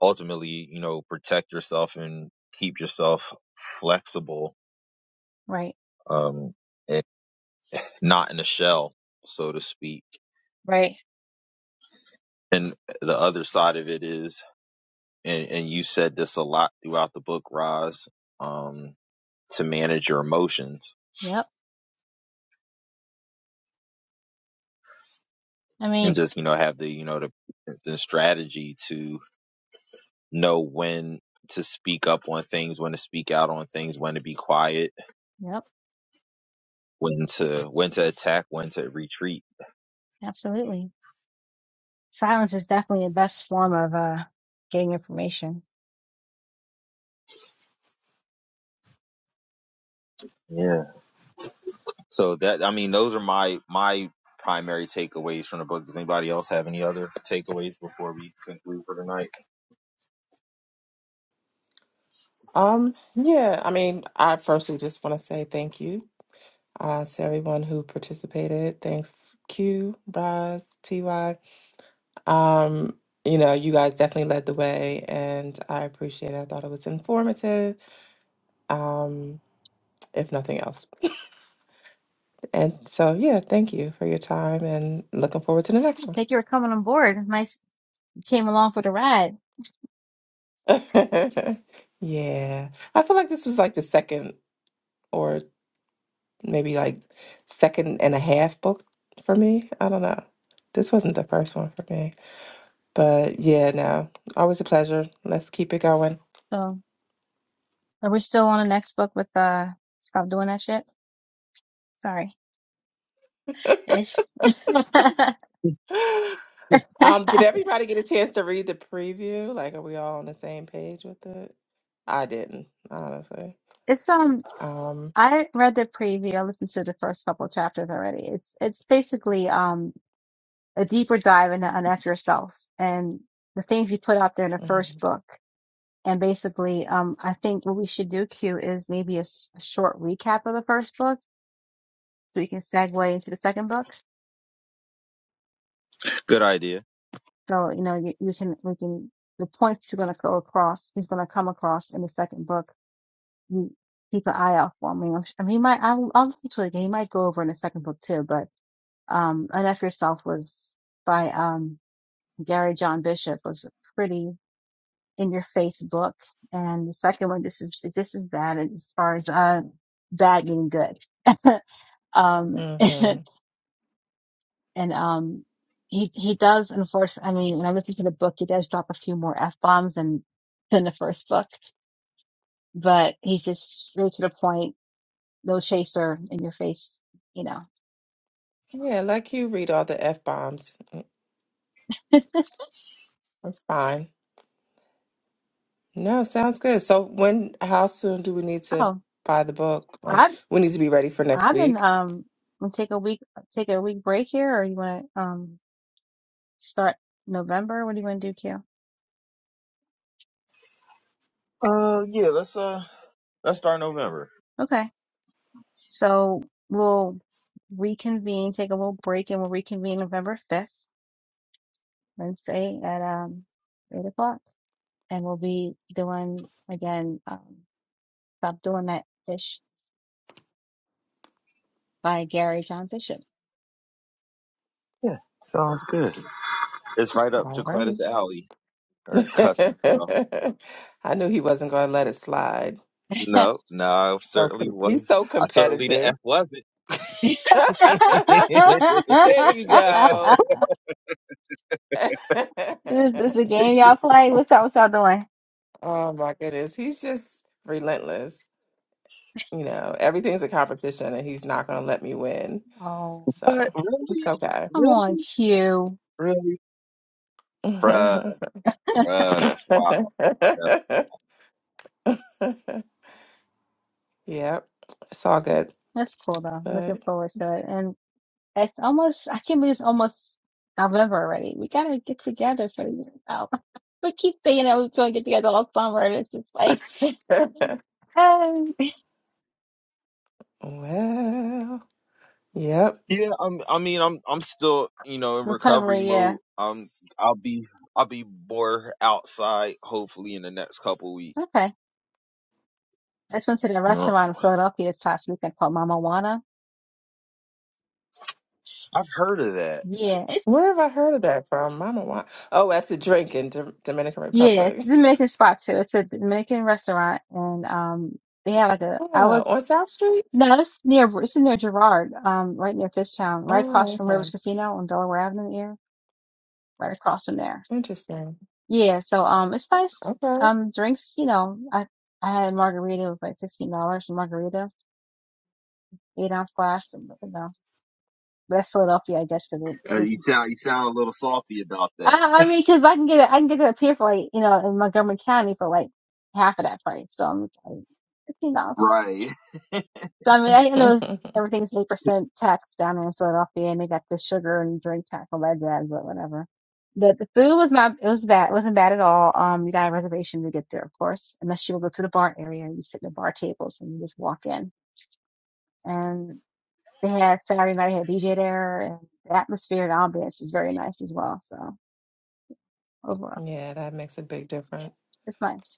S2: ultimately, you know, protect yourself and keep yourself flexible,
S1: Right.
S2: um, and not in a shell, so to speak.
S1: Right.
S2: And the other side of it is and and you said this a lot throughout the book, Roz, um, to manage your emotions
S1: Yep. I
S2: and
S1: mean,
S2: just you know have the you know the, the strategy to know when to speak up on things, when to speak out on things, when to be quiet,
S1: yep.
S2: when to when to attack, when to retreat.
S1: Absolutely. silence is definitely the best form of uh getting information.
S2: Yeah. So that I mean, those are my my primary takeaways from the book. Does anybody else have any other takeaways before we conclude for tonight?
S3: um, yeah, I mean, I firstly just want to say thank you uh, to everyone who participated. Thanks, Q, Braz, TY. Um, you know, you guys definitely led the way, and I appreciate it. I thought it was informative, um, if nothing else. And so, yeah, thank you for your time, and looking forward to the next
S1: Hey,
S3: one.
S1: Thank you for coming on board. Nice you came along for the ride.
S3: yeah, I feel like this was like the second, or maybe like second and a half book for me. I don't know. This wasn't the first one for me. But yeah, no, always a pleasure. Let's keep it going.
S1: So are we still on the next book with uh stop doing that shit? Sorry. Ish.
S3: Um, did everybody get a chance to read the preview? Like, are we all on the same page with it? I didn't, honestly.
S1: it's um
S3: Um,
S1: I read the preview, I listened to the first couple of chapters already. It's it's basically um a deeper dive into on F yourself and the things you put out there in the first
S3: mm-hmm,
S1: book. And basically, um, I think what we should do, Q, is maybe a, s- a short recap of the first book so we can segue into the second book.
S2: Good idea.
S1: So you know, you, you can we can the points you're going to go across is going to come across in the second book. You keep an eye out for me. I'm, I mean, he might I'll, I'll listen to it again. He might go over in the second book too. But um, enough yourself was by um Gary John Bishop was a pretty in your face book, and the second one this is this is bad as far as uh bad meaning good. um
S3: hmm
S1: and um he he does enforce i mean when i listen to the book he does drop a few more f-bombs than than the first book but he's just straight to the point no chaser in your face you know
S3: Yeah, like you read all the F bombs. Mm, That's fine. No, sounds good. So when, how soon do we need to
S1: oh
S3: buy the book? Like,
S1: i've
S3: we need to be ready for next
S1: i've been
S3: week.
S1: um gonna take a week take a week break here or you want to um start november what do you want to do q
S2: Uh, yeah. Let's uh, let's start November.
S1: okay so we'll reconvene take a little break and we'll reconvene november 5th wednesday at um eight o'clock and we'll be doing again um, stop doing that fish by gary john bishop
S2: Yeah, sounds good. It's right up
S3: All
S2: Jaquetta's
S3: righty.
S2: alley or cousin. So
S3: I knew he wasn't going to let it slide.
S2: no, no, I
S3: So
S2: certainly
S3: com- he's
S2: was.
S3: so
S2: I certainly the
S3: competitive.
S2: F wasn't.
S1: this
S3: there you go.
S1: is this a game y'all play what's up what's y'all doing
S3: oh my goodness. He's just relentless. You know, everything's a competition and he's not going to let me win.
S1: oh
S3: So
S2: but
S3: it's
S2: really,
S3: okay.
S1: come on
S2: really,
S1: q
S2: really, bruh, bruh, that's wild. That's,
S3: yep. It's all good.
S1: that's cool though
S3: But
S1: looking forward to it and it's almost i can't believe it's almost november already we gotta get together for you know we keep thinking that we're gonna get together all summer and it's just like um,
S3: well, yep.
S2: yeah, I'm. I mean, I'm. I'm still, you know, in recovery
S1: recovery yeah
S2: mode. Um, I'll be. I'll be more outside. Hopefully, in the next couple weeks.
S1: okay I just went to the
S2: You know,
S1: restaurant in Philadelphia this past weekend called Mama Juana.
S2: I've heard of that.
S1: Yeah, it's
S3: Where have I heard of that from? Mama, why? Oh, that's a drink in D- Dominican
S1: yeah, it's
S3: Republic.
S1: a Dominican spot too. It's a Dominican restaurant, and um, they have like a. I
S3: Oh,
S1: was
S3: on South Street?
S1: no, it's near it's near Girard, um, right near Fishtown, right across
S3: Oh,
S1: from
S3: okay.
S1: Rivers Casino on Delaware Avenue here, right across from there.
S3: Interesting.
S1: Yeah, so um, it's nice.
S3: Okay.
S1: Um, drinks, you know, I I had a margarita. It was like fifteen dollars for margarita, eight ounce glass. And, you know, but that's Philadelphia, I guess,
S2: Uh,
S1: because
S2: you sound. You sound a little salty about that.
S1: I, I mean, because I can get it, I can get it up here for like you know in Montgomery County for like half of that price. So I'm like fifteen dollars.
S2: Right.
S1: So I mean, I, I know everything's eight percent tax down in Philadelphia, and they got the sugar and drink tax all that jazz, but whatever. The the food was not it was bad. It wasn't bad at all. Um, you got a reservation to get there, of course, unless you will go to the bar area. You sit in the bar tables and you just walk in. And they had Saturday night had DJ there, and the atmosphere and ambiance is very nice as well. So overall,
S3: Yeah, that makes a big
S1: yeah,
S3: difference.
S1: it's nice.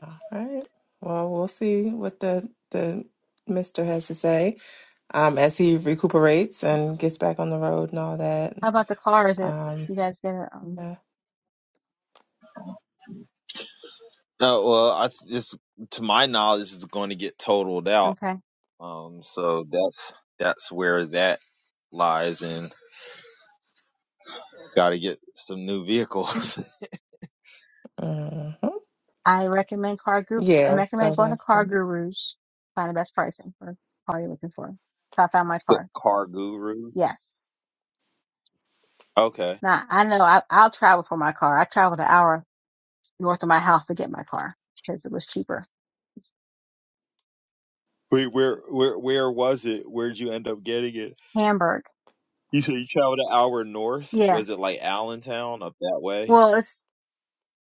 S3: All right. Well, we'll see what the the mister has to say um, as he recuperates and gets back on the road and all that.
S1: How about the car? Is it
S3: Um,
S1: you guys get it? Um,
S3: yeah.
S2: No, well, I th- this to my knowledge is going to get totaled out.
S1: okay.
S2: Um, so that's that's where that lies, and got to get some new vehicles.
S3: Mhm.
S1: I recommend Car Group. I
S3: Yeah, so
S1: recommend going to
S3: that's
S1: Car Gurus. Find the best pricing for the car you're looking for. So I found my car.
S2: Car gurus.
S1: Yes.
S2: Okay.
S1: Now I know I, I'll travel for my car. I traveled an hour north of my house to get my car because it was cheaper.
S2: Wait, where where where was it? Where'd you end up getting it?
S1: Hamburg.
S2: You said you traveled an hour north.
S1: Yeah.
S2: Was it like Allentown up that way?
S1: Well, it's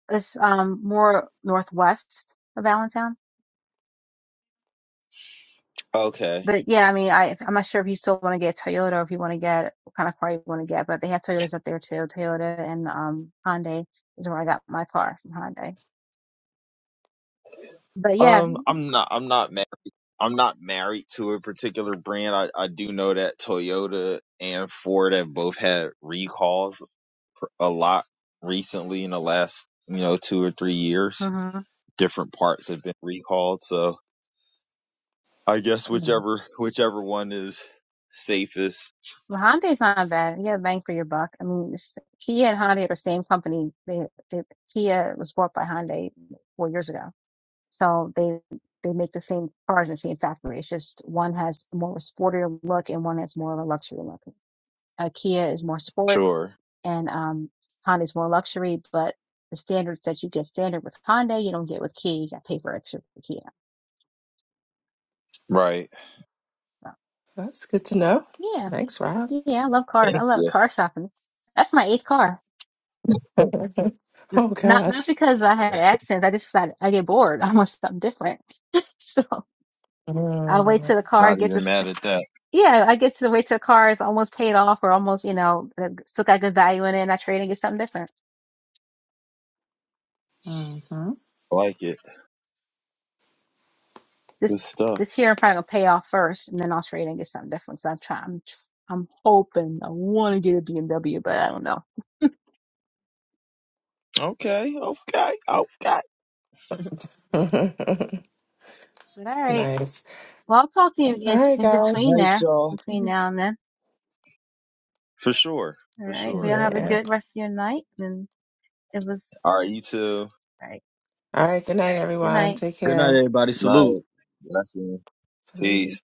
S1: it's um more northwest of Allentown.
S2: Okay.
S1: But yeah, I mean, I I'm not sure if you still want to get Toyota or if you want to get what kind of car you want to get, but they have Toyotas up there too. Toyota and um Hyundai is where I got my car from Hyundai. But yeah,
S2: Um, I'm not. I'm not. Ma- I'm not married to a particular brand. I, I do know that Toyota and Ford have both had recalls a lot recently in the last, you know, two or three years.
S1: hmm
S2: Different parts have been recalled. So I guess
S3: mm,
S2: whichever, whichever one is safest.
S1: well, Hyundai's not bad. You get bang for your buck. I mean, it's, Kia and Hyundai are the same company. They, they Kia was bought by Hyundai four years ago, so they they make the same cars in the same factory. It's just one has more of a sportier look and one has more of a luxury look. Uh, Kia is more sport
S2: Sure.
S1: and um Honda's more luxury, but the standards that you get standard with Honda, you don't get with Kia. You got to pay for extra for Kia.
S2: Right.
S1: So
S3: that's good to know.
S1: yeah,
S3: Thanks, Rob.
S1: yeah, I love cars. I
S2: Thank
S1: love
S2: you.
S1: car shopping. That's my eighth car. N-
S3: Oh
S1: Not not
S3: gosh.
S1: because I had accidents. I just decided I get bored. I want something different. so I wait
S3: Mm.
S1: till the car
S2: Not
S1: gets a.
S2: even
S1: s-
S2: mad at that.
S1: Yeah, I get to wait till the car is almost paid off or almost, you know, uh, still got good value in it, and I trade and get something different.
S3: Mm-hmm.
S2: I Like it. Good
S1: this
S2: stuff.
S1: this year I'm probably gonna pay off first, and then I'll trade and get something different. So I'm trying. I'm I'm hoping I want to get a BMW, but I don't know.
S2: Okay. Okay. Okay. All
S1: But all right.
S3: Nice.
S1: Well, I'll talk to you
S3: All
S1: in,
S3: right,
S1: in
S3: guys.
S1: between
S2: right,
S1: there,
S2: y'all.
S1: between now and then.
S2: For sure.
S1: All
S2: For
S1: right. we
S2: sure.
S1: all have a
S3: Yeah.
S1: good rest of your night, and it was
S2: All right. You too.
S1: all right.
S3: All right. Good night,
S1: Good
S3: everyone.
S1: night.
S3: Take
S4: Good night,
S3: care.
S4: everybody. Salute.
S2: Night. Blessing.
S3: salute
S2: Peace.